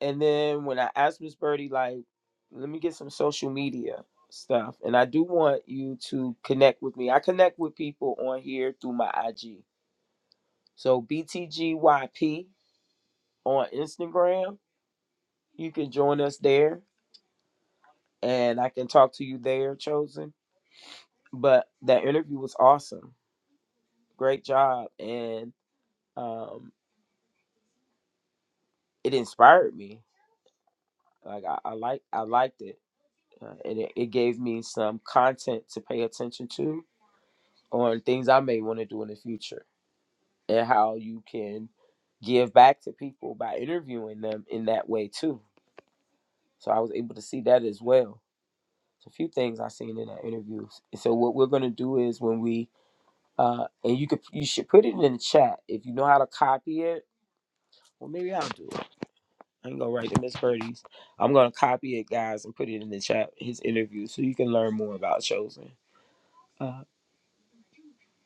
And then when I asked Miss Birdie, like, let me get some social media stuff. And I do want you to connect with me. I connect with people on here through my IG. So BTGYP on Instagram. You can join us there and I can talk to you there, Chosen. But that interview was awesome. Great job. And um, it inspired me. Like I, I like I liked it. Uh, and it, it gave me some content to pay attention to on things I may want to do in the future and how you can give back to people by interviewing them in that way too. So I was able to see that as well. It's a few things I seen in that interviews. And so what we're gonna do is when we uh and you could you should put it in the chat if you know how to copy it. Well maybe I'll do it. I ain't gonna write to Miss Birdie's. I'm gonna copy it guys and put it in the chat, his interview, so you can learn more about chosen. Uh,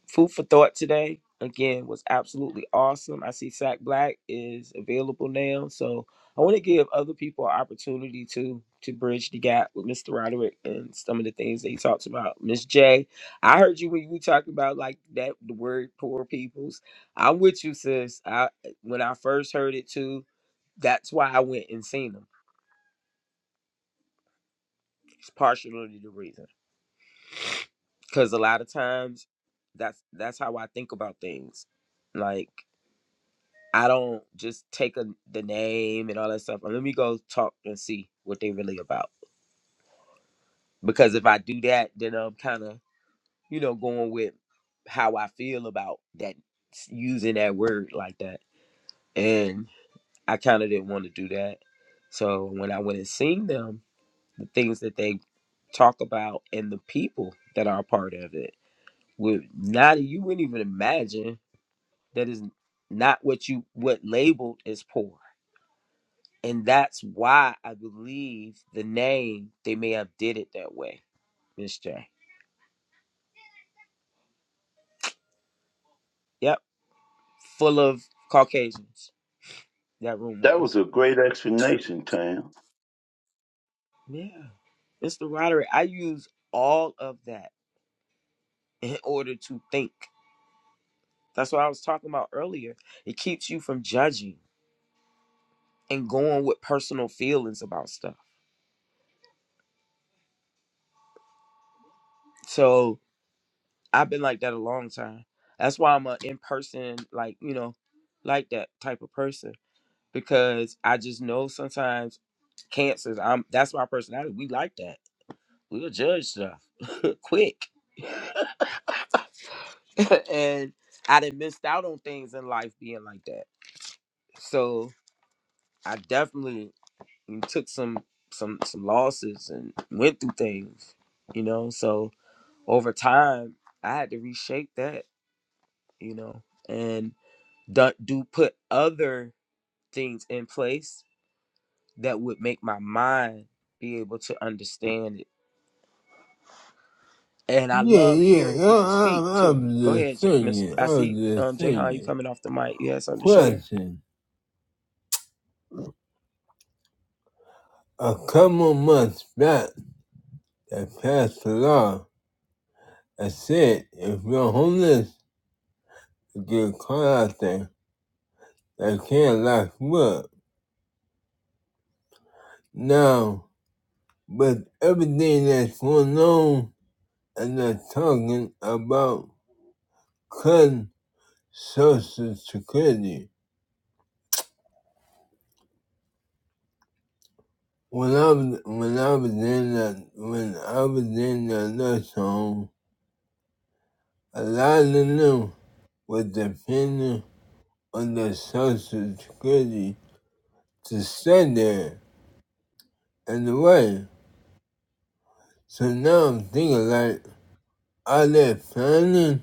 Food for thought today again was absolutely awesome. I see Sack Black is available now, so I want to give other people an opportunity to to bridge the gap with Mr. Roderick and some of the things that he talks about. Miss J, I heard you when you were talking about like that the word poor peoples. I'm with you, sis. I when I first heard it too, that's why I went and seen them. It's partially the reason because a lot of times that's that's how I think about things. Like. I don't just take a, the name and all that stuff. Let me go talk and see what they really about. Because if I do that, then I'm kind of, you know, going with how I feel about that using that word like that. And I kind of didn't want to do that. So when I went and seen them, the things that they talk about and the people that are a part of it would not you wouldn't even imagine that is not what you what labeled as poor and that's why I believe the name they may have did it that way, Miss J. Yep, full of Caucasians. That room That was was. a great explanation, Tam. Yeah, Mr. Roderick, I use all of that in order to think. That's what I was talking about earlier. It keeps you from judging and going with personal feelings about stuff. So I've been like that a long time. That's why I'm a in person, like you know, like that type of person because I just know sometimes cancers. I'm that's my personality. We like that. We'll judge stuff quick, and I done missed out on things in life being like that. So I definitely took some some some losses and went through things, you know. So over time, I had to reshape that, you know, and do, do put other things in place that would make my mind be able to understand And I Yeah, love hearing yeah. I, people speak I, too. I'm Go just ahead, J- Miss. thinking. I I am see, just um, Jayhan, you thinking. coming off the mic. You had something to share. Question: A couple months back, they passed a law that said if you're homeless, you get caught out there, they can't lock you up. Now, with everything that's going on, and they're talking about cutting Social Security. When I was when I was in the when I was in the nursing home, A lot of them were dependent on the Social Security to stay there and work. So now I'm thinking like, are they planning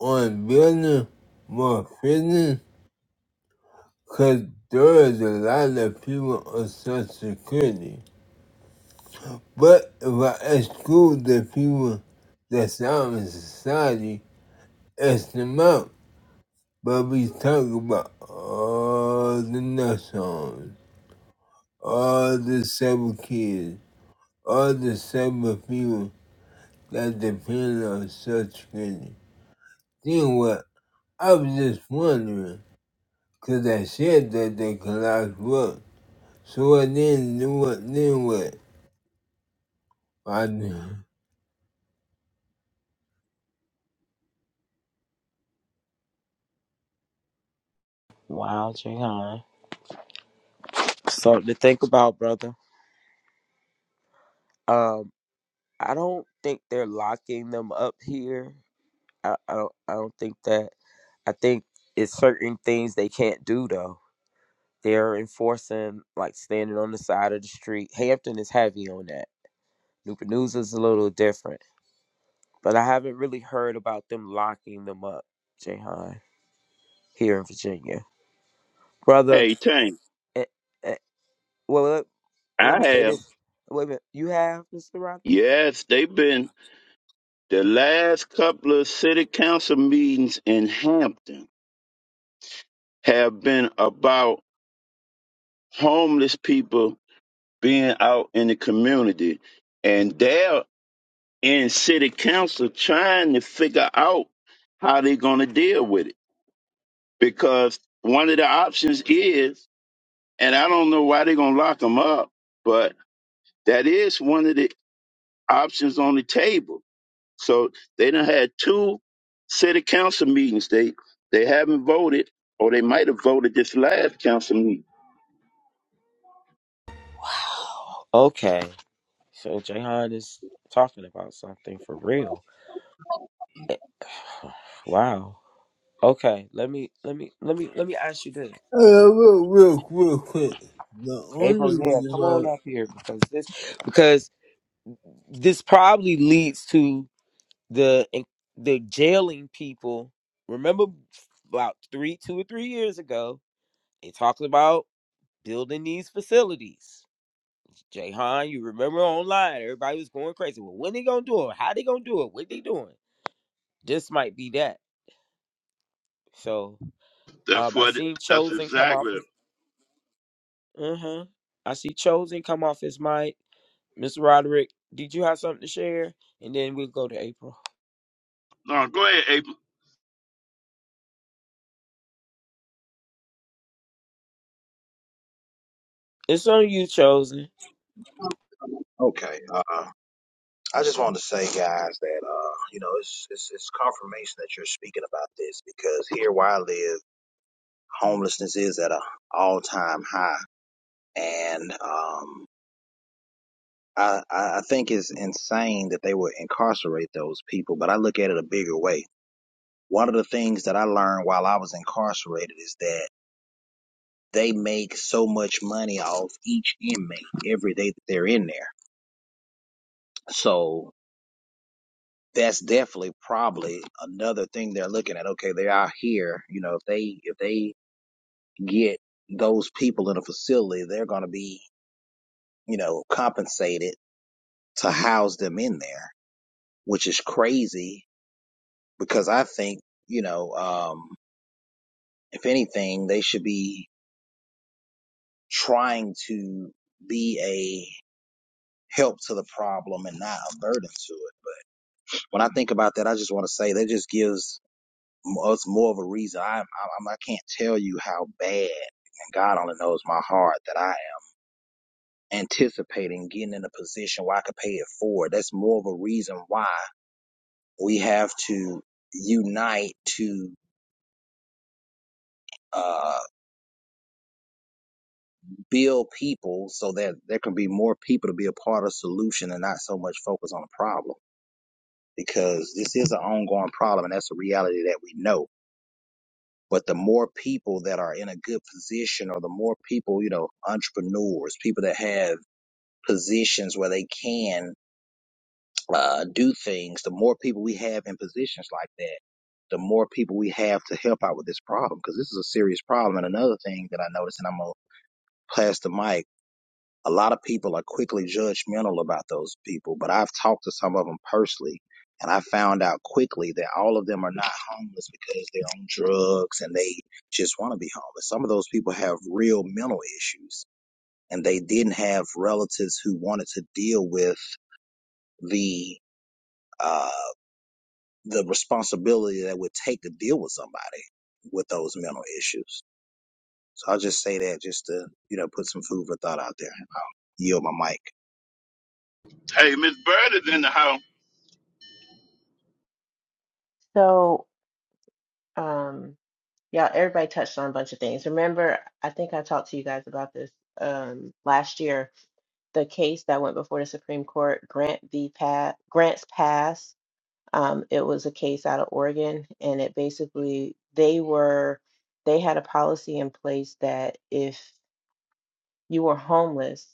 on building more prisons? Because there is a lot of people on Social Security. But if I exclude the people that's out in society, it's them out. But we talk about all the nuts on. all the seven kids, all the seven people that depend on such credit. Then what? I was just wondering, 'cause I said that they can lock you up. So what then, then what, then what? I knew. Wow, Jayhan. Something to think about, brother. Um, I don't think they're locking them up here. I, I don't. I don't think that. I think it's certain things they can't do though. They're enforcing like standing on the side of the street. Hampton is heavy on that. Newport News is a little different, but I haven't really heard about them locking them up, Jayhan, here in Virginia. brother. Hey, Tank, eh, eh, Well, let, let me I say have. this. Wait a minute. You have Mr. Roderick? Yes, they've been the last couple of city council meetings in Hampton have been about homeless people being out in the community. And they're in city council trying to figure out how they're going to deal with it. Because one of the options is, and I don't know why they're going to lock them up, but that is one of the options on the table. So they done had two city council meetings. They they haven't voted, or they might have voted this last council meeting. Okay, so Jahan is talking about something for real. Eh, Wow. Okay, let me let me let me let me ask you this. Uh, real, real, real quick. The only April, yeah, reason come why on up here because this because this probably leads to the the jailing people. Remember about three, two or three years ago, they talked about building these facilities. Jay Han, you remember online, everybody was going crazy. Well, when they gonna do it? How they gonna do it? What they doing? This might be that. So That's um I what. seen That's Chosen come off exactly. his uh-huh. I see Chosen come off his mic. Mr. Roderick, did you have something to share? And then we'll go to April. No, go ahead, April. It's on you, Chosen. Okay. Uh, I just wanted to say, guys, that uh, you know, it's, it's it's confirmation that you're speaking about this because here where I live, homelessness is at a all time high, and um, I I I think it's insane that they would incarcerate those people. But I look at it a bigger way. One of the things that I learned while I was incarcerated is that they make so much money off each inmate every day that they're in there. So that's definitely probably another thing they're looking at. Okay, they are here. You know, if they if they get those people in a facility, they're going to be you know compensated to house them in there, which is crazy because I think you know um, if anything, they should be trying to be a help to the problem and not a burden to it. But when I think about that, I just want to say that just gives it's more of a reason. I, I I'm- I can't tell you how bad, and God only knows my heart that I am anticipating getting in a position where I could pay it forward. That's more of a reason why we have to unite to uh, build people so that there can be more people to be a part of the solution and not so much focus on the problem. Because this is an ongoing problem, and that's a reality that we know. But the more people that are in a good position, or the more people, you know, entrepreneurs, people that have positions where they can uh, do things, the more people we have in positions like that, the more people we have to help out with this problem because this is a serious problem. And another thing that I noticed, and I'm gonna pass the mic, a lot of people are quickly judgmental about those people, but I've talked to some of them personally. And I found out quickly that all of them are not homeless because they're on drugs and they just want to be homeless. Some of those people have real mental issues and they didn't have relatives who wanted to deal with the uh, the responsibility that would take to deal with somebody with those mental issues. So I'll just say that just to you know put some food for thought out there. Yield my mic. Hey, Miss Bird is in the house. So, um, yeah, everybody touched on a bunch of things. Remember, I think I talked to you guys about this um, last year. The case that went before the Supreme Court, Grant v. Pass, Grants Pass. Um, it was a case out of Oregon, and it basically they were they had a policy in place that if you were homeless,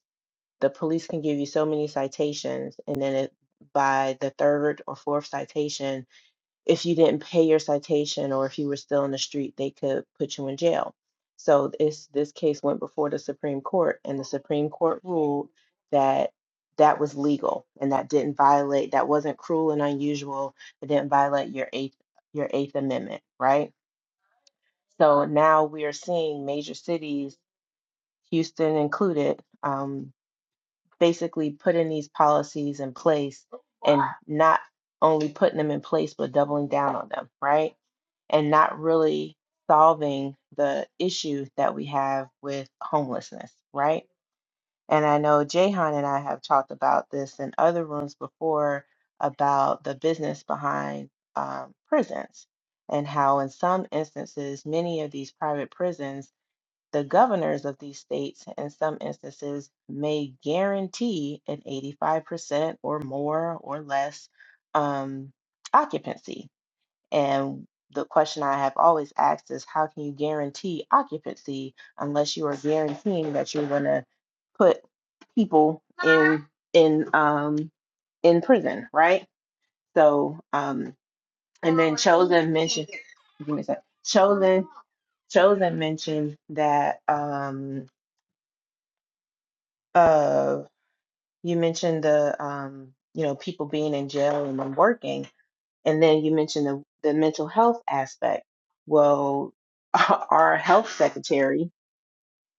the police can give you so many citations, and then it, by the third or fourth citation if you didn't pay your citation or if you were still in the street, they could put you in jail. So this this case went before the Supreme Court, and the Supreme Court ruled that that was legal and that didn't violate that wasn't cruel and unusual. It didn't violate your eighth your Eighth Amendment, right? So now we are seeing major cities, Houston included, um, basically putting these policies in place and not only putting them in place but doubling down on them, right? and not really solving the issue that we have with homelessness, right? And I know Jahan and I have talked about this in other rooms before about the business behind um, prisons and how, in some instances, many of these private prisons, the governors of these states, in some instances, may guarantee an 85% or more or less um, occupancy and the question I have always asked is how can you guarantee occupancy unless you are guaranteeing that you're going to put people in in um in prison, right? So um and then chosen mentioned give me a sec. Chosen chosen mentioned that um uh you mentioned the um you know people being in jail and then working And then you mentioned the, the mental health aspect. Well, our health secretary,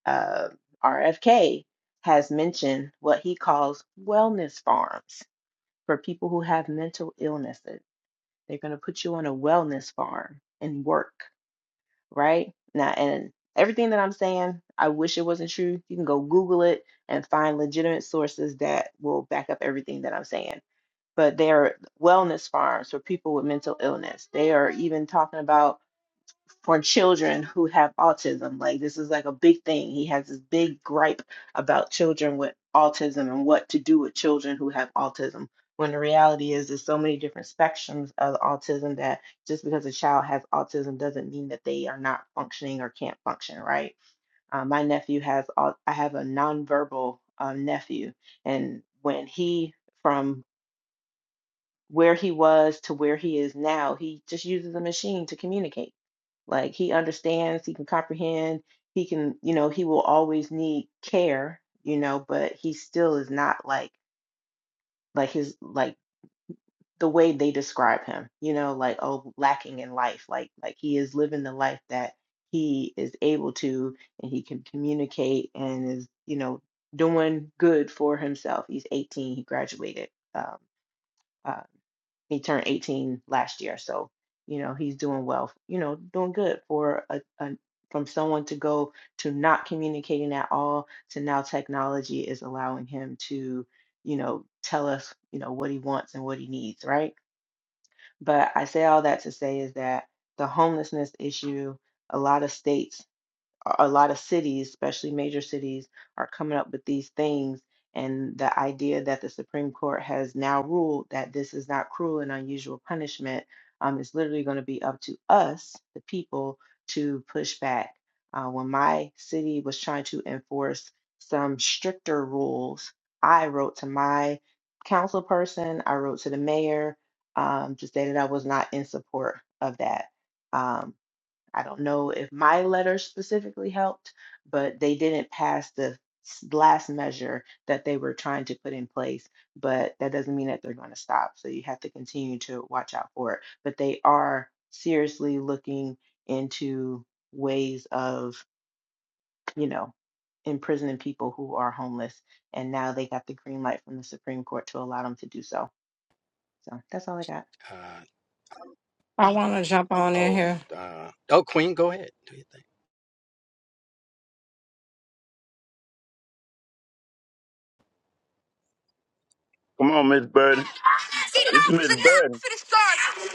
uh, RFK, has mentioned what he calls wellness farms for people who have mental illnesses. They're going to put you on a wellness farm and work, right? Now, and everything that I'm saying, I wish it wasn't true. You can go Google it and find legitimate sources that will back up everything that I'm saying but they are wellness farms for people with mental illness. They are even talking about for children who have autism. Like this is like a big thing. He has this big gripe about children with autism and what to do with children who have autism. When the reality is, there's so many different spectrums of autism that just because a child has autism doesn't mean that they are not functioning or can't function, right? Uh, my nephew has, au- I have a nonverbal uh, nephew, and when he, from where he was to where he is now. He just uses a machine to communicate. Like he understands, he can comprehend, he can, you know, he will always need care, you know, but he still is not like like his like the way they describe him, you know, like oh lacking in life, like like he is living the life that he is able to and he can communicate and is, you know, doing good for himself. He's 18, he graduated. Um uh, he turned 18 last year so you know he's doing well you know doing good for a, a from someone to go to not communicating at all to now technology is allowing him to you know tell us you know what he wants and what he needs right but i say all that to say is that the homelessness issue a lot of states a a lot of cities, especially major cities, are coming up with these things. And the idea that the Supreme Court has now ruled that this is not cruel and unusual punishment um, is literally going to be up to us, the people, to push back. Uh, when my city was trying to enforce some stricter rules, I wrote to my council person, I wrote to the mayor um, to say that I was not in support of that Um, I don't know if my letter specifically helped, but they didn't pass the s- last measure that they were trying to put in place. But that doesn't mean that they're going to stop. So you have to continue to watch out for it. But they are seriously looking into ways of, you know, imprisoning people who are homeless. And now they got the green light from the Supreme Court to allow them to do so. So that's all I got. Uh, I want to jump on in oh, here. uh, oh, Queen, go ahead. Do your thing. Come on, Miss Bird. It's Enough is Miss enough Bird. for this dog.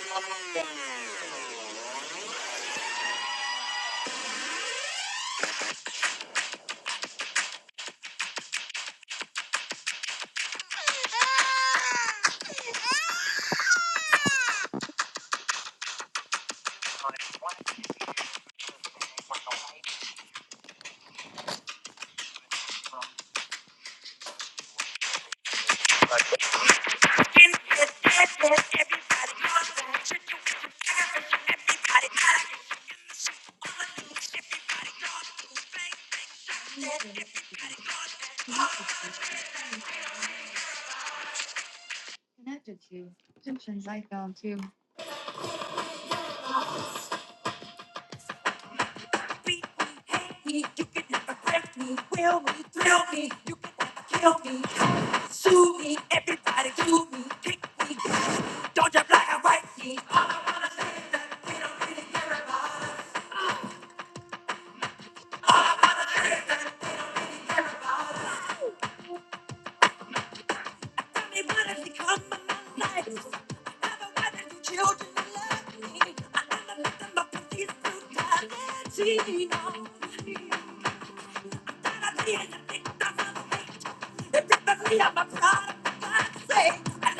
You kill me, sue me, everybody sue me, kick me. Don't you black and white me. I tell me what has become of my life. I never wanted you children to love me. I never let them up with these brutality. No. Tired of being a victim of the If don't see I of everybody, think I'm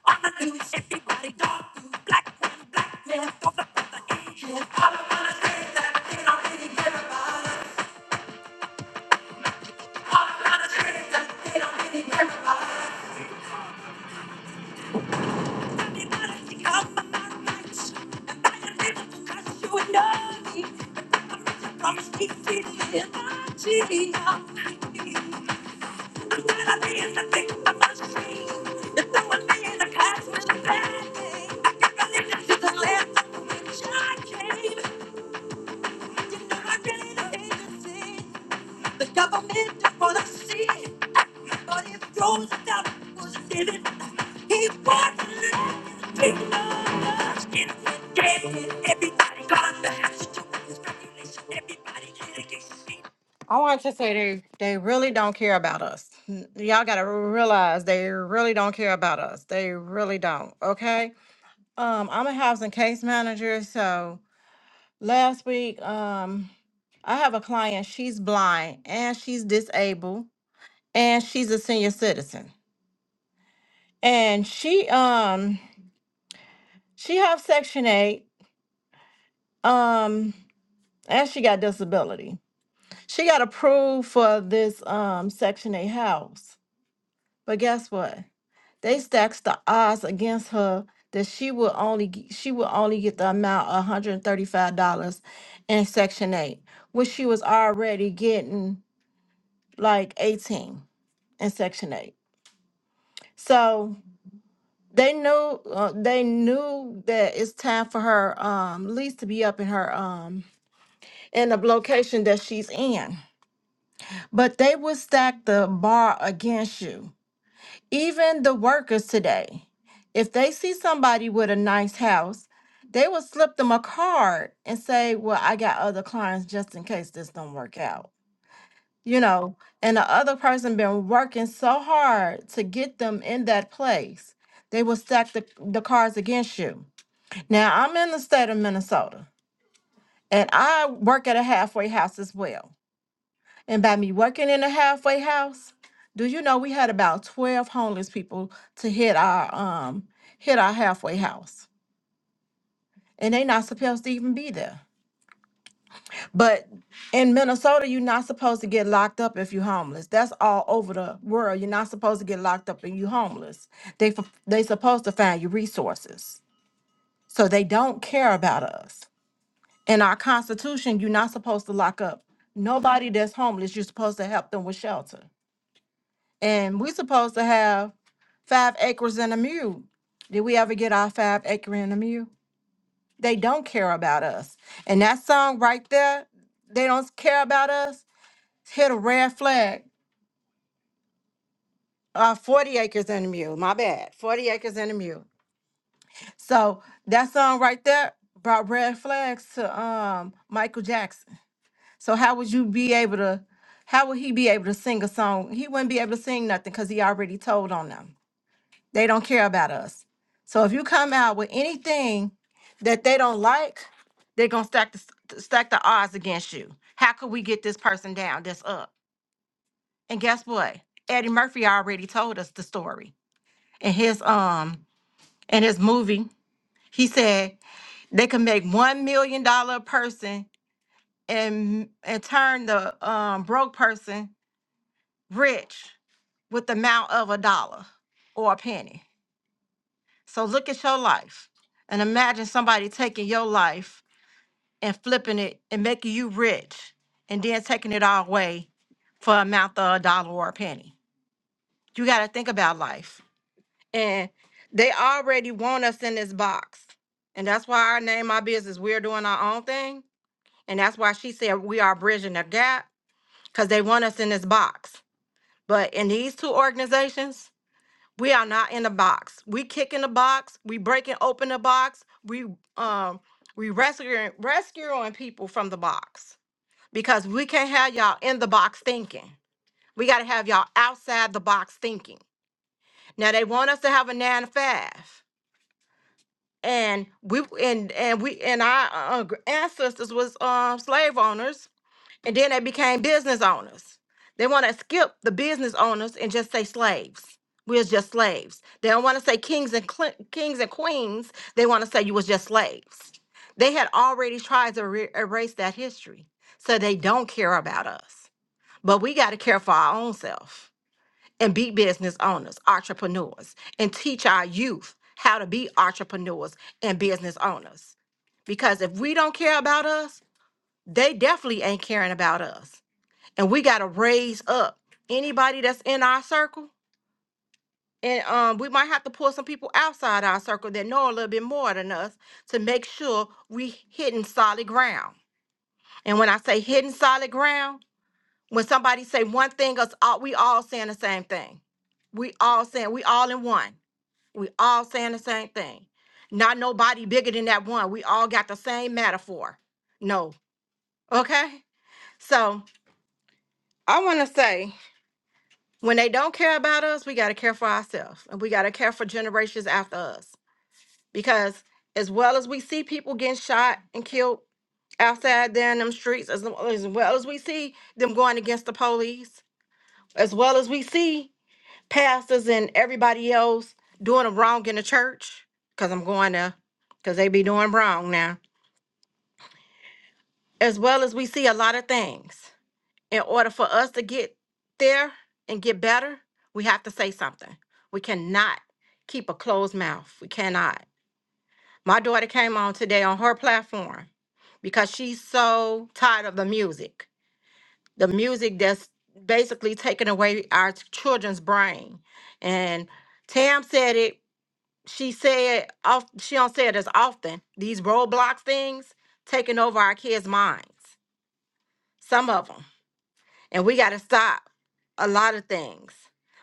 Promise me, And I'm rich, I promise, keep it in my teeth. I the government is gonna see it. But if those that was in he won't let it be done. Instigated, everybody gonna have to do with this regulation. Everybody get against it. I want to say they, they really don't care about us. N- Y'all gotta realize they really don't care about us. They really don't. Okay. Um, I'm a housing case manager, so Last week, um, I have a client, she's blind and she's disabled and she's a senior citizen. And she um she have section 8 um and she got disability. She got approved for this um section 8 house. But guess what? They stacks the odds against her that she will only g- she will only get the amount of $135 in section 8, which she was already getting like 18 in section 8 so they knew uh, they knew that it's time for her um lease to be up in her um in the location that she's in but they would stack the bar against you even the workers today if they see somebody with a nice house they will slip them a card and say well i got other clients just in case this don't work out you know, and the other person been working so hard to get them in that place, they will stack the, the cards against you. Now I'm in the state of Minnesota and I work at a halfway house as well. And by me working in a halfway house, do you know we had about 12 homeless people to hit our um hit our halfway house. And they not supposed to even be there. But in Minnesota, you're not supposed to get locked up if you're homeless. That's all over the world. You're not supposed to get locked up and you're homeless. They f- they supposed to find you resources. So they don't care about us. In our constitution, you're not supposed to lock up nobody that's homeless. You're supposed to help them with shelter. And we're supposed to have five acres and a mule. Did we ever get our five acre and a mule? They don't care about us. And that song right there, they don't care about us hit a red flag. Uh, 40 acres and a mule. My bad. 40 acres and a mule. So that song right there brought red flags to um Michael Jackson. So how would you be able to how would he be able to sing a song? He wouldn't be able to sing nothing because he already told on them. They don't care about us. So if you come out with anything that they don't like, they're gonna stack the stack the odds against you. How could we get this person down that's up? And guess what? Eddie Murphy already told us the story. in his um in his movie, he said they can make one million dollar a person and and turn the um broke person rich with the amount of a dollar or a penny. So look at your life and imagine somebody taking your life and flipping it and making you rich and then taking it all away for a amount of a dollar or a penny. You gotta think about life. And they already want us in this box. And that's why our name, our business, we're doing our own thing. And that's why she said we are bridging the gap because they want us in this box. But in these two organizations, we are not in the box. We kicking the box. We breaking open the box. We um we rescuing rescuing people from the box because we can't have y'all in the box thinking. We got to have y'all outside the box thinking. Now they want us to have a nine to five. and we and and we and our uh, gr- ancestors was um slave owners and then they became business owners they want to skip the business owners and just say slaves we're just slaves they don't want to say kings and cle- kings and queens they want to say you was just slaves they had already tried to re- erase that history so they don't care about us but we got to care for our own self and be business owners, entrepreneurs, and teach our youth how to be entrepreneurs and business owners. Because if we don't care about us, they definitely ain't caring about us. And we got to raise up anybody that's in our circle. And um, we might have to pull some people outside our circle that know a little bit more than us to make sure we hitting solid ground. And when I say hitting solid ground, when somebody say one thing, us all, we all saying the same thing. We all saying we all in one We all saying the same thing. Not nobody bigger than that one. We all got the same metaphor. No. Okay? So I want to say when they don't care about us, we got to care for ourselves and we got to care for generations after us. Because as well as we see people getting shot and killed outside there in them streets, as, as well as we see them going against the police, as well as we see pastors and everybody else doing them wrong in the church, because I'm going to, because they be doing wrong now, as well as we see a lot of things. In order for us to get there and get better, we have to say something. We cannot keep a closed mouth. We cannot. My daughter came on today on her platform because she's so tired of the music. The music that's basically taking away our children's brain. And Tam said it she said off she don't say it as often these roadblock things taking over our kids minds some of them and we got to stop a lot of things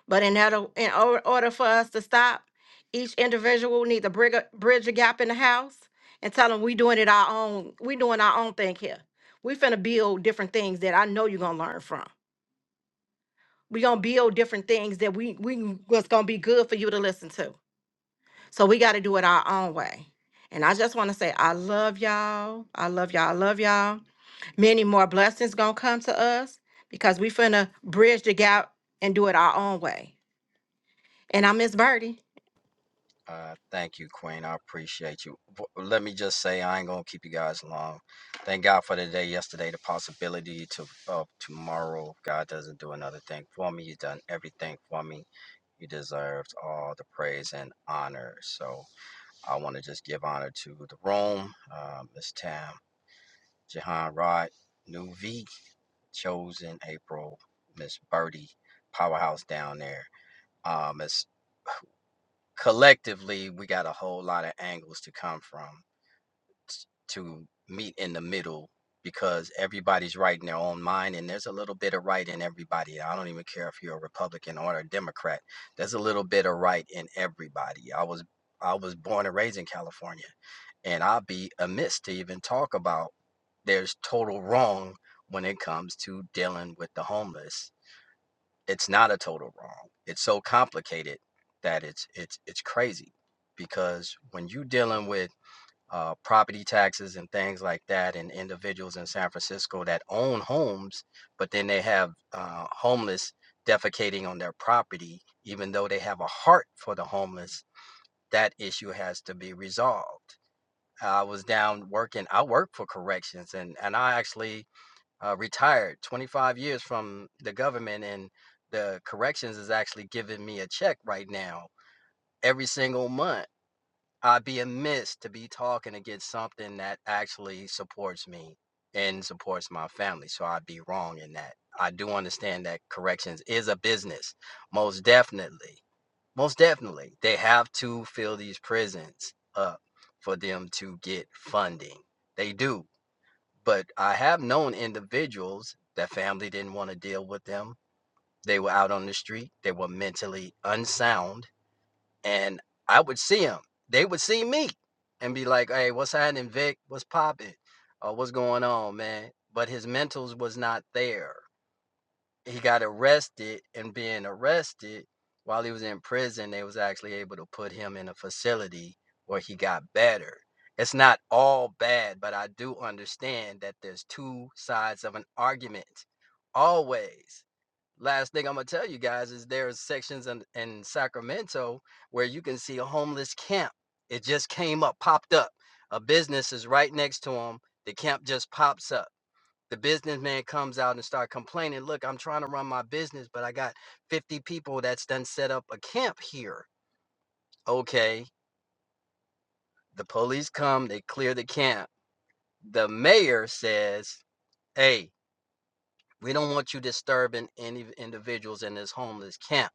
but in order, in or- order for us to stop each individual need to bridge a, bridge a gap in the house and tell them we doing it our own we doing our own thing here we finna build different things that i know you're gonna learn from we gonna build different things that we we what's gonna be good for you to listen to So we got to do it our own way. And I just want to say, I love y'all. I love y'all. I love y'all. Many more blessings gonna come to us because we finna bridge the gap and do it our own way. And I miss Birdie. Uh, thank you, Queen. I appreciate you. W- Let me just say, I ain't gonna keep you guys long. Thank God for the day yesterday, the possibility to of tomorrow. If God doesn't do another thing for me. You done everything for me. You deserves all the praise and honor. So I want to just give honor to the room, uh, Miss Tam, Jahan Rod, New V, Chosen April, Miss Birdie, Powerhouse down there, uh, Miss collectively we got a whole lot of angles to come from s- to meet in the middle because everybody's right in their own mind and there's a little bit of right in everybody i don't even care if you're a republican or a democrat there's a little bit of right in everybody i was i was born and raised in california and i'd be amiss to even talk about there's total wrong when it comes to dealing with the homeless it's not a total wrong. It's so complicated that it's it's it's crazy because when you are dealing with uh, property taxes and things like that, and individuals in San Francisco that own homes, but then they have uh, homeless defecating on their property, even though they have a heart for the homeless, that issue has to be resolved. I was down working. I work for corrections, and and I actually uh, retired 25 years from the government and the corrections is actually giving me a check right now every single month i'd be amiss to be talking against something that actually supports me and supports my family so i'd be wrong in that i do understand that corrections is a business most definitely most definitely they have to fill these prisons up for them to get funding they do but I have known individuals that family didn't want to deal with them. They were out on the street, they were mentally unsound, and I would see them. They would see me and be like, hey, what's happening, Vic? What's popping? Uh, what's going on, man? But his mentals was not there he got arrested and being arrested while he was in prison they was actually able to put him in a facility where he got better it's not all bad but i do understand that there's two sides of an argument always last thing i'm gonna tell you guys is there's sections in, in sacramento where you can see a homeless camp it just came up popped up a business is right next to them. the camp just pops up the businessman comes out and start complaining look i'm trying to run my business but i got 50 people that's done set up a camp here okay the police come they clear the camp the mayor says hey we don't want you disturbing any individuals in this homeless camp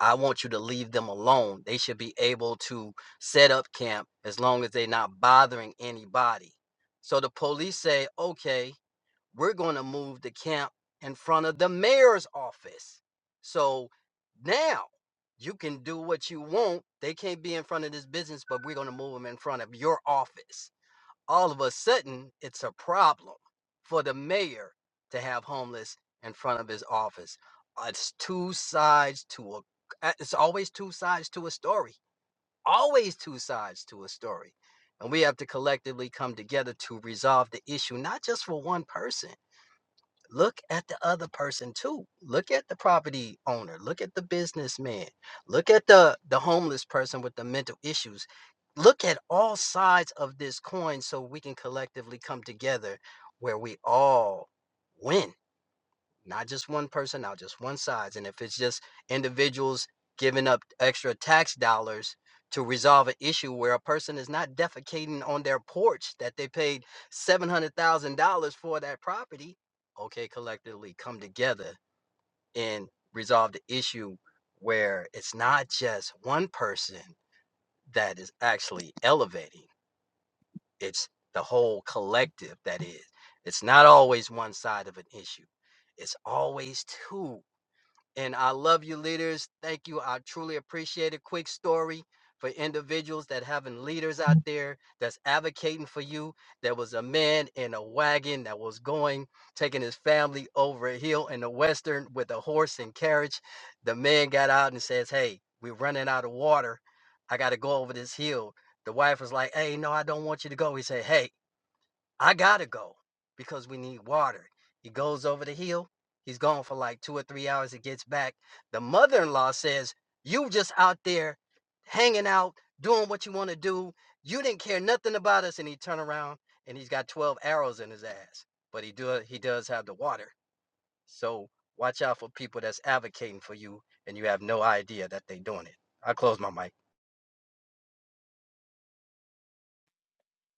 i want you to leave them alone they should be able to set up camp as long as they're not bothering anybody so the police say okay we're going to move the camp in front of the mayor's office. So now you can do what you want. They can't be in front of this business, but we're going to move them in front of your office. All of a sudden, it's a problem for the mayor to have homeless in front of his office. Uh, It's two sides to a uh, it's always two sides to a story. Always two sides to a story. And we have to collectively come together to resolve the issue, not just for one person look at the other person too look at the property owner look at the businessman look at the the homeless person with the mental issues look at all sides of this coin so we can collectively come together where we all win not just one person, not just one size. And if it's just individuals giving up extra tax dollars to resolve an issue where a person is not defecating on their porch that they paid seven hundred thousand dollars for that property, okay, collectively come together and resolve the issue where it's not just one person that is actually elevating, it's the whole collective that is. It's not always one side of an issue. It's always two and I love you, leaders. Thank you. I truly appreciate it. Quick story for individuals that having leaders out there that's advocating for you. There was a man in a wagon that was going, taking his family over a hill in the western with a horse and carriage. The man got out and says, Hey, we're running out of water. I gotta go over this hill. The wife was like, Hey, no, I don't want you to go. He said, Hey, I gotta go because we need water. He goes over the hill. He's gone for like two or three hours. He gets back. The mother in law says, You just out there hanging out, doing what you want to do. You didn't care nothing about us. And he turn around and he's got 12 arrows in his ass. But he do he does have the water. So watch out for people that's advocating for you and you have no idea that they doing it. I close my mic.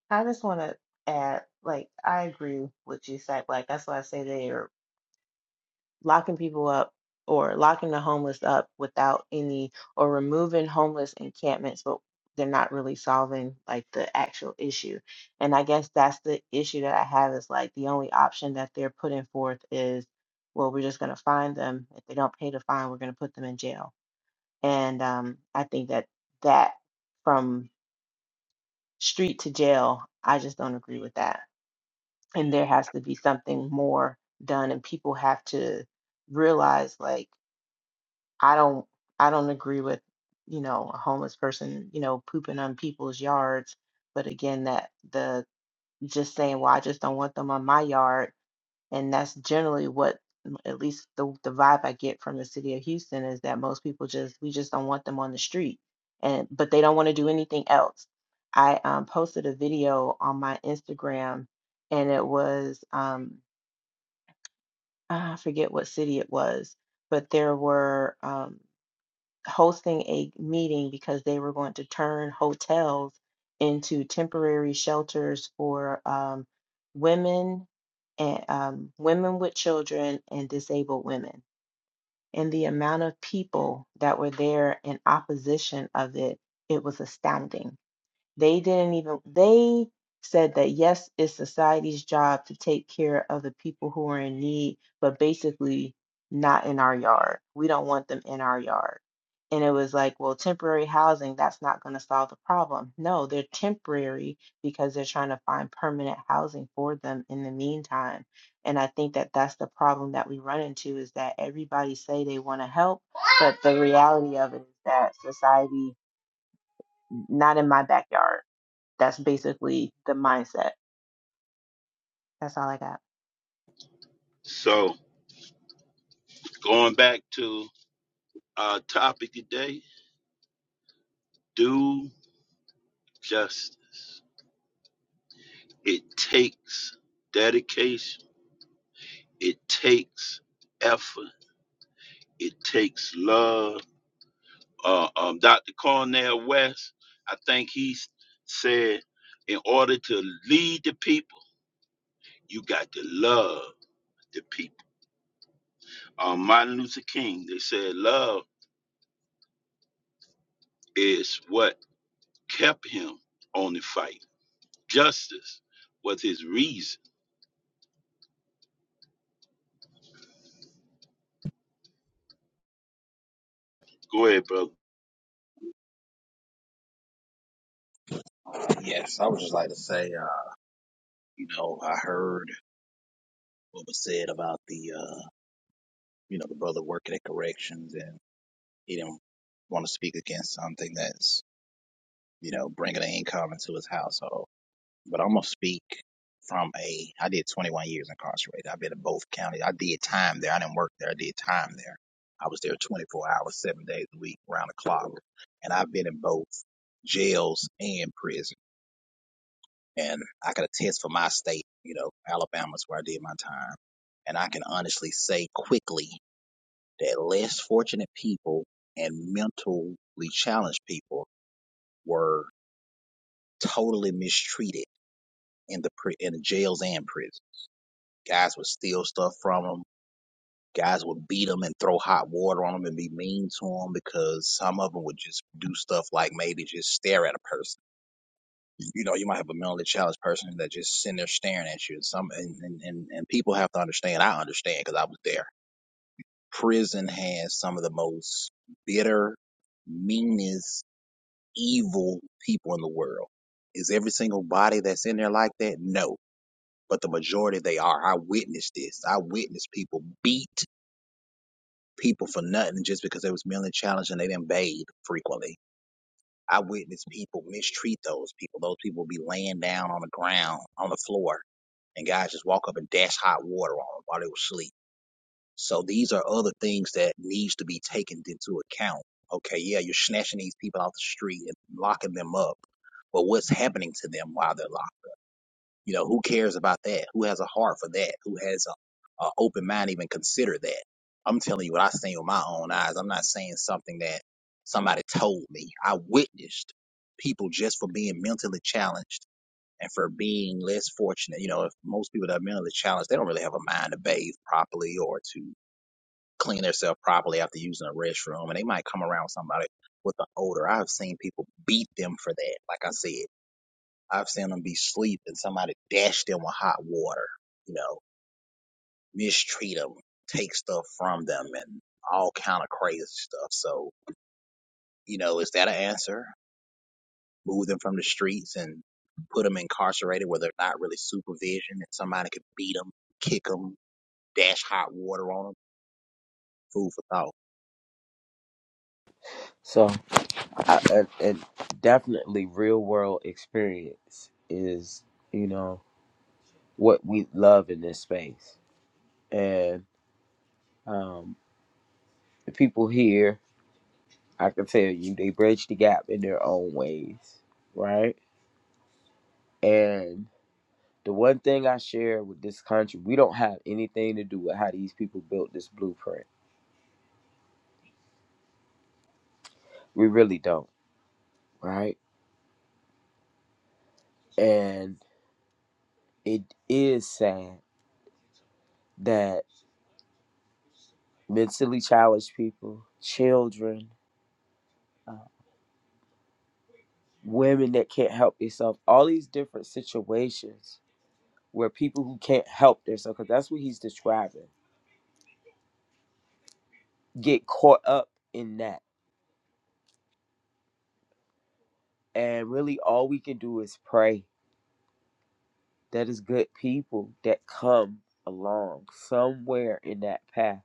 I just want to add, like, I agree with you, Sack. Like, that's why I say they are. locking people up or locking the homeless up without any or removing homeless encampments but they're not really solving like the actual issue and i guess that's the issue that i have is like the only option that they're putting forth is well we're just going to fine them if they don't pay the fine we're going to put them in jail and um, i think that that from street to jail i just don't agree with that and there has to be something more done and people have to realize like I don't I don't agree with, you know, a homeless person, you know, pooping on people's yards. But again, that the just saying, well, I just don't want them on my yard, and that's generally what m- at least the the vibe I get from the city of Houston is that most people just we just don't want them on the street, and but they don't want to do anything else. I um, posted a video on my Instagram, and it was um, I forget what city it was, but there were. um, hosting a meeting because they were going to turn hotels into temporary shelters for um, women and um, women with children and disabled women. And the amount of people that were there in opposition of it, it was astounding they didn't even, they said that yes, it's society's job to take care of the people who are in need, but basically not in our yard. We don't want them in our yard. And it was like, well, temporary housing, that's not going to solve the problem. No, they're temporary because they're trying to find permanent housing for them in the meantime. And I think that that's the problem that we run into is that everybody say they want to help, but the reality of it is that society, not in my backyard that's basically the mindset. That's all I got. So going back to our topic today, do justice. It takes dedication. It takes effort. It takes love uh, um, Dr. Cornell West, I think he s- said, in order to lead the people, you got to love the people. Um, Martin Luther King, they said love is what kept him on the fight. Justice was his reason. Go ahead, brother. Yes, I would just like to say, uh, you know, I heard what was said about the uh, you know the brother working at corrections and he didn't want to speak against something that's you know bringing an income into his household. but I'm gonna speak from a. I did 21 years incarcerated. I've been in both counties. I did time there. I didn't work there. I did time there. I was there 24 hours, seven days a week, round the clock, and I've been in both jails and prison. And I can attest for my state. You know, Alabama's where I did my time, and I can honestly say quickly that less fortunate people and mentally challenged people were totally mistreated in the pri- in the jails and prisons Guys would steal stuff from them. Guys would beat them and throw hot water on them and be mean to them because some of them would just do stuff like maybe just stare at a person. You know, you might have a mentally challenged person that just sitting there staring at you. some and and and, and people have to understand. I understand because I was there. Prison has some of the most bitter, meanest, evil people in the world. Is every single body that's in there like that? No but the majority they are. I witnessed this. I witnessed people beat. people for nothing just because they was mentally challenged and they didn't bathe frequently. I witnessed people mistreat those people. Those people would be laying down on the ground, on the floor, and guys just walk up and dash hot water on them while they were asleep. So these are other things that needs to be taken into account. Okay, yeah, you're snatching these people off the street and locking them up, but what's happening to them while they're locked? You know, who cares about that? Who has a heart for that? Who has a, a open mind to even consider that? I'm telling you what I seen with my own eyes. I'm not saying something that somebody told me. I witnessed people just for being mentally challenged and for being less fortunate. You know, if most people that are mentally challenged, they don't really have a mind to bathe properly or to clean themselves properly after using a restroom, and they might come around with somebody with an odor. I've seen people beat them for that. Like I said. I've seen them be asleep and somebody dash them with hot water, you know, mistreat them, take stuff from them, and all kind of crazy stuff. So, you know, is that an answer? Move them from the streets and put them incarcerated where they're not really supervision, and somebody could beat them, kick them, dash hot water on them. Food for thought. So, I, and, and definitely real world experience is, you know, what we love in this space. And um, the people here I can tell you, they bridge the gap in their own ways, right? And the one thing I share with this country, we don't have anything to do with how these people built this blueprint. We really don't, right? And it is sad that mentally challenged people, children, uh, women that can't help themselves, all these different situations where people who can't help themselves, because that's what he's describing, get caught up in that And really, all we can do is pray that is good people that come along somewhere in that path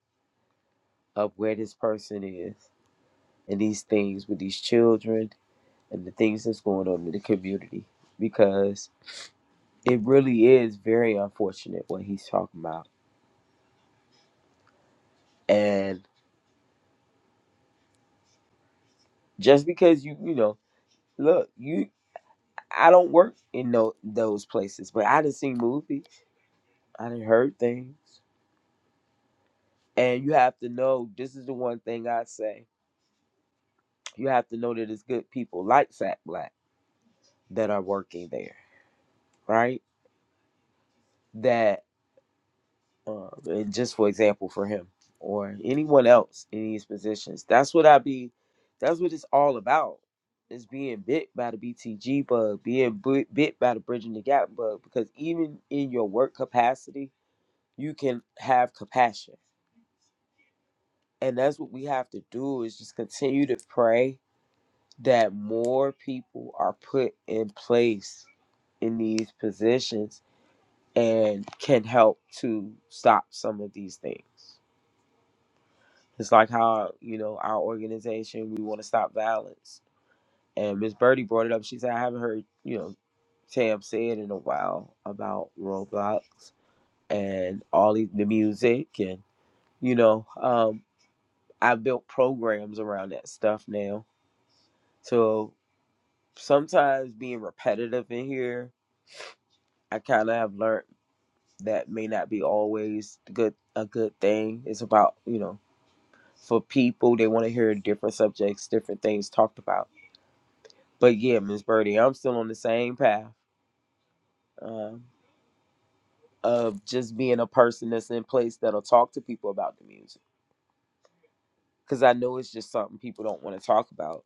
of where this person is and these things with these children and the things that's going on in the community because it really is very unfortunate what he's talking about. And just because you, you know, look, you, I don't work in no, those places, but I done seen movies, I done heard things, and you have to know this is the one thing I say you have to know that it's good people like Sack Black that are working there, right? That, uh, and just for example, for him or anyone else in these positions, that's what I be, that's what it's all about. Is being bit by the BTG bug, being bit, bit by the bridging the gap bug, because even in your work capacity, you can have compassion, and that's what we have to do is just continue to pray that more people are put in place in these positions and can help to stop some of these things. It's like how, you know, our organization, we want to stop violence. And Miss Birdie brought it up. She said, I haven't heard, you know, Tam say it in a while about Roblox and all the the music. And, you know, um, I built programs around that stuff now. So sometimes being repetitive in here I kind of have learned that may not be always good a good thing. It's about you know for people they want to hear different subjects, different things talked about. But yeah, Miss Birdie, I'm still on the same path um, of just being a person that's in place that'll talk to people about the music because I know it's just something people don't want to talk about,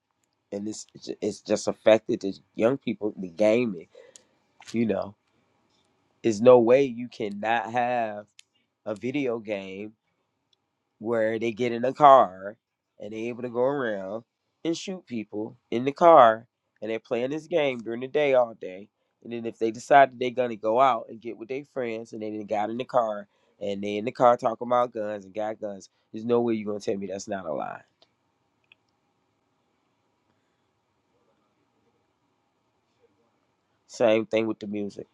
and this it's just affected the young people, the gaming. You know, there's no way you cannot have a video game where they get in a car and they able to go around and shoot people in the car and they're playing this game during the day all day. And then if they decide that they're gonna go out and get with their friends and they then got in the car and they in the car talking about guns and got guns, there's no way you're gonna tell me that's not a lie. Same thing with the music.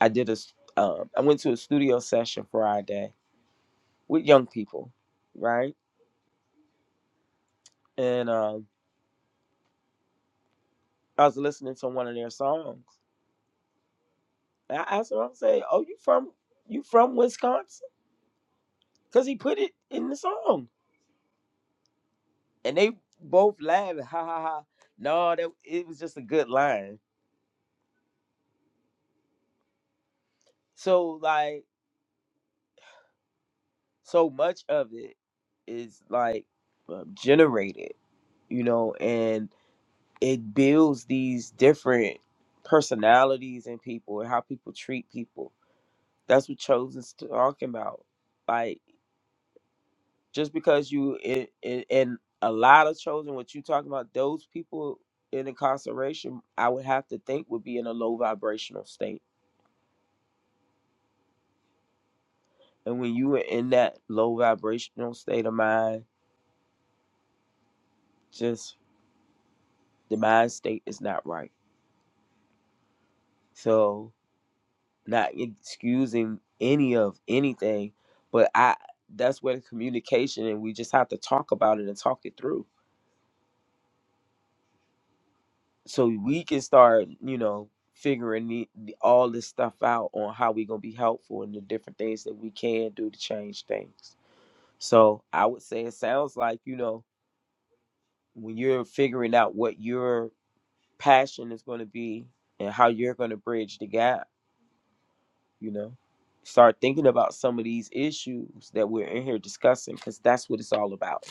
I did a s- um, I went to a studio session Friday with young people, right? And um, I was listening to one of their songs I asked him, I'm saying, "Oh, you from you from Wisconsin?" Cause he put it in the song, and they both laughed, ha ha ha. No, that it was just a good line. So like, so much of it is like uh, generated, you know, and it builds these different personalities in people and how people treat people. That's what Chosen's talking about. like. just because you in it, and a lot of children what you talking about those people in incarceration i would have to think would be in a low vibrational state and when you are in that low vibrational state of mind just the mind state is not right so not excusing any of anything but i that's where the communication and we just have to talk about it and talk it through so we can start you know figuring the, the- all this stuff out on how we're going to be helpful and the different things that we can do to change things so i would say it sounds like you know when you're figuring out what your passion is going to be and how you're going to bridge the gap you know start thinking about some of these issues that we're in here discussing because that's what it's all about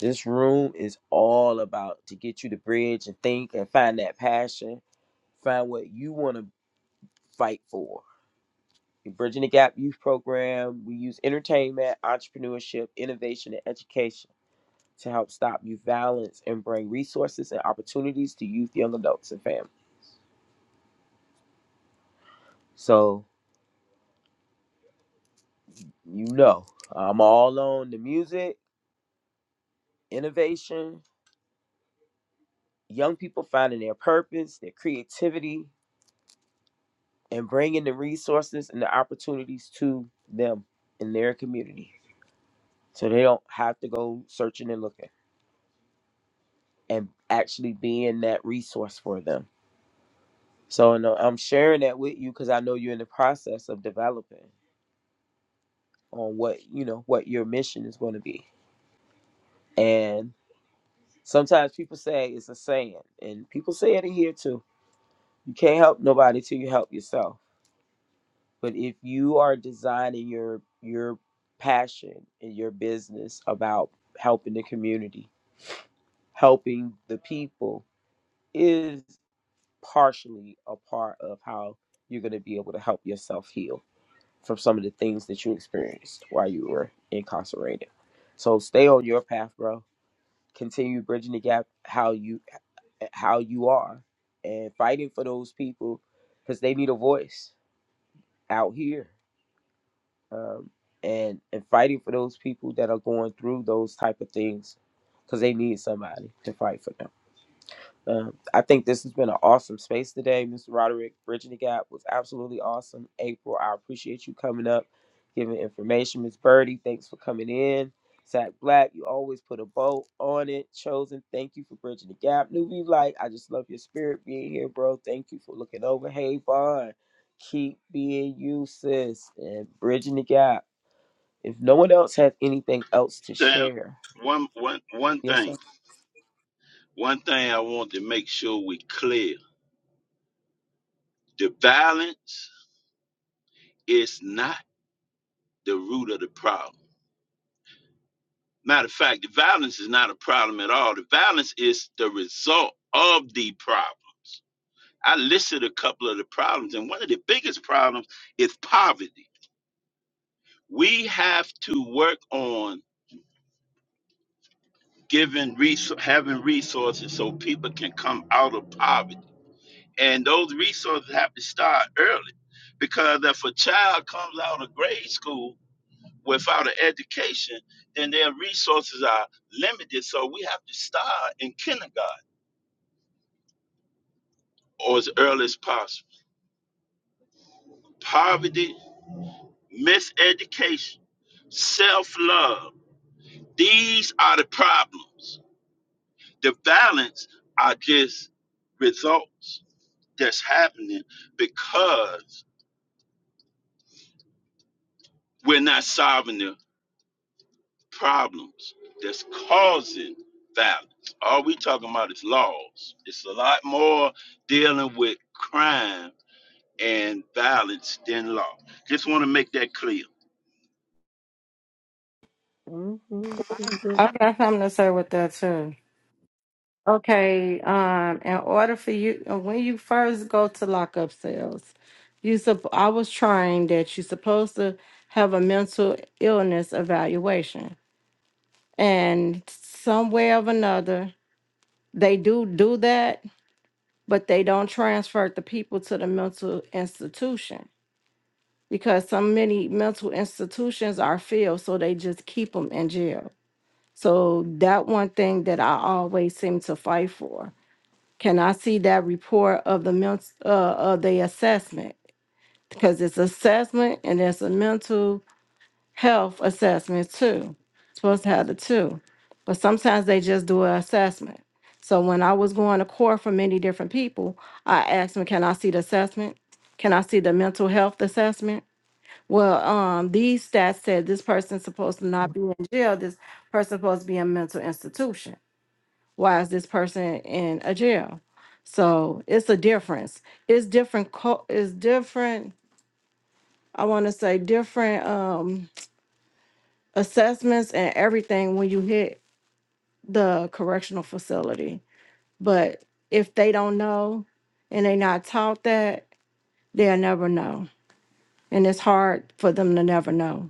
this room is all about to get you to bridge and think and find that passion find what you want to fight for. the Bridging the Gap Youth Program, we use entertainment, entrepreneurship, innovation, and education to help stop youth violence and bring resources and opportunities to youth, young adults, and families. So, you know, I'm all on the music, innovation, young people finding their purpose, their creativity, and bringing the resources and the opportunities to them in their community. So they don't have to go searching and looking and actually being that resource for them So no, I'm sharing that with you because I know you're in the process of developing on what you know what your mission is going to be. And sometimes people say it's a saying, and people say it in here too. You can't help nobody till you help yourself. But if you are designing your your passion and your business about helping the community, helping the people is partially a part of how you're going to be able to help yourself heal from some of the things that you experienced while you were incarcerated. So stay on your path, bro. Continue bridging the gap how you how you are and fighting for those people because they need a voice out here um, and and fighting for those people that are going through those type of things because they need somebody to fight for them. Um, I think this has been an awesome space today, Mr. Roderick. Bridging the Gap was absolutely awesome. April, I appreciate you coming up, giving information. Miss Birdie, thanks for coming in. Zach Black, you always put a bow on it. Chosen, thank you for bridging the gap. Newbie Light, I just love your spirit being here, bro. Thank you for looking over. Hey, Vaughn, keep being you, sis, and bridging the gap. If no one else has anything else to Sam, share, One, one, one yes, sir. thing, one thing I want to make sure we clear: the violence is not the root of the problem Matter of fact, the violence is not a problem at all. The violence is the result of the problems. I listed a couple of the problems, and one of the biggest problems is poverty. We have to work on giving res- having resources so people can come out of poverty, and those resources have to start early, because if a child comes out of grade school without an education, then their resources are limited. So we have to start in kindergarten or as early as possible. Poverty, miseducation, self love. These are the problems. The violence are just results that's happening because we're not solving the problems that's causing violence. All we talking about is laws. It's a lot more dealing with crime and violence than law. Just want to make that clear. hmm I got something to say with that too. Okay, um, in order for you, uh, when you first go to lockup sales, you sup- I was trained that you're supposed to have a mental illness evaluation, and some way of another. They do do that, but they don't transfer the people to the mental institution because so many mental institutions are filled, so they just keep them in jail. So that one thing that I always seem to fight for. Can I see that report of the mental uh, of the assessment? Because it's assessment and it's a mental health assessment too. Supposed to have the two. But sometimes they just do an assessment. So when I was going to court for many different people, I asked them, can I see the assessment? Can I see the mental health assessment? Well, um, these stats said this person's supposed to not be in jail. This person's supposed to be in a mental institution. Why is this person in a jail? So it's a difference. It's different. Co- it's different. I want to say different. Um, assessments and everything when you hit the correctional facility. But if they don't know and they not taught that, they'll never know. And it's hard for them to never know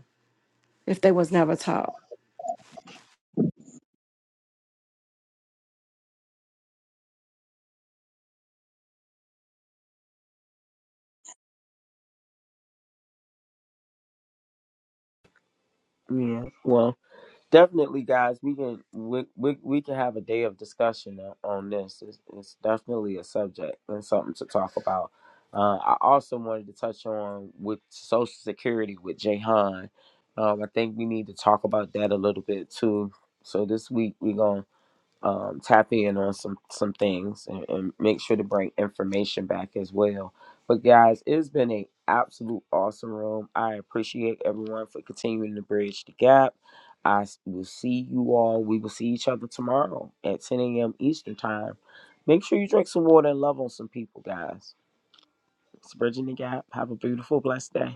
if they was never taught. Yeah. Well. definitely guys we can we, we, we can have a day of discussion o- on this it's, it's definitely a subject and something to talk about uh, i also wanted to touch on with social security with Jahan. um, i think we need to talk about that a little bit too so this week we're um, tap in on some some things and, and make sure to bring information back as well. But guys, it's been an absolute awesome room. I appreciate everyone for continuing to bridge the gap. I s- will see you all. We will see each other tomorrow at 10 a.m. Eastern time. Make sure you drink some water and love on some people, guys. It's bridging the gap. Have a beautiful, blessed day.